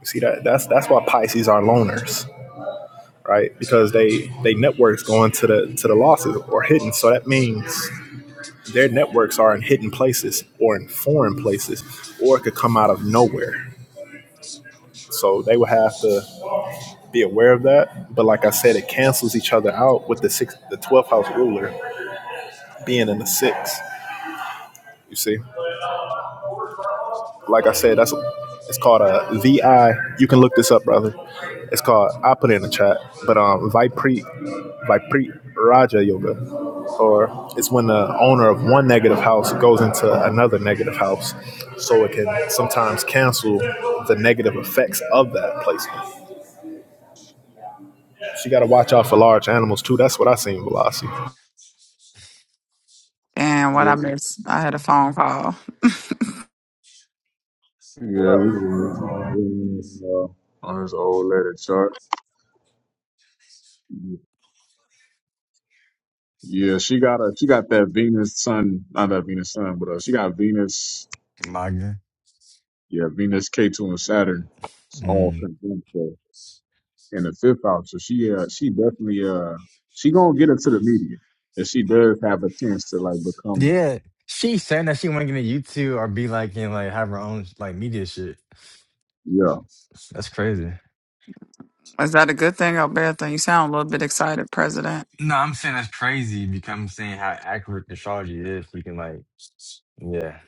Speaker 2: You see that? That's that's why Pisces are loners, right? Because they they networks go into the to the losses or hidden. So that means their networks are in hidden places or in foreign places, or it could come out of nowhere. So they would have to be aware of that. But like I said, it cancels each other out with the six, the twelfth house ruler being in the six. You see, like I said, that's it's called a VI. You can look this up, brother. It's called I put it in the chat, but um, Vipri Vipri Raja Yoga, or it's when the owner of one negative house goes into another negative house, so it can sometimes cancel the negative effects of that placement. So you got to watch out for large animals too. That's what I seen, Velocity.
Speaker 5: And what
Speaker 3: Yeah,
Speaker 5: I missed, I had a phone call.
Speaker 3: yeah. we were, uh, On his old letter chart. Yeah, she got a she got that Venus sun, not that Venus sun, but uh, she got Venus.
Speaker 1: Magna.
Speaker 3: Yeah, Venus, K2, and Saturn. It's all conjunct uh, in the fifth house. So she, uh, she definitely, uh, she gonna get into the media, and she does have a chance to like become.
Speaker 1: Yeah, she saying that she want to get into YouTube or be like and like have her own like media shit.
Speaker 3: Yeah,
Speaker 1: That's crazy.
Speaker 5: Is that a good thing or a bad thing? You sound a little bit excited, President.
Speaker 1: No, I'm saying that's crazy because I'm saying how accurate the astrology is. You can like, yeah,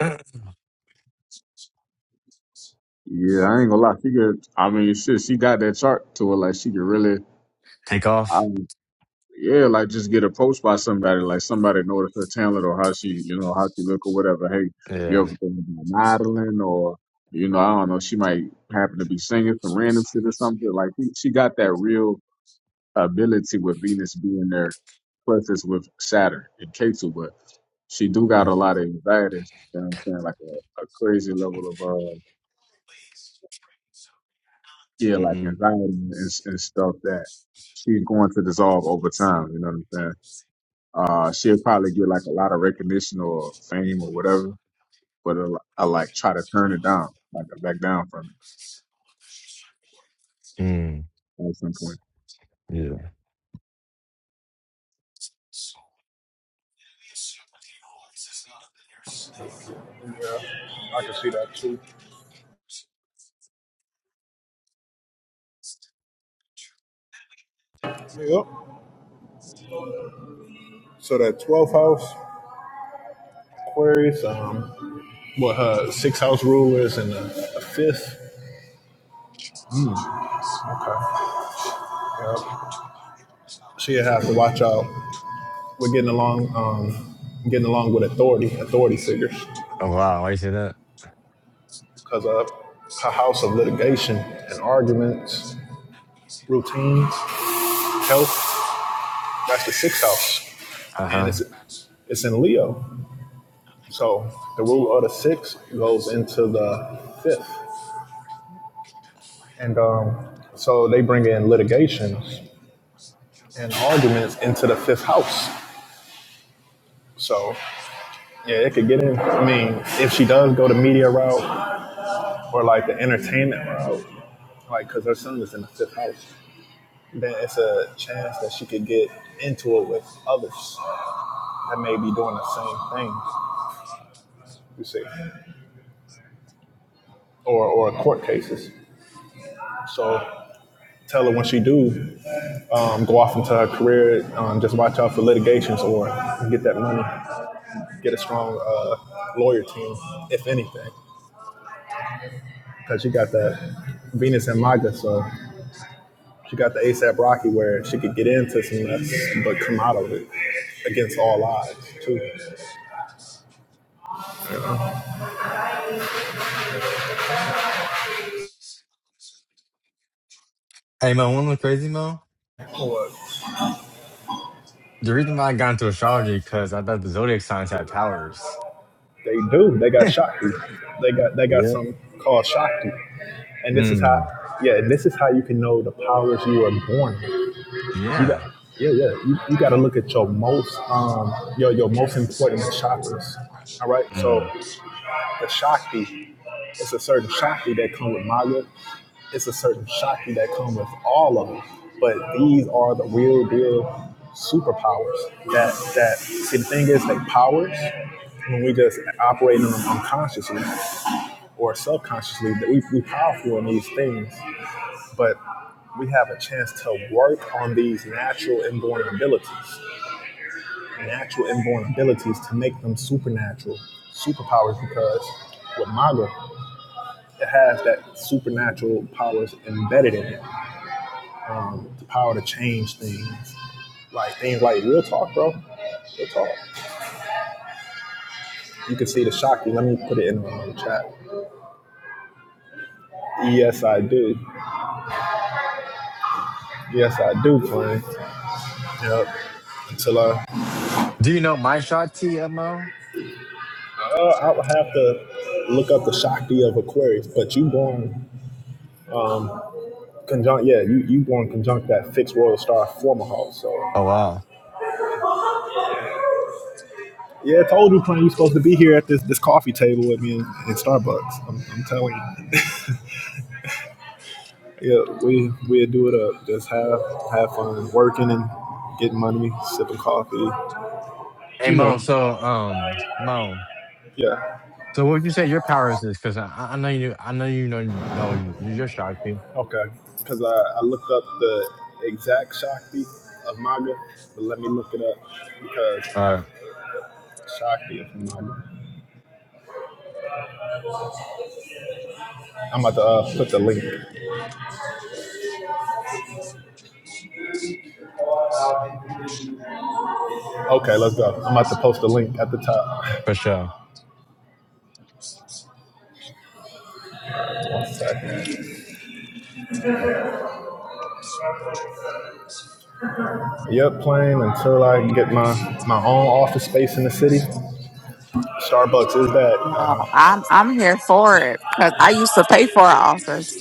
Speaker 1: yeah,
Speaker 3: yeah. I ain't gonna lie. She get. I mean, shit. She got that chart to her. Like she could really.
Speaker 1: take
Speaker 3: I.
Speaker 1: off.
Speaker 3: Yeah, like just get approached by somebody. Like somebody noticed her talent or how she, you know, how she look or whatever. Hey, you
Speaker 1: Yeah.
Speaker 3: ever think about modeling or? You know, I don't know. She might happen to be singing some random shit or something. Like she, she got that real ability with Venus being there, plus it's with Saturn and Ketu, but she do got a lot of anxiety. You know what I'm saying? Like a, a crazy level of uh yeah, like
Speaker 1: Mm-hmm.
Speaker 3: anxiety and, and stuff that she's going to dissolve over time. You know what I'm saying? Uh, she'll probably get like a lot of recognition or fame or whatever, but I, I like try to turn it down, like I back down from
Speaker 1: Mm,
Speaker 3: it at some point.
Speaker 1: yeah.
Speaker 2: I can see that too. Yep. So that 12th house Aquarius, um, what her sixth house ruler is in the, the fifth. Okay. Yep. She'll have to watch out. We're getting along, um, getting along with authority, authority figures,
Speaker 1: Oh wow, why you say that?
Speaker 2: because of her house of litigation and arguments, routines, health. That's the sixth house,
Speaker 1: Uh
Speaker 2: and
Speaker 1: huh.
Speaker 2: it's it's in Leo. So the ruler of the sixth goes into the fifth. And um, so they bring in litigations and arguments into the fifth house. So yeah, it could get in. I mean, if she does go the media route or like the entertainment route, like because her son is in the fifth house, then it's a chance that she could get into it with others that may be doing the same thing. You see, or or court cases. So tell her when she do um, go off into her career, um, just watch out for litigations or get that money. get a strong uh, lawyer team, if anything, because she got that Venus and MAGA, so she got the ASAP Rocky where she could get into some mess but come out of it against all odds too.
Speaker 1: Hey man, one look crazy, Mo. The reason why I got into astrology because I thought the zodiac signs had powers.
Speaker 2: They do. They got Shakti. They got they got something called Shakti, and this is how
Speaker 1: Mm.
Speaker 2: yeah, and this is how you can know the powers you are born. With. You got
Speaker 1: Yeah.
Speaker 2: yeah yeah. You, you got to look at your most um your your most important chakras. All right,
Speaker 1: Hmm.
Speaker 2: so the Shakti It's a certain Shakti that come with MAGA. It's a certain Shakti that come with all of them. But these are the real deal superpowers. That that see the thing is they powers when we just operate in them unconsciously or subconsciously that we we powerful in these things, but we have a chance to work on these natural inborn abilities, natural inborn abilities to make them supernatural superpowers because with MAGA it has that supernatural powers embedded in it. Um, the power to change things, like things like real talk, bro. Real talk. You can see the shock. Let me put it in the um, chat. Yes, I do. Yes, I do, Quinn. Yep. Until I,
Speaker 1: Do you know my shot Mo.
Speaker 2: uh, I'll have to look up the Shakti of Aquarius, but you born conjunct, yeah, you you born conjunct that fixed royal star former house. So
Speaker 1: Oh wow.
Speaker 2: yeah, I told you, Quinn, you supposed to be here at this this coffee table with me in, in Starbucks. I'm, I'm telling you. Yeah, we we do it up. Just have have fun working and getting money, sipping coffee.
Speaker 1: Hey
Speaker 2: You know,
Speaker 1: Mo, so um Mo,
Speaker 2: yeah,
Speaker 1: so what would you say your powers is? Because I, I know you, I know you know know your shot T.
Speaker 2: okay. Because I, I looked up the exact Shakti of MAGA, but let me look it up because
Speaker 1: All right,
Speaker 2: I, Shakti of MAGA. I'm about to uh, put the link. Okay, let's go. I'm about to post the link at the top.
Speaker 1: for sure.
Speaker 2: One second. Yep, Playing until I can get my my own office space in the city. Starbucks is that.
Speaker 5: No,
Speaker 2: Uh,
Speaker 5: I'm I'm here for it because I used to pay for an office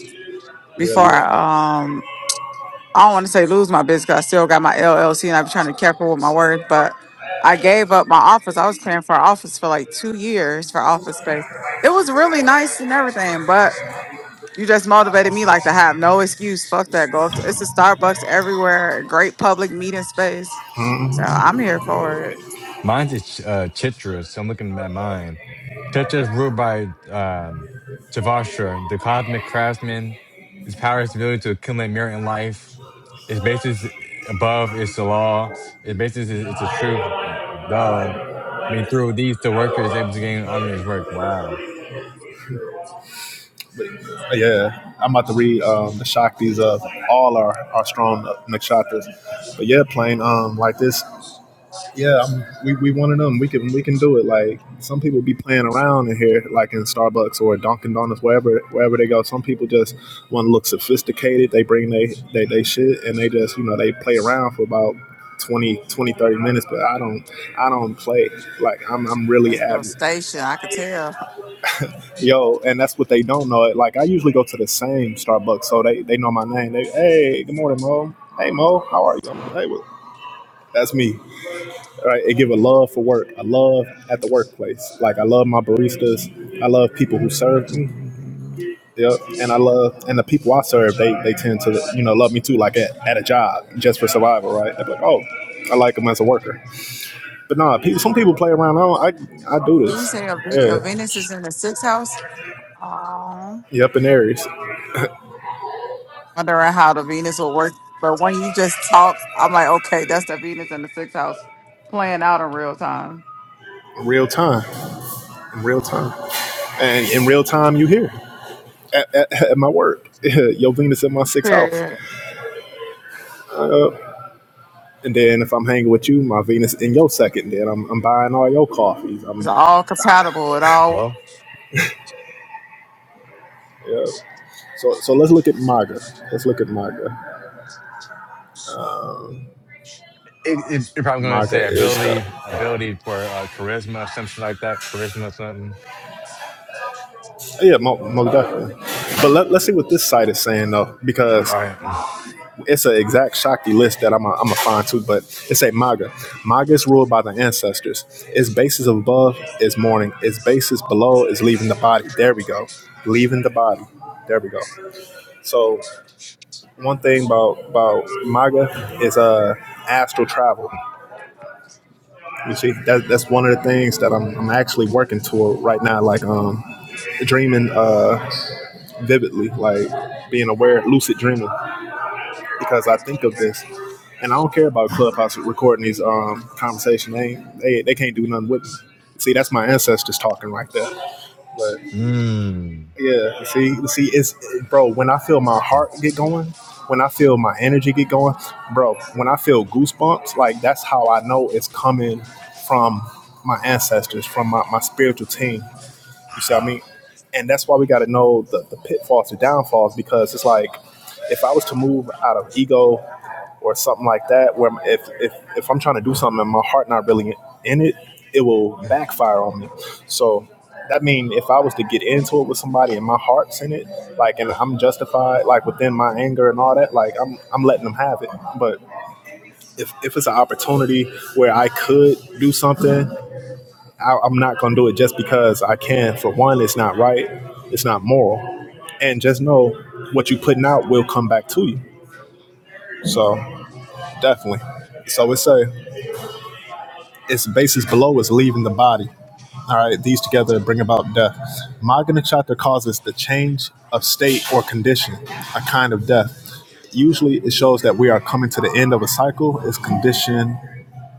Speaker 5: before.
Speaker 2: Really?
Speaker 5: I, Um, I don't want to say lose my business. 'cause I still got my LLC, and I be trying to be careful with my words. But I gave up my office. I was paying for an office for like two years for office space. It was really nice and everything, but You just motivated me like to have no excuse. Fuck that. Go to, it's a Starbucks everywhere. a Great public meeting space. So I'm here for it.
Speaker 1: Mine's is uh, Chitra, so I'm looking at mine. Chitra is ruled by um, Tavashra, the cosmic craftsman. His power is the ability to accumulate merit in life. Its basis above is the law. Its basis is, is the truth, though. I mean, through these, the worker is able to gain honor in his work. Wow.
Speaker 2: Yeah. I'm about to read um, the Shaktis of all our, our strong nakshatras. But yeah, playing um like this. Yeah, I'm, we we one of them. We can we can do it. Like some people be playing around in here, like in Starbucks or Dunkin' Donuts, wherever wherever they go. Some people just want to look sophisticated. They bring they they, they shit and they just you know they play around for about 20 20 30 minutes. But I don't I don't play. Like I'm I'm really
Speaker 5: It's your
Speaker 2: average.
Speaker 5: station. I could tell.
Speaker 2: Yo, and that's what they don't know. Like I usually go to the same Starbucks, so they they know my name. They hey, good morning, Mo. Hey, Mo, how are you? like, hey, well, that's me. Right? It give a love for work, a love at the workplace. Like I love my baristas. I love people who serve me. Yep, and I love and the people I serve, they they tend to you know love me too. Like at, at a job, just for survival, right? They're like, oh, I like them as a worker. But no, nah, people, some people play around. I I I do
Speaker 5: You
Speaker 2: this.
Speaker 5: say your, Ve-
Speaker 2: Yeah,
Speaker 5: your Venus is in the sixth house. Oh,
Speaker 2: yep, in Aries,
Speaker 5: wondering how the Venus will work. But when you just talk, I'm like, okay, that's the Venus in the sixth house playing out in real time.
Speaker 2: real time, in real time. and in real time you hear at, at, at my work your venus in my sixth house
Speaker 5: Period.
Speaker 2: uh, and then if i'm hanging with you my venus in your second then i'm, I'm buying all your coffees
Speaker 5: It's
Speaker 2: i'm
Speaker 5: all compatible. It all.
Speaker 1: Hello?
Speaker 2: yeah. so so let's look at maga let's look at maga
Speaker 1: It, it's, you're probably going to
Speaker 2: maga
Speaker 1: say
Speaker 2: is the
Speaker 1: ability, ability for uh, charisma, some shit like that. Charisma, something.
Speaker 2: yeah most definitely but let, let's see what this site is saying though because
Speaker 1: All right.
Speaker 2: It's an exact Shakti list that I'm going am to find too, but it's a Maga. Maga is ruled by the ancestors. Its basis above is mourning. Its basis below is leaving the body. There we go. Leaving the body. There we go. So one thing about about Maga is uh astral travel. You see, that, that's one of the things that I'm, I'm actually working toward right now. Like um, dreaming uh vividly, like being aware, lucid dreaming. because I think of this, and I don't care about Clubhouse recording these um conversation. They ain't- they they can't do nothing with me. See, that's my ancestors talking right there. But
Speaker 1: Mm.
Speaker 2: yeah, see, see, it's bro. When I feel my heart get going, when I feel my energy get going, bro. When I feel goosebumps, like that's how I know it's coming from my ancestors, from my, my spiritual team. You see what I mean? And that's why we got to know the, the pitfalls and downfalls because it's like if I was to move out of ego or something like that where if, if if i'm trying to do something and my heart not really in it it will backfire on me so that mean if i was to get into it with somebody and my heart's in it like and i'm justified like within my anger and all that like i'm i'm letting them have it but if if it's an opportunity where i could do something I, i'm not gonna do it just because i can for one it's not right it's not moral and just know what you are putting out will come back to you so definitely so it's a Its basis below is leaving the body. All right, these together bring about death. Magna Chatter causes the change of state or condition, a kind of death. Usually, it shows that we are coming to the end of a cycle. Its condition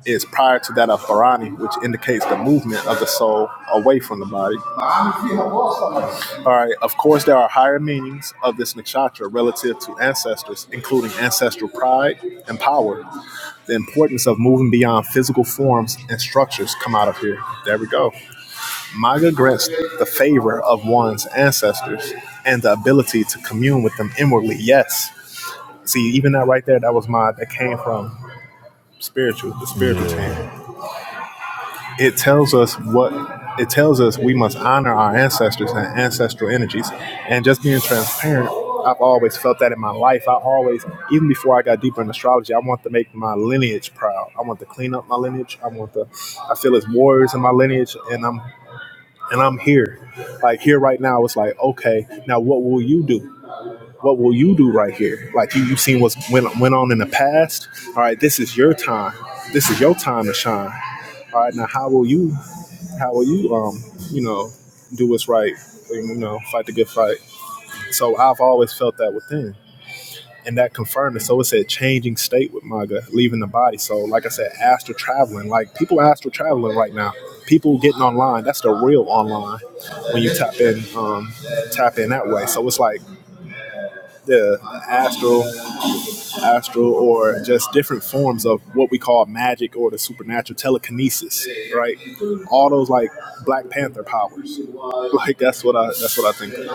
Speaker 2: is prior to that of Bharani, which indicates the movement of the soul away from the body. All right, of course, there are higher meanings of this nakshatra relative to ancestors, including ancestral pride and power. The importance of moving beyond physical forms and structures come out of here. There we go. Maga grants the favor of one's ancestors and the ability to commune with them inwardly. Yes. See, even that right there, that was my that came from spiritual, the spiritual team.
Speaker 1: Yeah.
Speaker 2: It tells us what it tells us we must honor our ancestors and ancestral energies. And just being transparent, I've always felt that in my life. I always, even before I got deeper in astrology, I want to make my lineage proud. I want to clean up my lineage. I want to I feel as warriors in my lineage and I'm and I'm here. Like here right now, it's like, okay, now what will you do? What will you do right here? Like you, you've seen what's went went on in the past. All right, this is your time. This is your time to shine. All right, now how will you how will you um you know do what's right? You know, fight the good fight. So I've always felt that within and that confirmed it. So it said changing state with MAGA, leaving the body. So like I said, astral traveling. Like people are astral traveling right now. People getting online. That's the real online when you tap in, um, tap in that way. So it's like the astral, astral, or just different forms of what we call magic or the supernatural telekinesis, right? All those like Black Panther powers. Like that's what I that's what I think. Of.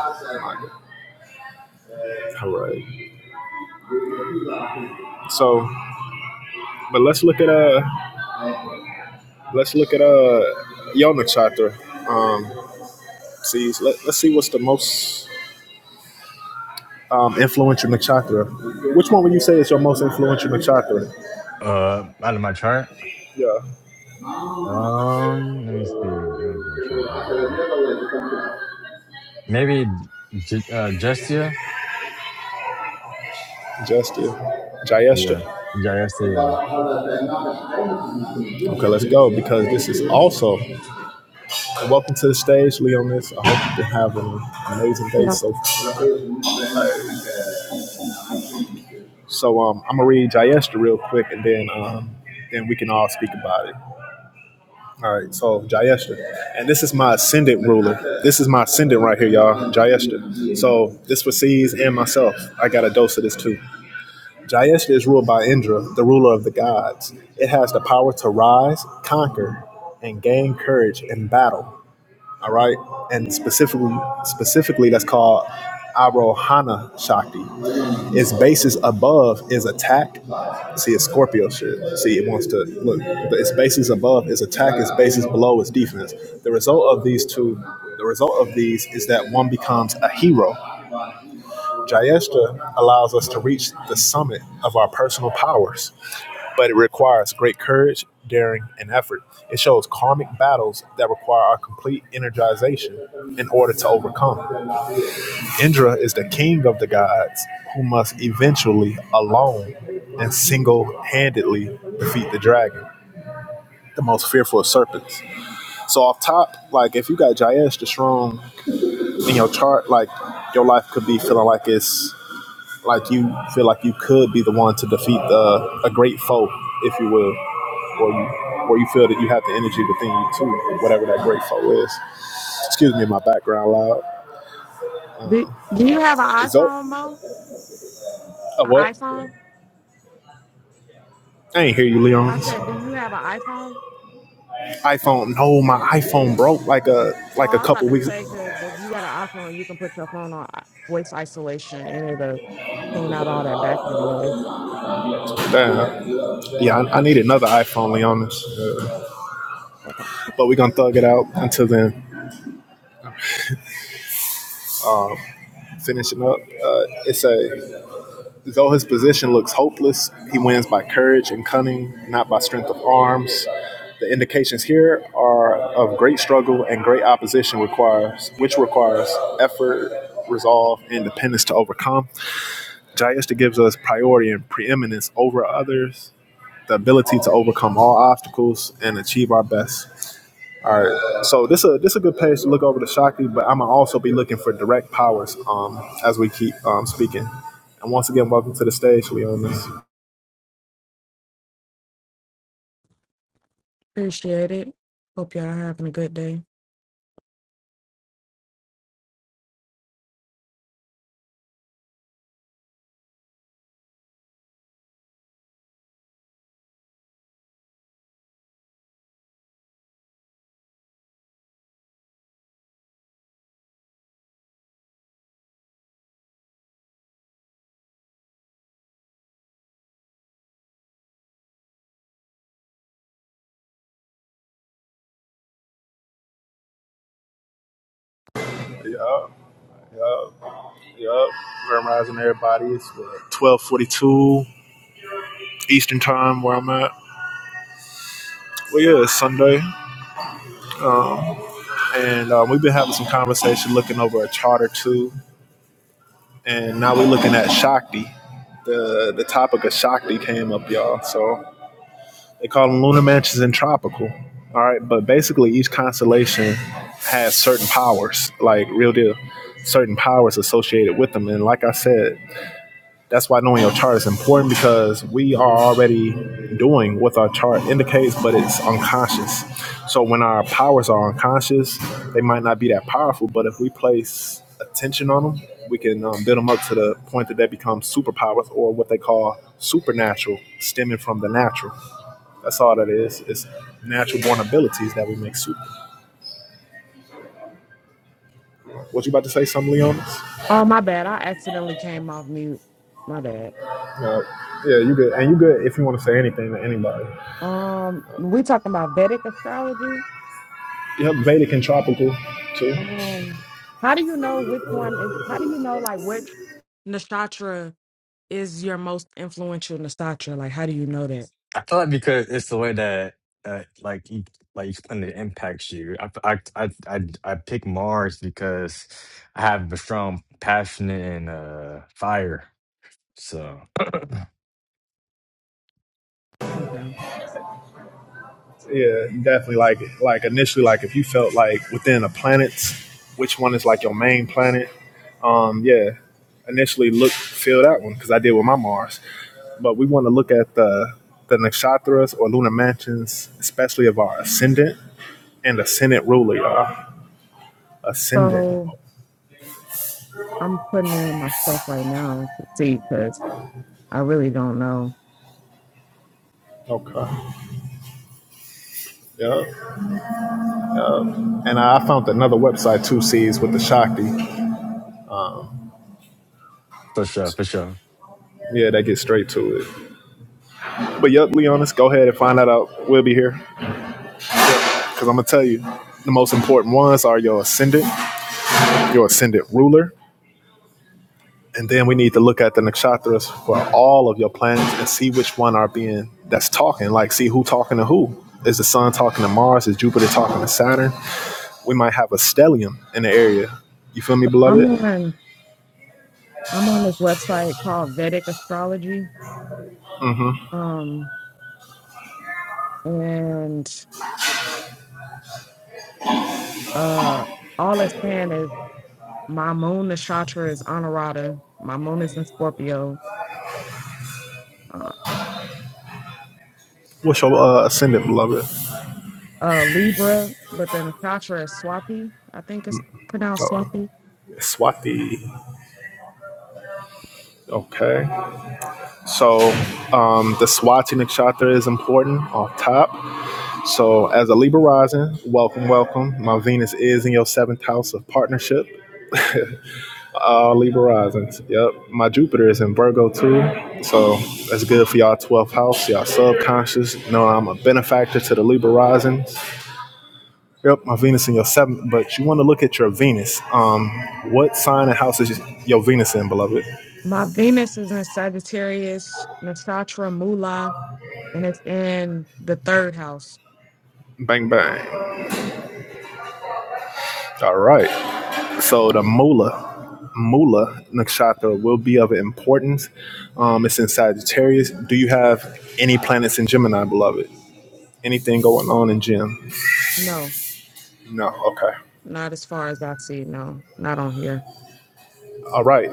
Speaker 2: All right. So, but let's look at uh Let's look at uh Yona Chatra. Um, see, let, let's see what's the most um, influential nakshatra. Which one would you say is your most influential nakshatra?
Speaker 1: Uh, out of my chart.
Speaker 2: Yeah,
Speaker 1: Um, let me see. Out of my chart. Hold on. Maybe J- uh, Justia.
Speaker 2: Justin, Jayestra.
Speaker 1: Yeah, Justia. Yeah.
Speaker 2: Okay, let's go because this is also welcome to the stage, Leonis. I hope you have been having an amazing day. So, far. so um, I'm gonna read Jayestra real quick, and then um, then we can all speak about it. All right, so Jayeshta. And this is my ascendant ruler. This is my ascendant right here, y'all, Jayeshta. So this for C's and myself. I got a dose of this too. Jayeshta is ruled by Indra, the ruler of the gods. It has the power to rise, conquer, and gain courage in battle. All right. And specifically, specifically, that's called Arohana Shakti. Its basis above is attack. See, it's Scorpio shit. See, it wants to look. Its basis above is attack. Its basis below is defense. The result of these two, the result of these is that one becomes a hero. Jayeshta allows us to reach the summit of our personal powers but it requires great courage, daring, and effort. It shows karmic battles that require our complete energization in order to overcome. Indra is the king of the gods who must eventually, alone and single handedly, defeat the dragon. The most fearful of serpents. So off top, like if you got Jayesh the strong in your chart, like your life could be feeling like it's like you feel like you could be the one to defeat the, a great foe, if you will. or you or you feel that you have the energy within you too, whatever that great foe is. Excuse me, my background loud.
Speaker 6: Do, do you have an
Speaker 2: So,
Speaker 6: iPhone, Mo?
Speaker 2: uh,
Speaker 6: An
Speaker 2: what?
Speaker 6: iPhone?
Speaker 2: I ain't hear you,
Speaker 6: I
Speaker 2: Leon's
Speaker 6: said, do you have an iPhone?
Speaker 2: iPhone. No, my iPhone broke like a
Speaker 6: Oh,
Speaker 2: like a
Speaker 6: I was about
Speaker 2: couple
Speaker 6: to
Speaker 2: weeks.
Speaker 6: say, because if you got an iPhone, you can put your phone on i- voice isolation and it'll tune out all that background noise.
Speaker 2: Damn. Yeah, I, I need another iPhone, Leon's. Uh, but we gonna thug it out until then. Finishing up. Uh, it's a Though his position looks hopeless, he wins by courage and cunning, not by strength of arms. The indications here are of great struggle and great opposition requires, which requires effort, resolve, and dependence to overcome. Jayashta gives us priority and preeminence over others, the ability to overcome all obstacles and achieve our best. All right, so this is this a good page to look over the Shakti, but I'm gonna also be looking for direct powers um, as we keep um, speaking. And once again, welcome to the stage, Leonis.
Speaker 6: Appreciate it. Hope y'all having a good day.
Speaker 2: Yup, yup, yup. Memorizing everybody. It's twelve forty-two Eastern Time where I'm at. Well, yeah, it's Sunday, and um, we've been having some conversation looking over a chart or two, and now we're looking at Shakti. The the topic of Shakti came up, y'all. So they call them lunar mansions and tropical. All right, but basically each constellation has certain powers, like real deal, certain powers associated with them. And like I said, That's why knowing your chart is important because we are already doing what our chart indicates, but it's unconscious. So when our powers are unconscious, they might not be that powerful, but if we place attention on them, we can um, build them up to the point that they become superpowers or what they call supernatural, stemming from the natural. That's all that is. It's natural born abilities that we make super. Was you about to say something, Leonis?
Speaker 6: Oh, my bad. I accidentally came off mute. My bad.
Speaker 2: No. Yeah, you good. And you good if you want to say anything to anybody.
Speaker 6: Um, we talking about Vedic astrology.
Speaker 2: Yep, Vedic and tropical too.
Speaker 6: Um, how do you know which one is? How do you know like which nakshatra? is your most influential Nasatra? Like, how do you know that?
Speaker 1: I feel like because it's the way that uh, like you, like each planet impacts you. I, I I I I pick Mars because I have a strong passion in uh fire. So
Speaker 6: Okay.
Speaker 2: Yeah, definitely. Like, like initially, like if you felt like within a planets, which one is like your main planet? Um, yeah, initially look feel that one because I did with my Mars, but we want to look at the the nakshatras or lunar mansions, especially of our ascendant and ascendant ruler, y'all. Ascendant.
Speaker 6: So I'm putting in my stuff right now to see because I really don't know.
Speaker 2: Okay. Yeah. And I found another website, Two C's with the Shakti.
Speaker 1: for sure, for sure.
Speaker 2: Yeah, that gets straight to it. But yep, Leonis, go ahead and find that out. We'll be here. Because I'm gonna tell you, the most important ones are your ascendant, your ascendant ruler, and then we need to look at the nakshatras for all of your planets and see which one are being that's talking. Like, see who talking to who. Is the sun talking to Mars? Is Jupiter talking to Saturn? We might have a stellium in the area. You feel me,
Speaker 6: I'm
Speaker 2: beloved?
Speaker 6: on I'm on this website called Vedic Astrology. Um, and Uh, all it's saying is my moon nakshatra is Anurata. My moon is in Scorpio. Uh,
Speaker 2: What's your uh, ascendant, beloved?
Speaker 6: uh, Libra, but the nakshatra is Swathi. I think it's pronounced
Speaker 2: Oh,
Speaker 6: Swathi.
Speaker 2: yeah, Swati. Okay. So um, the Swati nakshatra is important off top. So, as a Libra rising, welcome, welcome. My Venus is in your seventh house of partnership. Uh, Libra risings. Yep. My Jupiter is in Virgo too. So, that's good for y'all 12th house, y'all subconscious. No, I'm a benefactor to the Libra risings. Yep. My Venus in your seventh. But you want to look at your Venus. Um, What sign and house is your Venus in, beloved?
Speaker 6: My Venus is in Sagittarius nakshatra Mula, and it's in the third house.
Speaker 2: Bang, bang. All right. So the mula, mula nakshatra will be of importance. Um, it's in Sagittarius. Do you have any planets in Gemini, beloved? Anything going on in Gem?
Speaker 6: No,
Speaker 2: No. Okay.
Speaker 6: not as far as I see. No, not on here.
Speaker 2: All right.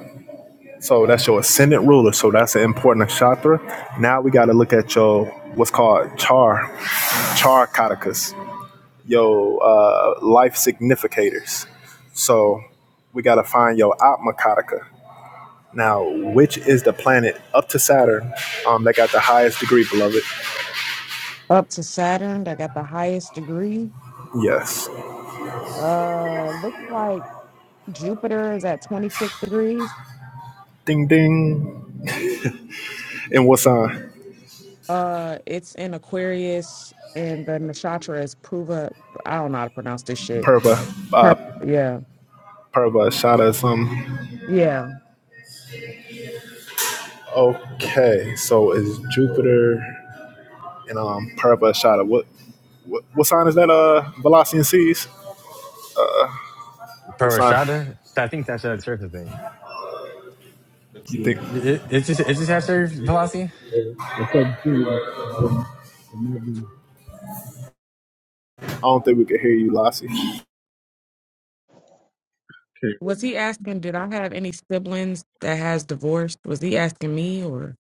Speaker 2: So that's your ascendant ruler. So that's an important nakshatra. Now we got to look at your what's called char, char katakas, your uh, life significators. So we got to find your atma kataka. Now, which is the planet up to Saturn um, that got the highest degree, beloved?
Speaker 6: Up to Saturn, that got the highest degree.
Speaker 2: Yes.
Speaker 6: Uh, looks like Jupiter is at 26 degrees
Speaker 2: Ding ding. And what sign?
Speaker 6: Uh, it's in Aquarius, and the nakshatra is Pruva. I don't know how to pronounce this shit.
Speaker 2: Purva. Uh,
Speaker 6: Pur- Yeah,
Speaker 2: Purva Shada. Some.
Speaker 6: yeah.
Speaker 2: Okay. So is Jupiter and um Purva Shada. What, what what sign is that? Uh, Velocity and Seas. What
Speaker 1: Per
Speaker 2: sign?
Speaker 1: Rashada, I think that's a church. I think.
Speaker 3: That's
Speaker 2: You
Speaker 3: it.
Speaker 2: think?
Speaker 1: It, it's just it's just after velocity.
Speaker 3: Yeah, that's up to you. It might be-
Speaker 2: I don't think we could hear you, Lassie.
Speaker 6: Was he asking? Did I have any siblings that has divorced? Was he asking me, or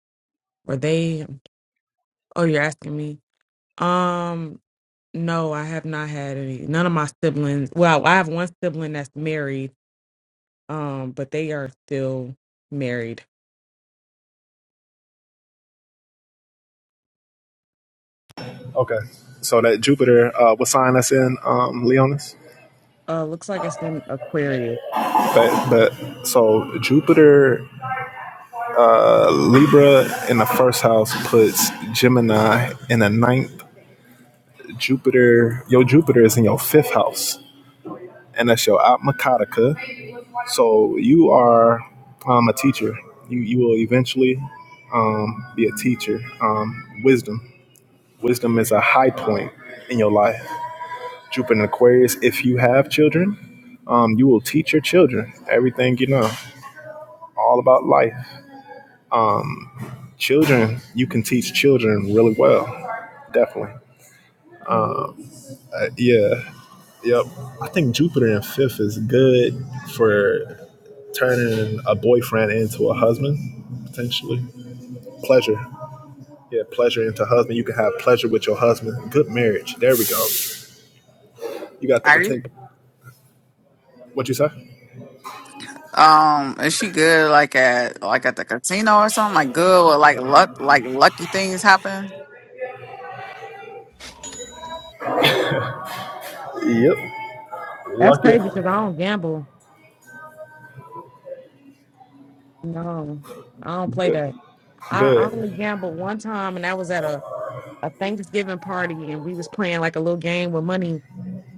Speaker 6: or they? um, Oh, you're asking me. Um, no, I have not had any. None of my siblings. Well, I have one sibling that's married. Um, but they are still married.
Speaker 2: Okay. So that Jupiter. Uh, what sign that's in? Um, Leonis.
Speaker 6: Uh, looks like it's in Aquarius.
Speaker 2: But but so Jupiter Libra in the first house puts Gemini in the ninth. Jupiter, your Jupiter is in your fifth house, and that's your Atma Kataka. So you are um, a teacher. You you will eventually um, be a teacher. Um, wisdom, wisdom is a high point in your life. Jupiter in Aquarius. If you have children, um, you will teach your children everything you know, all about life. Children, you can teach children really well, definitely.
Speaker 6: Mm.
Speaker 2: Uh, yeah. Yep. I think Jupiter in fifth is good for turning a boyfriend into a husband, potentially. Pleasure. Yeah, pleasure into husband. You can have pleasure with your husband. Good marriage. There we go. You got the
Speaker 5: right?
Speaker 2: potential. What you say?
Speaker 5: Um, is she good like at like at the casino or something? Like good or like luck like lucky things happen?
Speaker 2: Yep.
Speaker 6: That's
Speaker 2: Lucky.
Speaker 6: crazy because I don't gamble. No, I don't play
Speaker 2: Good.
Speaker 6: that. I I only
Speaker 2: Good.
Speaker 6: gambled one time, and that was at a, a Thanksgiving party, and we was playing like a little game with money,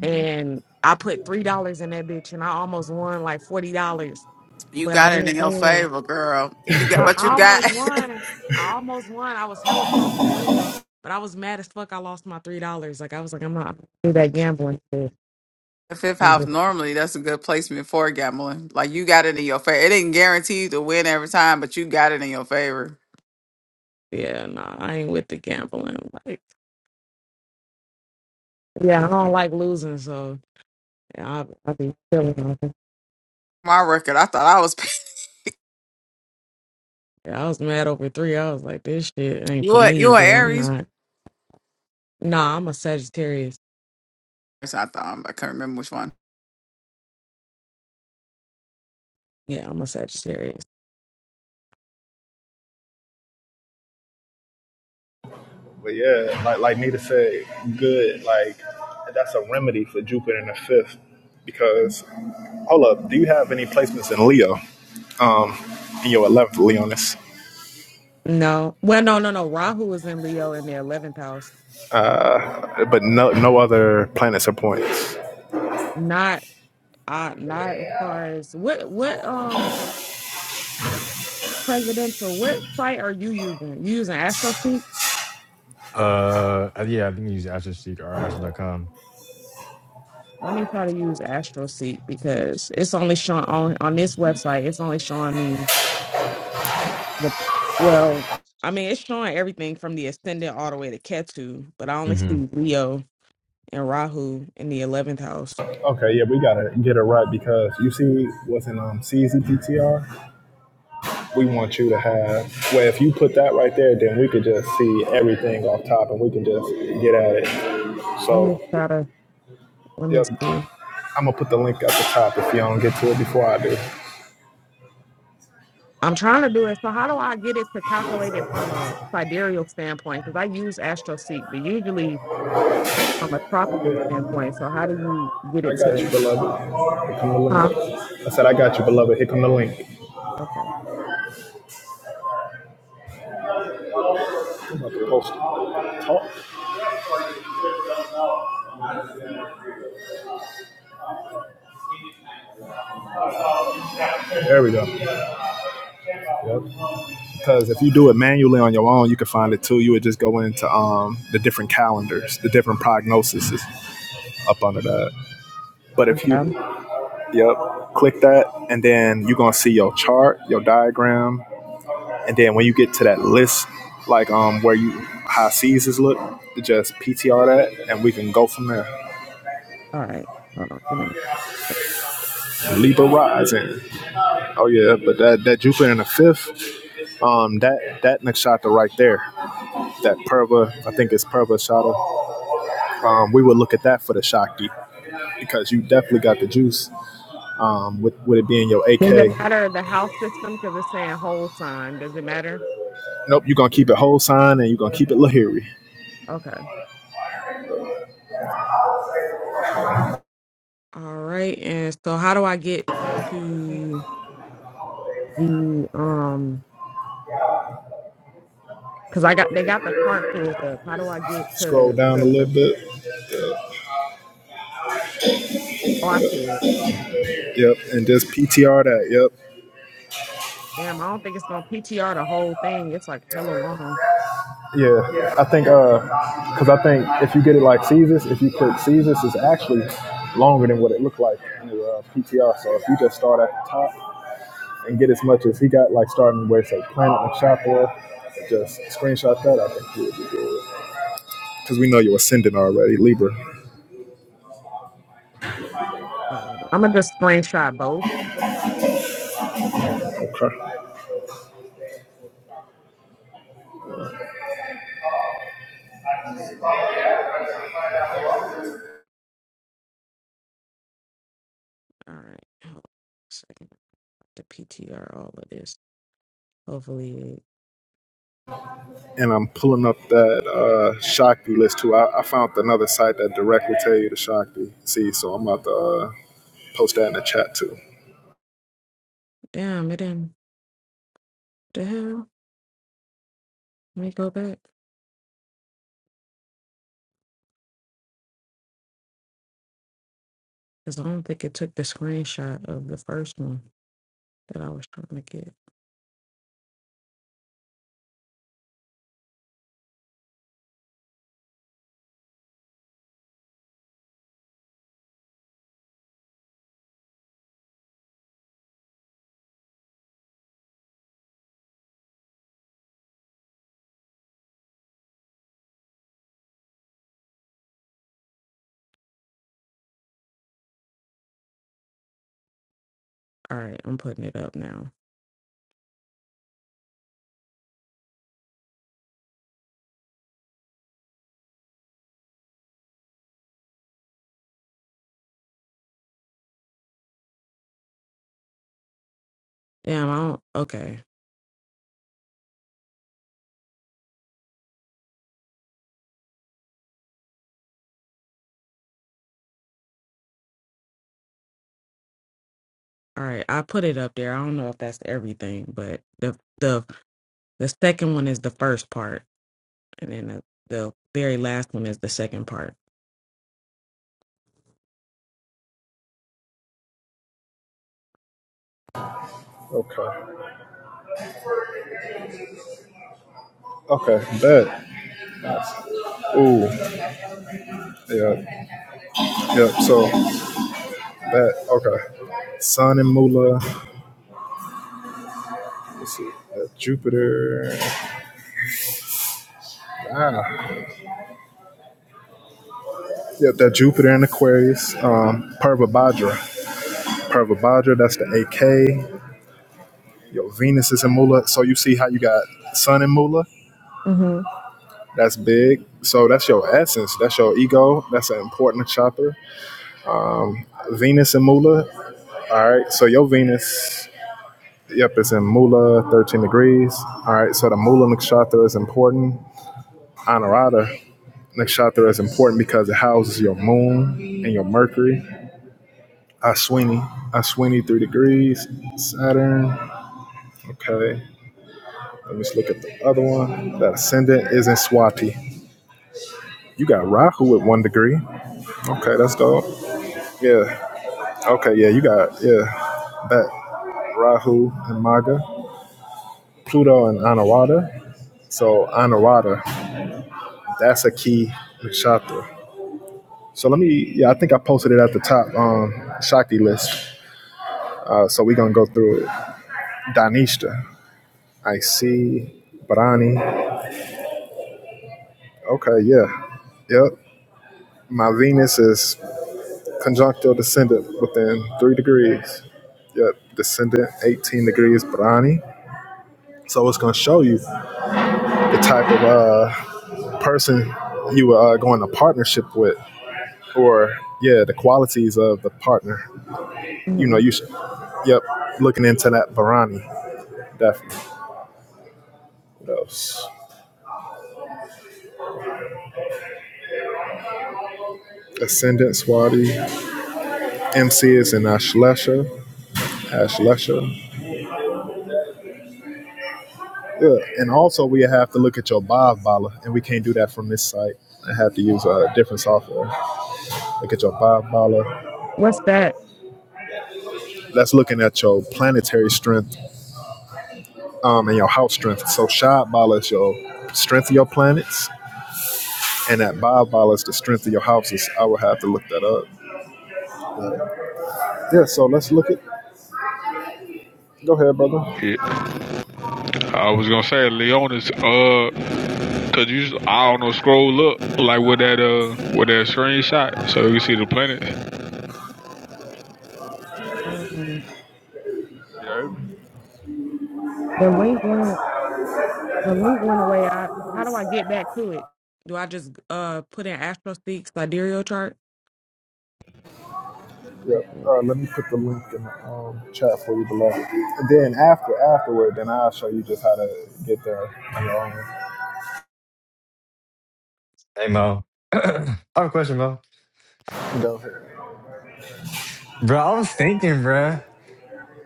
Speaker 6: and I put three dollars in that bitch, and I almost won like forty dollars,
Speaker 5: You
Speaker 6: but I
Speaker 5: got it in
Speaker 6: didn't
Speaker 5: your
Speaker 6: win.
Speaker 5: favor, girl. You got
Speaker 6: I
Speaker 5: but you got
Speaker 6: almost won. I almost won. I was hella close to winning, but I was mad as fuck. I lost my three dollars. Like I was like, I'm not gonna do that gambling shit.
Speaker 5: the fifth
Speaker 6: I'm
Speaker 5: house
Speaker 6: just-
Speaker 5: normally that's a good placement for gambling. Like you got it in your favor. It didn't guarantee you to win every time, but you got it in your favor.
Speaker 6: Yeah, nah, I ain't with the gambling. Like, yeah, I don't like losing, so yeah, I I be chilling.
Speaker 5: My record, I thought I was
Speaker 6: I was mad over three. I was like, this shit ain't
Speaker 5: you
Speaker 6: for
Speaker 5: were you
Speaker 6: me,
Speaker 5: were
Speaker 6: bro. I'm
Speaker 5: Aries.
Speaker 6: not. Nah, I'm a Sagittarius.
Speaker 5: Yes, I thought um, I can't remember which one.
Speaker 6: Yeah, I'm a Sagittarius.
Speaker 2: But yeah, like like Nita said, good. Like that's a remedy for Jupiter in the fifth. Because hold up, do you have any placements in Leo? In your eleventh, Leonis?
Speaker 6: No, well, no, no, no. Rahu is in Leo in the eleventh house.
Speaker 2: but no no other planets or points.
Speaker 6: Not, uh, not as far as what, what, um, presidential. What site are you using? You using AstroSeek?
Speaker 1: Uh, uh, yeah, I think you use Astro Seek or Astro.com.
Speaker 6: Let me try to use AstroSeek because it's only showing on on this website. It's only showing me the well. I mean, it's showing everything from the ascendant all the way to Ketu, but I only
Speaker 1: hmm
Speaker 6: see Leo and Rahu in the eleventh house.
Speaker 2: Okay, yeah, we gotta get it right because you see what's in um CZPTR? We want you to have well if you put that right there, then we could just see everything off top and we can just get at it.
Speaker 6: Let me
Speaker 2: So
Speaker 6: try to let me
Speaker 2: yep.
Speaker 6: see.
Speaker 2: I'm gonna put the link at the top if y'all don't get to it before I do.
Speaker 6: I'm trying to do it. So how do I get it to calculate it from a sidereal standpoint? Because I use AstroSeek, but usually from a tropical standpoint. So how do you get
Speaker 2: I
Speaker 6: it
Speaker 2: got
Speaker 6: to?
Speaker 2: you, beloved. Here come the
Speaker 6: Huh?
Speaker 2: link. I said I got you, beloved. Here come the link.
Speaker 6: Okay.
Speaker 2: I'm about to post it. Talk. There we go. Yep. Because if you do it manually on your own, you can find it too. You would just go into um, the different calendars, the different prognoses up under that. But if
Speaker 6: Yeah, I'm-
Speaker 2: you, yep, click that, and then you're gonna see your chart, your diagram, and then when you get to that list, like um where you high seasons look, just PTR that, and we can go from there.
Speaker 6: all right. Hold on. Give me. a minute.
Speaker 2: Libra rising. Oh yeah, but that that Jupiter in the fifth, um, that that nakshatra right there, that Purva, I think it's Purva Shata. Um, we would look at that for the Shakti. because you definitely got the juice um, with, with it being your
Speaker 6: Does
Speaker 2: AK.
Speaker 6: it matter the house system? Because it's saying whole sign. Does it matter?
Speaker 2: Nope, you're going to keep it whole sign and you're going to keep it
Speaker 6: Okay.
Speaker 2: Lahiri.
Speaker 6: Okay. All right. And so how do I get to the um? Cause I got they got the chart pulled up. How do I get
Speaker 2: Scroll
Speaker 6: to
Speaker 2: down a
Speaker 6: the?
Speaker 2: little bit.
Speaker 6: Oh, I see it.
Speaker 2: Yep, and just PTR that. Yep.
Speaker 6: Damn, I don't think it's gonna PTR the whole thing. It's like hella long.
Speaker 2: Yeah, I think, uh, because I think if you get it like Caesars, if you click Caesars, it's actually longer than what it looked like in the uh, PTR. So if you just start at the top and get as much as he got, like starting where it says Planet and Shopware, just screenshot that, I think you would be good. Because we know you're ascendant already, Libra.
Speaker 6: Uh, I'm gonna just screenshot both.
Speaker 2: Okay.
Speaker 6: All right, hold on a second. I have to PTR all of this. Hopefully,
Speaker 2: and I'm pulling up that uh, Shakti list too. I, I found another site that directly tell you the Shakti. See, so I'm about to uh, post that in the chat too.
Speaker 6: damn it didn't. The hell? Let me go back. Cause I don't think it took the screenshot of the first one that I was trying to get. All right, I'm putting it up now. Damn, I don't. Okay. All right, I put it up there. I don't know if that's everything, but the the The second one is the first part, and then the, the very last one is the second part.
Speaker 2: Okay. Okay. Bet. Ooh. Yeah. Yep. So that. Okay. Sun and Mula. Let's see. That Jupiter. Ah. Yep. That Jupiter and Aquarius. Um. Purvabhadra. Purvabhadra. That's the AK. Your Venus is in Mula. So you see how you got Sun and Mula.
Speaker 6: hmm
Speaker 2: That's big. So that's your essence. That's your ego. That's an important chakra. Venus and Mula. All right. So your Venus, yep, it's in Mula, 13 degrees. All right. So the Mula nakshatra is important. Anurada nakshatra is important because it houses your moon and your Mercury. Ashwini, Ashwini, three degrees. Saturn. Okay. Let me just look at the other one. That ascendant is in Swati. You got Rahu at one degree. Okay, that's dope. Yeah, Okay, yeah, you got yeah that Rahu and Maga, Pluto and Anuradha. So Anuradha, that's a key nakshatra. So let me, yeah, I think I posted it at the top um, Shakti list. Uh, so we're gonna go through it. Danishta, I see Brani. Okay, yeah, yep. My Venus is conjunctile descendant within three degrees. Yep, descendant 18 degrees Brani. So it's gonna show you the type of uh, person you were uh, going to partnership with, or yeah, the qualities of the partner. You know,
Speaker 6: hmm
Speaker 2: you should. Yep, looking into that Varani, definitely. What else? Ascendant Swati, MC is in Ashlesha, Ashlesha. Yeah, and also we have to look at your Bob Bala, and we can't do that from this site. I have to use a uh, different software. Look at your Bob Bala.
Speaker 6: What's that?
Speaker 2: That's looking at your planetary strength um, and your house strength. So Shad Bala is your strength of your planets and at Bob Ballas, the strength of your houses. I will have to look that up. Yeah, so let's look at. Go ahead, brother.
Speaker 3: Okay. Yeah, I was gonna say Leona's. Uh, Cause you, I don't know, scroll up like with that uh with that screenshot, so you can see the planets.
Speaker 6: Um,
Speaker 3: You hear me?
Speaker 6: the link went. The link went away. I, how do I get back to it? Do I just uh put in AstroSeek sidereal chart?
Speaker 2: Yeah,
Speaker 6: All
Speaker 2: uh, let me put the link in the um, chat for you below. And then after afterward, then I'll show you just how to get there on your own.
Speaker 1: Hey Mo, I have a question, Mo.
Speaker 2: Go ahead.
Speaker 1: Bro, I was thinking, bro,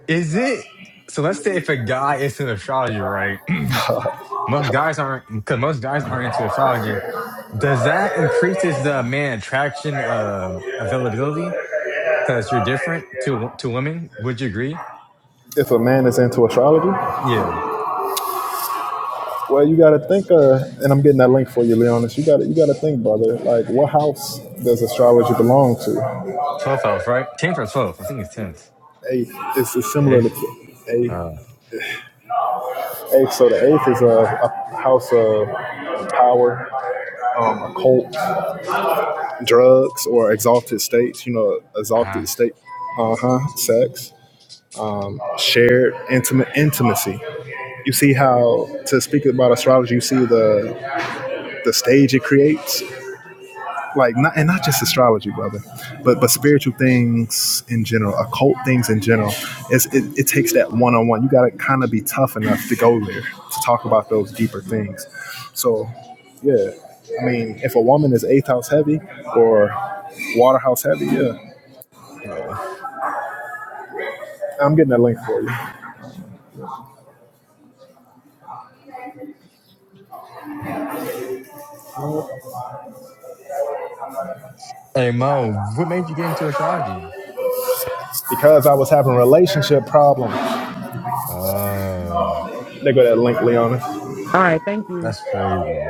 Speaker 1: is it so? Let's say if a guy is into astrology, right? most guys aren't because most guys aren't into astrology. Does that increases the man attraction um availability because you're different to wo- to women? Would you agree?
Speaker 2: If a man is into astrology,
Speaker 1: Yeah,
Speaker 2: well, you got to think. Uh, and I'm getting that link for you, Leonis. You got to you got to think, brother. Like, what house does astrology belong to?
Speaker 1: twelve house, right? Tenth or twelve? I think it's tenth.
Speaker 2: A, it's similar
Speaker 1: If
Speaker 2: to a
Speaker 1: uh,
Speaker 2: Eighth, so the eighth is a, a house of power, um, occult, drugs, or exalted states. You know,
Speaker 1: uh,
Speaker 2: exalted state. Uh huh. Sex, shared intimate intimacy. You see how to speak about astrology. You see the the stage it creates like not and not just astrology, brother, but but spiritual things in general, occult things in general. It's, it, it takes that one on one. You got to kind of be tough enough to go there to talk about those deeper things. So, yeah, I mean, if a woman is eighth house heavy or water house heavy, yeah,
Speaker 1: well.
Speaker 2: I'm getting that link for you
Speaker 1: hey Mo, what made you get into astrology?
Speaker 2: because I was having relationship problems.
Speaker 1: Uh
Speaker 2: They go that link, Leona.
Speaker 6: right, thank you.
Speaker 1: that's crazy.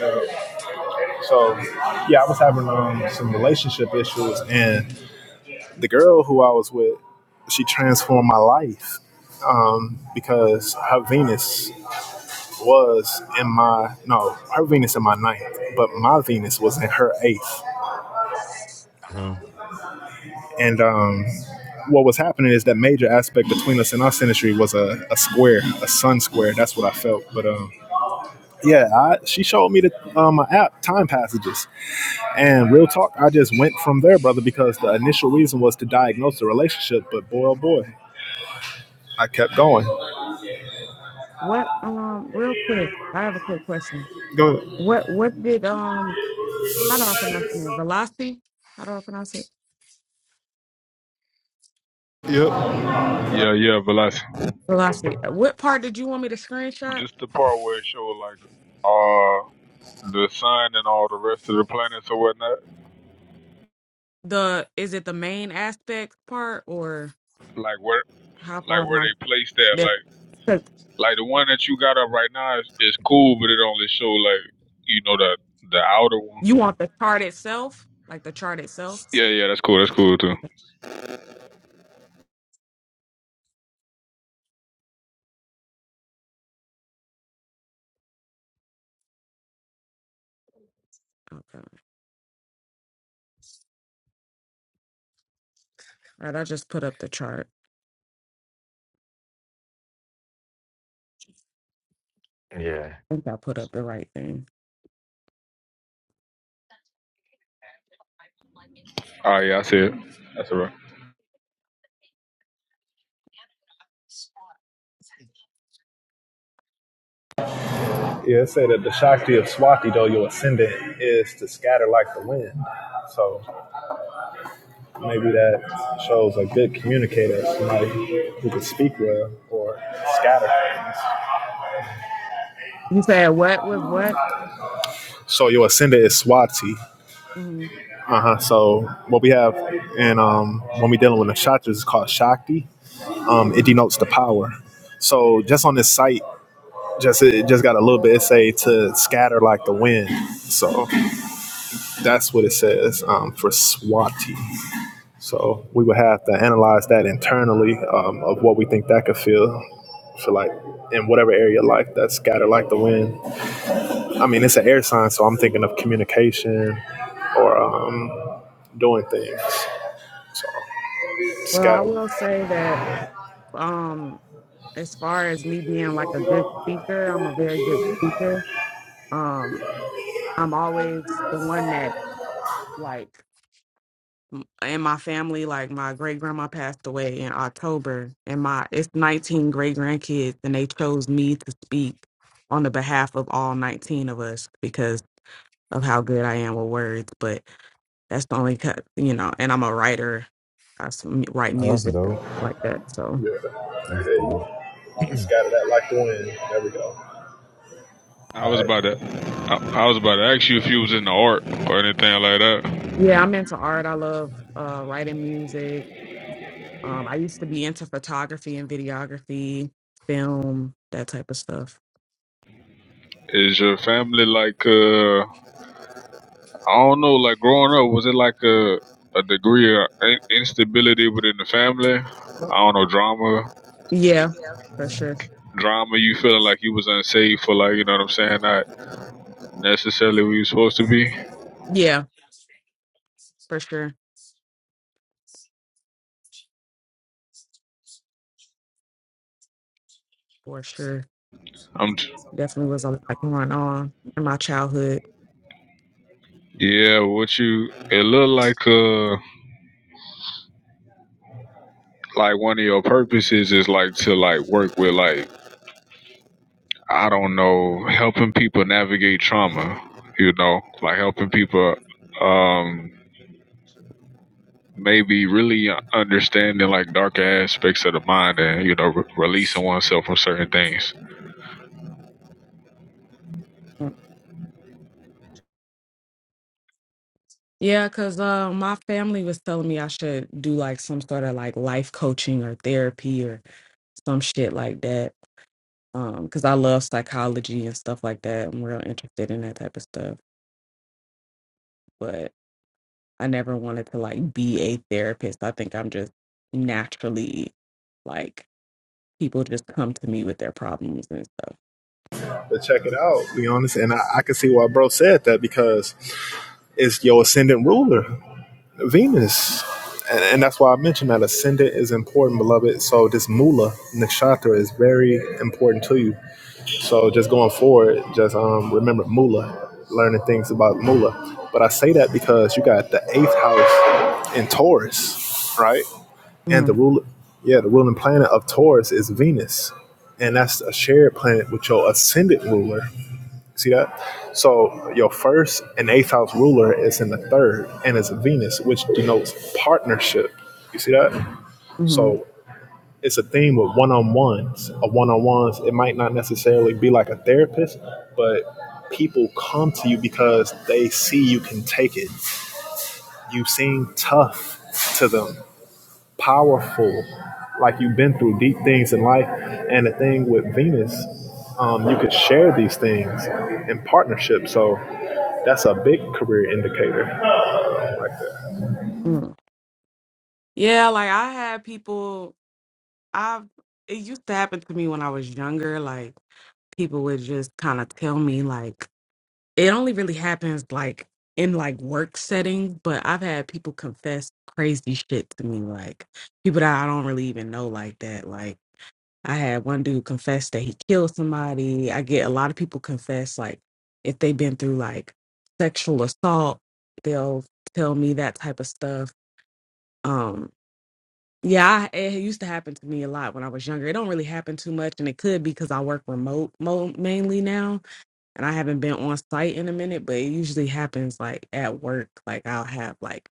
Speaker 2: Uh, so, yeah, I was having um, some relationship issues and the girl who I was with, she transformed my life um, because her Venus was in my no, her Venus in my ninth, but my Venus was in her eighth.
Speaker 1: Um,
Speaker 2: And um, what was happening is that major aspect between us and our synastry was a, a square, a sun square. That's what I felt. But um, yeah, I, she showed me the um, app Time Passages, and real talk, I just went from there, brother, because the initial reason was to diagnose the relationship. But boy, oh boy, I kept going.
Speaker 6: What? Um, real quick, I have a quick question. What? What did? Um, how do I pronounce the name? Velocity? How do I pronounce it?
Speaker 3: Yeah, yeah, but like
Speaker 6: Velocity. What part did you want me to screenshot?
Speaker 3: just the part where it showed like uh the sun and all the rest of the planets or whatnot,
Speaker 6: The is it the main aspect part or?
Speaker 3: like where
Speaker 6: How far
Speaker 3: like
Speaker 6: am
Speaker 3: where
Speaker 6: I?
Speaker 3: they placed that,
Speaker 6: that-
Speaker 3: like
Speaker 6: Cause
Speaker 3: like the one that you got up right now is, is cool, but it only show like you know the the outer one.
Speaker 6: you want the chart itself, like the chart itself.
Speaker 3: Yeah, yeah, that's cool. That's cool too.
Speaker 6: Okay. Okay. All right. I just put up the chart.
Speaker 1: Yeah.
Speaker 6: I think I put up the right thing.
Speaker 3: All right, yeah, I see it. That's all right.
Speaker 2: Yeah, it said that the Shakti of Swati, though your ascendant, is to scatter like the wind. So maybe that shows a good communicator, somebody who can speak well or scatter things.
Speaker 6: You said what was what?
Speaker 2: So your ascendant is Swati.
Speaker 6: Mhm,
Speaker 2: Uh huh. So what we have, and um, when we dealing with the chakras, it's called Shakti. Um, it
Speaker 6: mhm.
Speaker 2: denotes the power. So just on this site, just it just got a little bit. It say to scatter like the wind. So that's what it says um, for Swati. So we would have to analyze that internally um, of what we think that could feel for like in whatever area of life that's scattered like the wind. I mean, it's an air sign, so I'm thinking of communication or um, doing things. So
Speaker 6: Well, I
Speaker 2: scatter,
Speaker 6: will say that um, as far as me being like a good speaker, I'm a very good speaker. Um, I'm always the one that like m- in my family, like my great grandma passed away in October, and my it's 19 great grandkids, and they chose me to speak on the behalf of all 19 of us because of how good I am with words. But that's the only cut, you know. And I'm a writer. I s- m- write
Speaker 1: oh, that's
Speaker 6: music and
Speaker 1: dope.
Speaker 6: stuff like that. So
Speaker 2: yeah,
Speaker 1: That's
Speaker 2: There
Speaker 1: dope.
Speaker 2: scatter that like the wind. There we go.
Speaker 3: I
Speaker 2: All
Speaker 3: was
Speaker 2: right,
Speaker 3: about to, I, I was about to ask you if you was in the art or anything like that.
Speaker 6: yeah, I'm into art. I love uh, writing music. Um, I used to be into photography and videography, film, that type of stuff.
Speaker 3: Is your family like uh I don't know, like growing up, was it like a a degree of in- instability within the family? I don't know, drama,
Speaker 6: Yeah, for sure.
Speaker 3: drama. You feeling like you was unsafe for like you know what I'm saying? Not necessarily where you supposed to be.
Speaker 6: Yeah, for sure. For sure.
Speaker 3: I'm, t-
Speaker 6: Definitely was a lot going on in my childhood.
Speaker 3: yeah. What you? It look like uh like one of your purposes is like to like work with like I don't know, helping people navigate trauma. You know, like helping people. Um, maybe really understanding like darker aspects of the mind and you know re- releasing oneself from certain things
Speaker 6: Yeah, because uh, my family was telling me I should do like some sort of like life coaching or therapy or some shit like that. Um, because I love psychology and stuff like that. I'm real interested in that type of stuff. But I never wanted to like be a therapist. I think I'm just naturally like people just come to me with their problems and stuff.
Speaker 2: but check it out, be honest, and I, I can see why bro said that because it's your ascendant ruler. Venus. And, and that's why I mentioned that ascendant is important, beloved. So this mula nakshatra is very important to you. So just going forward, just um, remember mula, learning things about mula. But I say that because you got the eighth house in Taurus, right? And the
Speaker 6: Mm,
Speaker 2: ruler, yeah, the ruling planet of Taurus is Venus, and that's a shared planet with your ascendant ruler. See that? So your first and eighth house ruler is in the third and it's Venus, which denotes partnership. You see that?
Speaker 6: mm,
Speaker 2: So it's a theme with one on ones. A one on ones, it might not necessarily be like a therapist, but people come to you because they see you can take it. You seem tough to them powerful. Like you've been through deep things in life. And the thing with Venus, um, you could share these things in partnership. So that's a big career indicator Like that.
Speaker 6: mm. Yeah, like I had people I've it used to happen to me when I was younger, like people would just kind of tell me like it only really happens like in like work setting, but I've had people confess crazy shit to me, like people that I don't really even know like that. Like I had one dude confess that he killed somebody. I get a lot of people confess like if they've been through like sexual assault, they'll tell me that type of stuff. Um yeah, I, it used to happen to me a lot when I was younger. It don't really happen too much, and it could be because I work remote mo- mainly now and I haven't been on site in a minute, but it usually happens like at work. Like I'll have like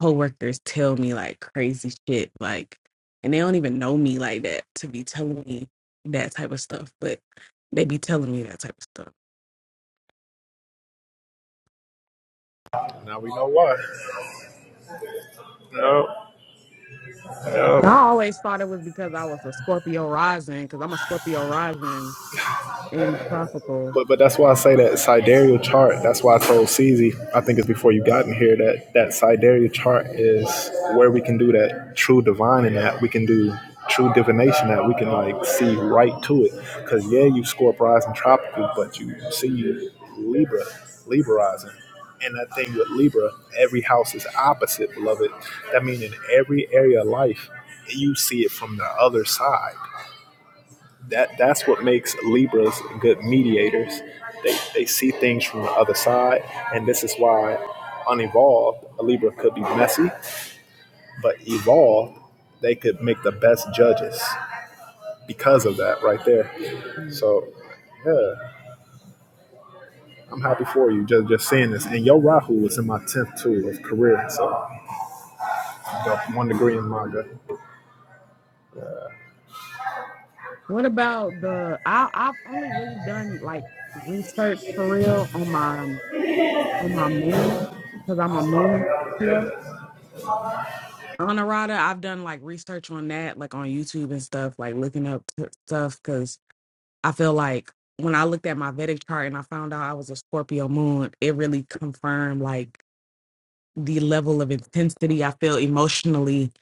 Speaker 6: coworkers tell me like crazy shit, like, and they don't even know me like that to be telling me that type of stuff, but they be telling me that type of stuff.
Speaker 2: Now we know why. Yep, yep.
Speaker 6: And I always thought it was because I was a Scorpio rising, because I'm a Scorpio rising in tropical.
Speaker 2: But but that's why I say that sidereal chart. That's why I told CZ, I think it's before you got in here that that sidereal chart is where we can do that true divine in that we can do true divination that we can like see right to it. Cause yeah, you score and in tropical, but you see you Libra, Libraizing. And that thing with Libra, every house is opposite, beloved. That means in every area of life, you see it from the other side that that's what makes Libras good mediators. They they see things from the other side, and this is why unevolved a Libra could be messy, but evolved they could make the best judges because of that right there.
Speaker 6: Mm.
Speaker 2: So yeah, I'm happy for you just just seeing this. And your Rahu is in my tenth too of career, so got one degree in Maga.
Speaker 6: What about the? I, I've only really done like research for real on my on my moon because I'm a moon Scorpio Honorata, I've done like research on that, like on YouTube and stuff, like looking up t- stuff because I feel like when I looked at my Vedic chart and I found out I was a Scorpio moon, it really confirmed like the level of intensity I feel emotionally.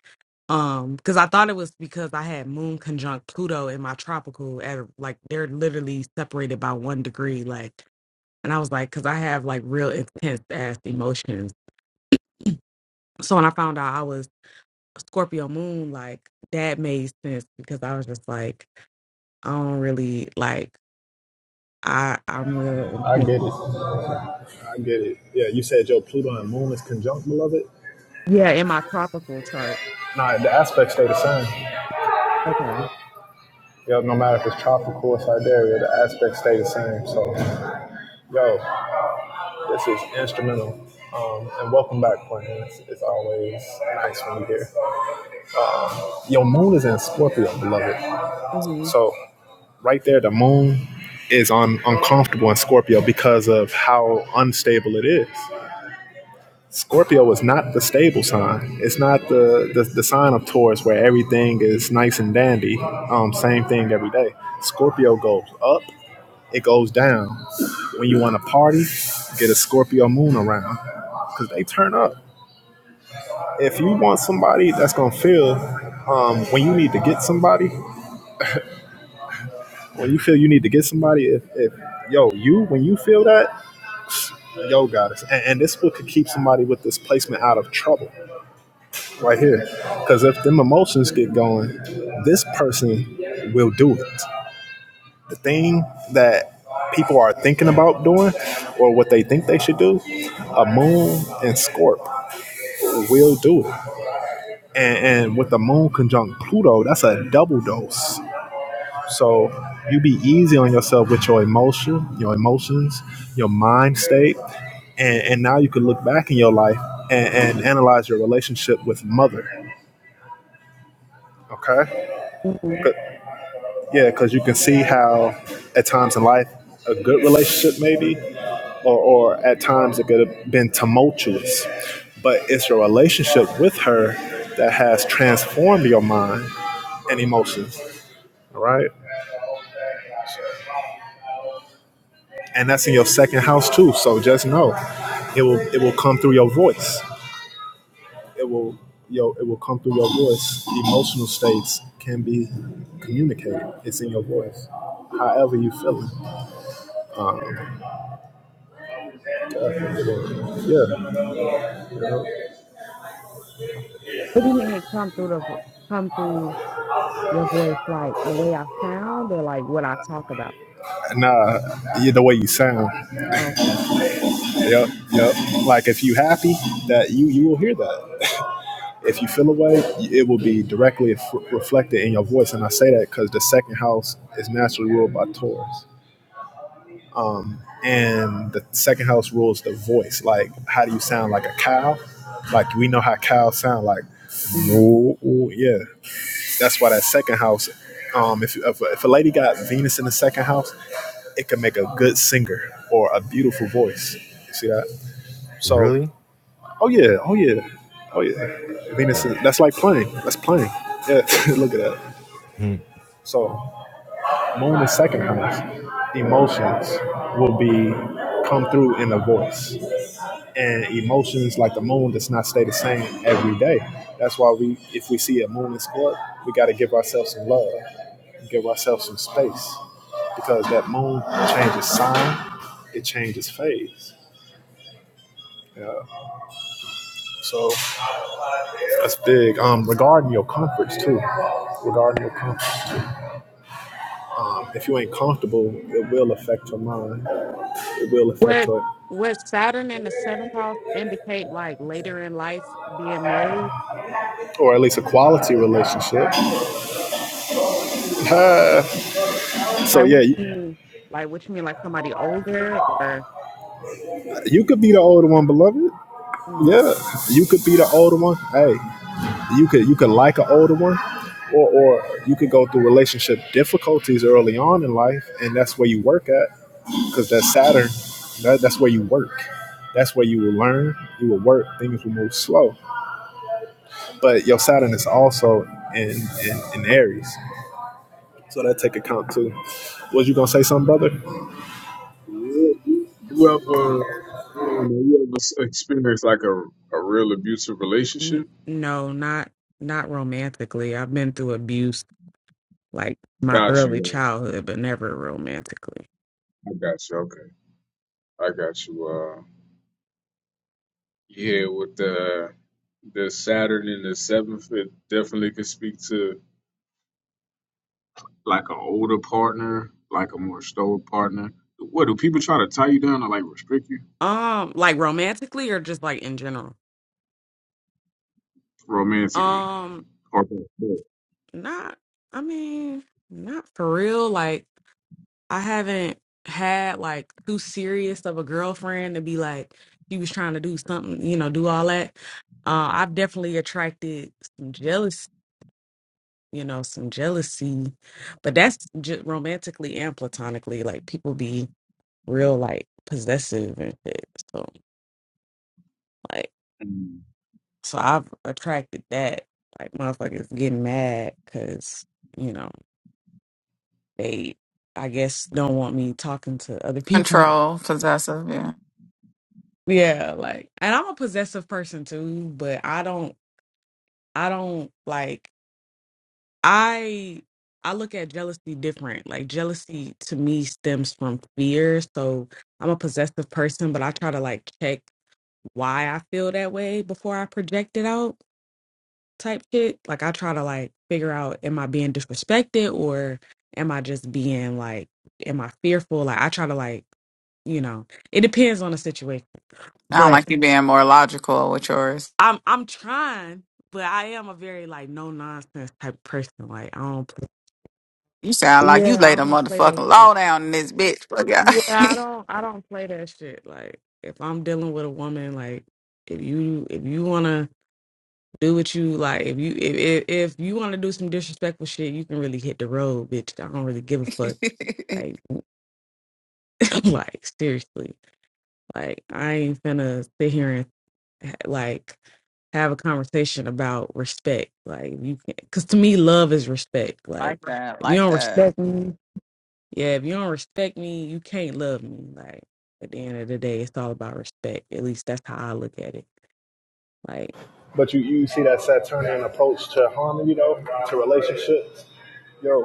Speaker 6: Um, because I thought it was because I had moon conjunct Pluto in my tropical at like they're literally separated by one degree, like, and I was like, because I have like real intense ass emotions. So when I found out I was Scorpio moon, like that made sense because I was just like, I don't really like I I'm real
Speaker 2: I
Speaker 6: intense.
Speaker 2: get it. I get it. Yeah, you said your Pluto and Moon is conjunct, beloved.
Speaker 6: Yeah, in my tropical chart.
Speaker 2: Nah, the aspects stay the same.
Speaker 6: Okay.
Speaker 2: Yo, no matter if it's tropical or Siberia, the aspects stay the same. So, yo, this is instrumental. Um, and welcome back, Plan. It's, it's always nice when you're here. Your moon is in Scorpio, beloved.
Speaker 6: hmm
Speaker 2: So, right there, the moon is on uncomfortable in Scorpio because of how unstable it is. Scorpio is not the stable sign. It's not the, the, the sign of Taurus where everything is nice and dandy, um, same thing every day. Scorpio goes up it goes down. When you want to party, get a Scorpio moon around because they turn up. If you want somebody that's gonna feel um, when you need to get somebody, when you feel you need to get somebody, if, if yo you when you feel that, yo goddess, and, and this book could keep somebody with this placement out of trouble right here, because if them emotions get going, this person will do it. the thing that people are thinking about doing or what they think they should do, a moon and Scorp will do it. And, and with the moon conjunct Pluto, that's a double dose. So you be easy on yourself with your emotion, your emotions, your mind state. And, and now you can look back in your life and, and analyze your relationship with mother. Okay?
Speaker 6: hmm
Speaker 2: Yeah, because you can see how at times in life a good relationship maybe, or, or at times it could have been tumultuous. But it's your relationship with her that has transformed your mind and emotions. All right. And that's in your second house too. So just know it will it will come through your voice. It will yo it will come through your voice. Emotional states can be communicated. It's in your voice. However you feel it. Yeah.
Speaker 6: What do you mean come through the vo- come through your voice like the way I sound or like what I talk about?
Speaker 2: Nah, you, the way you sound.
Speaker 6: Okay.
Speaker 2: Yep, yep. Like if you happy, that you you will hear that. If you feel a way, it will be directly f- reflected in your voice. And I say that because the second house is naturally ruled by Taurus, and the second house rules the voice. Like how do you sound like a cow? Like we know how cows sound. Like
Speaker 6: hmm
Speaker 2: no, yeah. That's why that second house. Um, if, if if a lady got Venus in the second house, it can make a good singer or a beautiful voice. You see that? So,
Speaker 1: Really?
Speaker 2: oh yeah, oh yeah, oh yeah. Venus, is,
Speaker 1: Oh.
Speaker 2: that's like playing. That's playing. Yeah, look at that. So, moon is second house. Emotions will be come through in a voice, and emotions like the moon does not stay the same every day. That's why we, if we see a moon in sport, we got to give ourselves some love, give ourselves some space, because that moon changes sign, it changes phase. Yeah. So. That's big. Um, regarding your comforts too. Regarding your comforts too. Um, if you ain't comfortable, it will affect your mind. It will affect
Speaker 6: What
Speaker 2: your,
Speaker 6: what Saturn in the seventh house indicate like later in life being married?
Speaker 2: or at least a quality relationship. so
Speaker 6: Like
Speaker 2: yeah,
Speaker 6: what
Speaker 2: you,
Speaker 6: you mean? Like what you mean like somebody older or?
Speaker 2: you could be the older one, beloved. Yeah, you could be the older one. Hey, you could you could like an older one, or or you could go through relationship difficulties early on in life, and that's where you work at, because that Saturn, that, that's where you work. That's where you will learn. You will work. Things will move slow. but your Saturn is also in, in, in Aries. So that take account too. Was you gonna say something, brother?
Speaker 3: You ever, I don't know, you ever s- experienced like a a real abusive relationship?
Speaker 6: N- No, not not romantically. I've been through abuse like my
Speaker 3: Got
Speaker 6: early
Speaker 3: you. yes.
Speaker 6: childhood, but never romantically.
Speaker 3: I got you. Okay, I got you. Uh, yeah, with the The Saturn in the seventh it definitely could speak to like an older partner, like a more stoic partner. What do people try to tie you down or like restrict you
Speaker 6: Um, like romantically or just like in general?
Speaker 3: romantically
Speaker 6: Um,
Speaker 3: or both?
Speaker 6: not I mean, not for real. Like I haven't had like too serious of a girlfriend to be like she was trying to do something, you know, do all that. Uh, I've definitely attracted some jealousy you know, some jealousy. But that's just romantically and platonically. Like people be real like possessive and shit. So like,
Speaker 3: Mm.
Speaker 6: so I've attracted that. Like motherfuckers getting mad because you know they, I guess, don't want me talking to other people.
Speaker 5: Control, possessive, yeah.
Speaker 6: Yeah, like, and I'm a possessive person too, but I don't, I don't like. I I look at jealousy different. Like jealousy to me stems from fear. So I'm a possessive person, but I try to like check why I feel that way before I project it out type shit. Like I try to like figure out am I being disrespected or am I just being like am I fearful? Like I try to like you know, it depends on the situation.
Speaker 5: I don't
Speaker 6: But
Speaker 5: like you being more logical with yours.
Speaker 6: I'm I'm trying, but I am a very like no nonsense type person. Like I don't
Speaker 5: You sound
Speaker 6: play,
Speaker 5: like you
Speaker 6: Yeah,
Speaker 5: laid
Speaker 6: I
Speaker 5: a
Speaker 6: don't play that
Speaker 5: motherfucking
Speaker 6: shit.
Speaker 5: law down in this bitch. Fuck
Speaker 6: Yeah, I don't I don't play that shit. Like if I'm dealing with a woman, like if you if you wanna do what you like, if you if if, if you wanna do some disrespectful shit, you can really hit the road, bitch. I don't really give a fuck.
Speaker 5: y'all.
Speaker 6: Like like seriously. Like I ain't finna sit here and ha- like have a conversation about respect. Like you can cause to me love is respect.
Speaker 5: like
Speaker 6: Like
Speaker 5: that,
Speaker 6: if you
Speaker 5: like
Speaker 6: don't
Speaker 5: that.
Speaker 6: respect me Yeah, if you don't respect me, you can't love me. Like at the end of the day, it's all about respect. At least that's how I look at it. Like,
Speaker 2: But you, you see that Saturnian approach to harmony though, to relationships. Yo.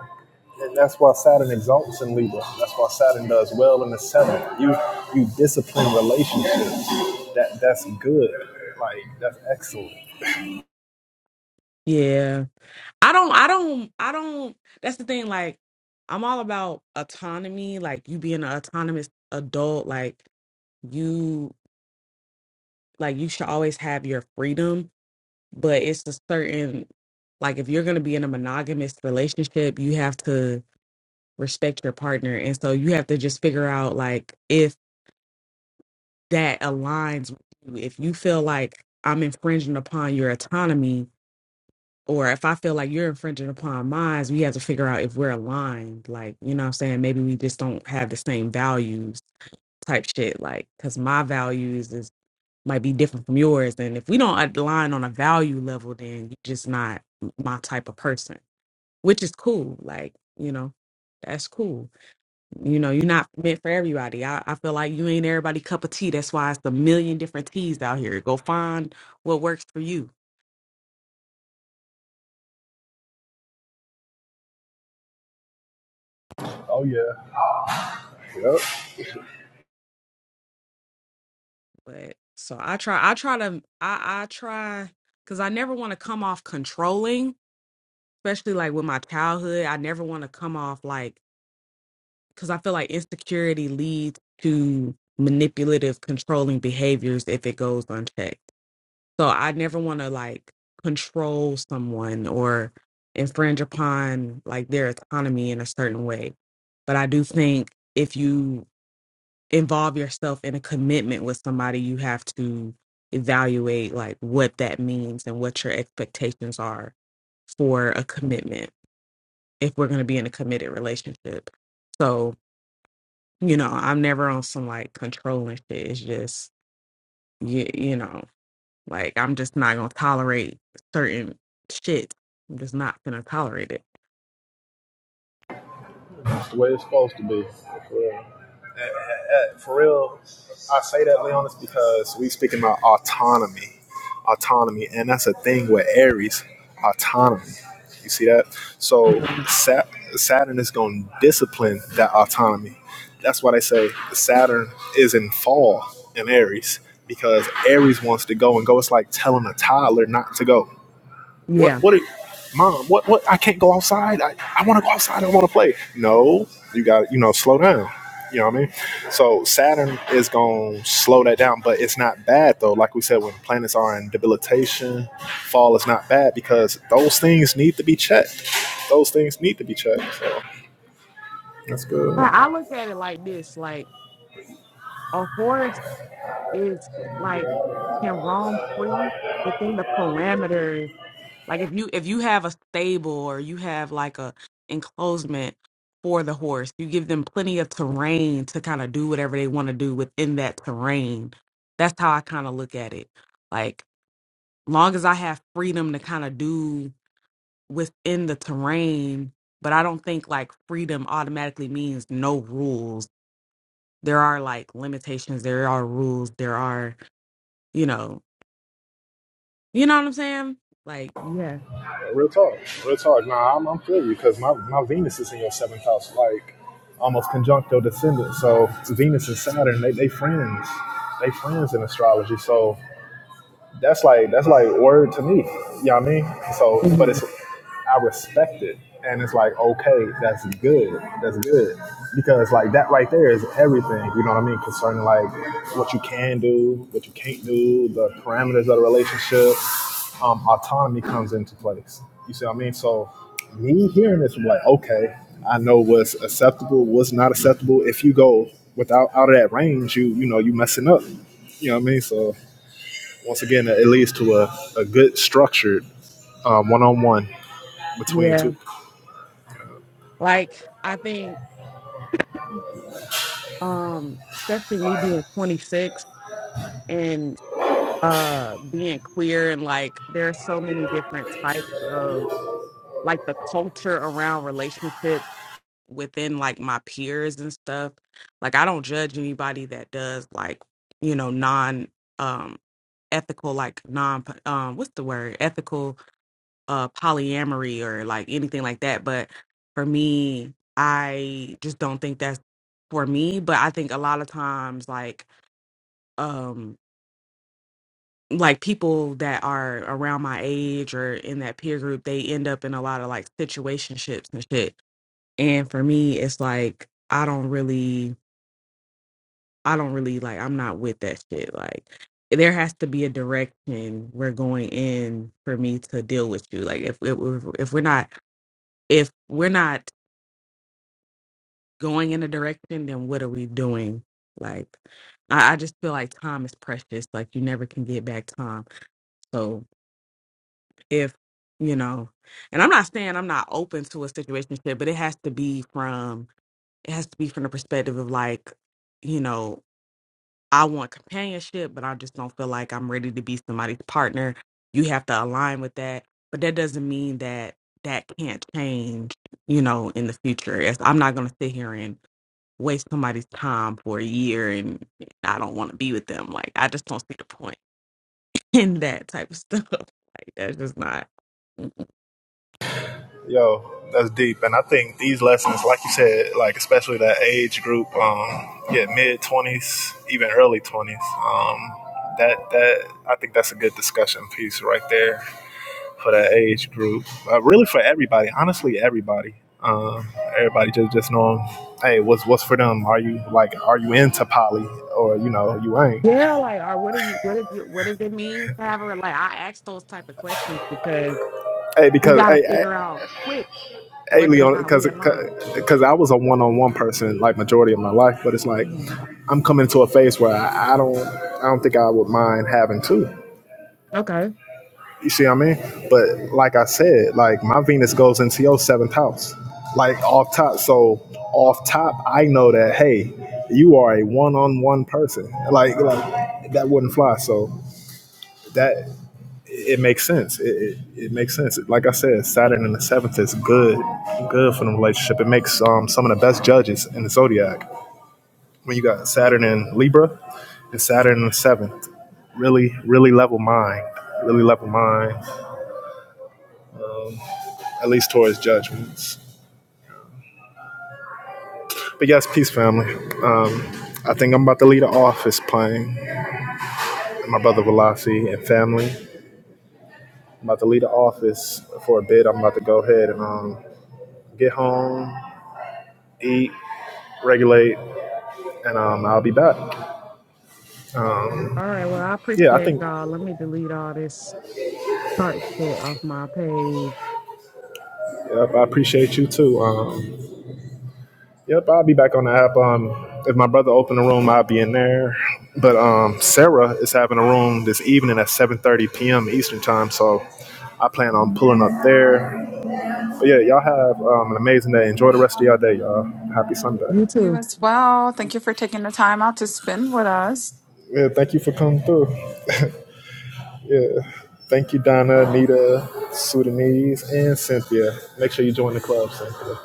Speaker 2: And that's why Saturn exalts in Libra. That's why Saturn does well in the seventh. You you discipline relationships. That that's good. Like that's excellent.
Speaker 6: yeah. I don't I don't I don't that's the thing, like I'm all about autonomy, like you being an autonomous adult, like you like you should always have your freedom but it's a certain like if you're going to be in a monogamous relationship you have to respect your partner and so you have to just figure out like if that aligns with you if you feel like i'm infringing upon your autonomy or if i feel like you're infringing upon mine we have to figure out if we're aligned like you know what i'm saying maybe we just don't have the same values type shit like because my values is might be different from yours and if we don't align on a value level then you're just not my type of person which is cool. Like, you know, that's cool. You know, you're not meant for everybody. I, I feel like you ain't everybody cup of tea. That's why it's a million different teas out here. Go find what works for you.
Speaker 2: Oh yeah. Yep.
Speaker 6: But so I try, I try to, I, I try, because I never want to come off controlling, especially like with my childhood. I never want to come off like, because I feel like insecurity leads to manipulative, controlling behaviors if it goes unchecked So I never want to like control someone or infringe upon like their autonomy in a certain way. But I do think if you involve yourself in a commitment with somebody, you have to evaluate like what that means and what your expectations are for a commitment if we're going to be in a committed relationship. So, you know, I'm never on some like controlling shit. It's just you, you know. Like I'm just not gonna tolerate certain shit. I'm just not gonna tolerate it.
Speaker 2: That's the way it's supposed to be. Yeah. uh, for real, I say that, Leonis, because we speaking about autonomy, autonomy, and that's a thing with Aries, autonomy. You see that? So
Speaker 6: Mhm.
Speaker 2: Sat- Saturn is going to discipline that autonomy. That's why they say Saturn is in fall in Aries because Aries wants to go and go. It's like telling a toddler not to go.
Speaker 6: Yeah.
Speaker 2: What? What? Are, Mom, what? What? I can't go outside. I, I want to go outside. I want to play. No, you got to you know slow down. You know what I mean? So Saturn is gonna slow that down, but it's not bad though. Like we said, when planets are in debilitation, fall is not bad because those things need to be checked. Those things need to be checked. So that's good.
Speaker 6: I I look at it like this, like a horse is like can roam free within the parameters. Like if you if you have a stable or you have like a enclosement for the horse, you give them plenty of terrain to kind of do whatever they want to do within that terrain. That's how I kind of look at it. Like long as I have freedom to kind of do within the terrain, but I don't think like freedom automatically means no rules. There are like limitations, there are rules, there are, you know, you know what I'm saying? Like, yeah.
Speaker 2: Real talk. Real talk. Nah, I'm, I'm feel you because my, my Venus is in your seventh house, like almost conjuncto descendant. So Venus and Saturn, they, they friends. They friends in astrology. So that's like that's like word to me. You know what I mean? So, but
Speaker 6: Mhm.
Speaker 2: it's I respect it, and it's like okay, that's good, that's good, because like that right there is everything. You know what I mean? Concerning like what you can do, what you can't do, the parameters of the relationship, um, autonomy comes into place. You see what I mean? So, me hearing this, I'm like, okay, I know what's acceptable, what's not acceptable. If you go without out of that range, you you know you messing up. You know what I mean? So once again, it leads to a, a good structured one on one between
Speaker 6: Yeah.
Speaker 2: two.
Speaker 6: Like I think um especially me being 26 and uh being queer and like there's so many different types of like the culture around relationships within like my peers and stuff like i don't judge anybody that does like you know non um ethical like non um what's the word ethical uh polyamory or like anything like that but for me i just don't think that's for me but i think a lot of times like um like people that are around my age or in that peer group they end up in a lot of like situationships and shit and for me it's like i don't really I don't really like I'm not with that shit. Like there has to be a direction we're going in for me to deal with you. Like if if, if we're not if we're not going in a direction, then what are we doing? Like I, I just feel like time is precious. Like you never can get back time. So if you know, and I'm not saying I'm not open to a situation, but it has to be from it has to be from the perspective of like, you know, I want companionship, but I just don't feel like I'm ready to be somebody's partner. You have to align with that. But that doesn't mean that that can't change, you know, in the future. As I'm not going to sit here and waste somebody's time for a year and I don't want to be with them. Like, I just don't see the point in that type of stuff. Like, that's just not. Mm-mm.
Speaker 2: Yo, that's deep. And I think these lessons, like you said, like especially that age group, um, yeah, mid twenties, even early twenties, um, that that I think that's a good discussion piece right there for that age group. Uh, really for everybody, honestly, everybody. Um, everybody just just knowing, hey, what's what's for them? Are you like, are you into poly, or you know, you ain't?
Speaker 6: Yeah, like, or what do you, what is, you- what does it mean to have a, like, I ask those type of questions because
Speaker 2: Hey,
Speaker 6: we
Speaker 2: because
Speaker 6: got to
Speaker 2: hey, hey,
Speaker 6: figure out quick
Speaker 2: hey
Speaker 6: whether or
Speaker 2: Leon,
Speaker 6: not we
Speaker 2: because
Speaker 6: align.
Speaker 2: because I was a one on one person like majority of my life, but it's like I'm coming to a phase where I, I don't I don't think I would mind having two.
Speaker 6: Okay.
Speaker 2: You see what I mean? But like I said, like my Venus goes into your seventh house, like off top. So off top, I know that hey, you are a one on one person. Like like that wouldn't fly. So that it makes sense. It, it, it makes sense. Like I said, Saturn in the seventh is good, good for the relationship. It makes um, some of the best judges in the zodiac. When you got Saturn in Libra and Saturn in the seventh, really, really level mind, really level mind, at least towards judgments. But yes, peace, family. Um, I think I'm about to leave the office playing my brother Velasi and family. I'm about to leave the office for a bit. I'm about to go ahead and um, get home, eat, regulate, and um, I'll be back.
Speaker 6: All right. Well, I
Speaker 2: Yeah, I
Speaker 6: appreciate
Speaker 2: think
Speaker 6: y'all. Let me delete all this chart shit off my page.
Speaker 2: yep, I appreciate you too. Um, yep, I'll be back on the app. Um, if my brother opened a room, I'll be in there. But um, Sarah is having a room this evening at 7:30 p.m. Eastern time, so I plan on pulling up there. But yeah, y'all have um, an amazing day. Enjoy the rest of your day, y'all. Happy Sunday.
Speaker 6: You
Speaker 5: You
Speaker 6: too.
Speaker 5: as well. Thank you for taking the time out to spend with us.
Speaker 2: Yeah, thank you for coming through. Yeah, thank you, Donna, Anita, Sudanese, and Cynthia. Make sure you join the club, Cynthia,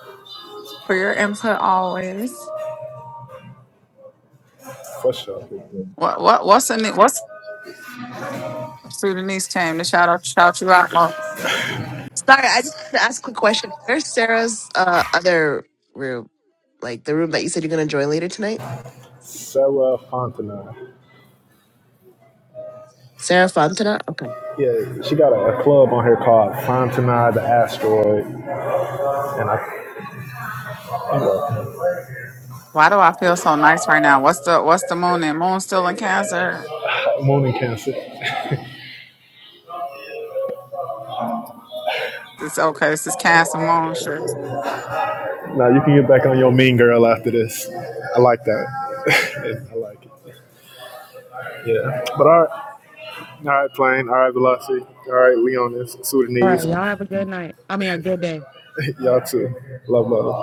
Speaker 5: For your input always.
Speaker 2: for sure.
Speaker 5: What what what's in it what's Sudanese came to shout out shout you out. Mo.
Speaker 7: Sorry, I just wanted to ask a quick question. Where's Sarah's uh, other room? Like the room that you said you're going to join later tonight?
Speaker 2: Sarah Fontenay.
Speaker 7: Sarah Fontana? Okay.
Speaker 2: Yeah, she got a, a club on here called Fontanai the Asteroid, and I, I'm a
Speaker 5: Why do I feel so nice right now? What's the what's the moon and moon still in cancer?
Speaker 2: hot morning cancer.
Speaker 5: It's okay, this is cancer moon shit.
Speaker 2: Now you can get back on your mean girl after this. I like that. I like it. Yeah. But all right, all right, plane. All right, velocity. All right, Leonis,
Speaker 6: All right.
Speaker 2: Sudanese.
Speaker 6: Y'all have a good night. I mean, a good day.
Speaker 2: Y'all too. Love, love.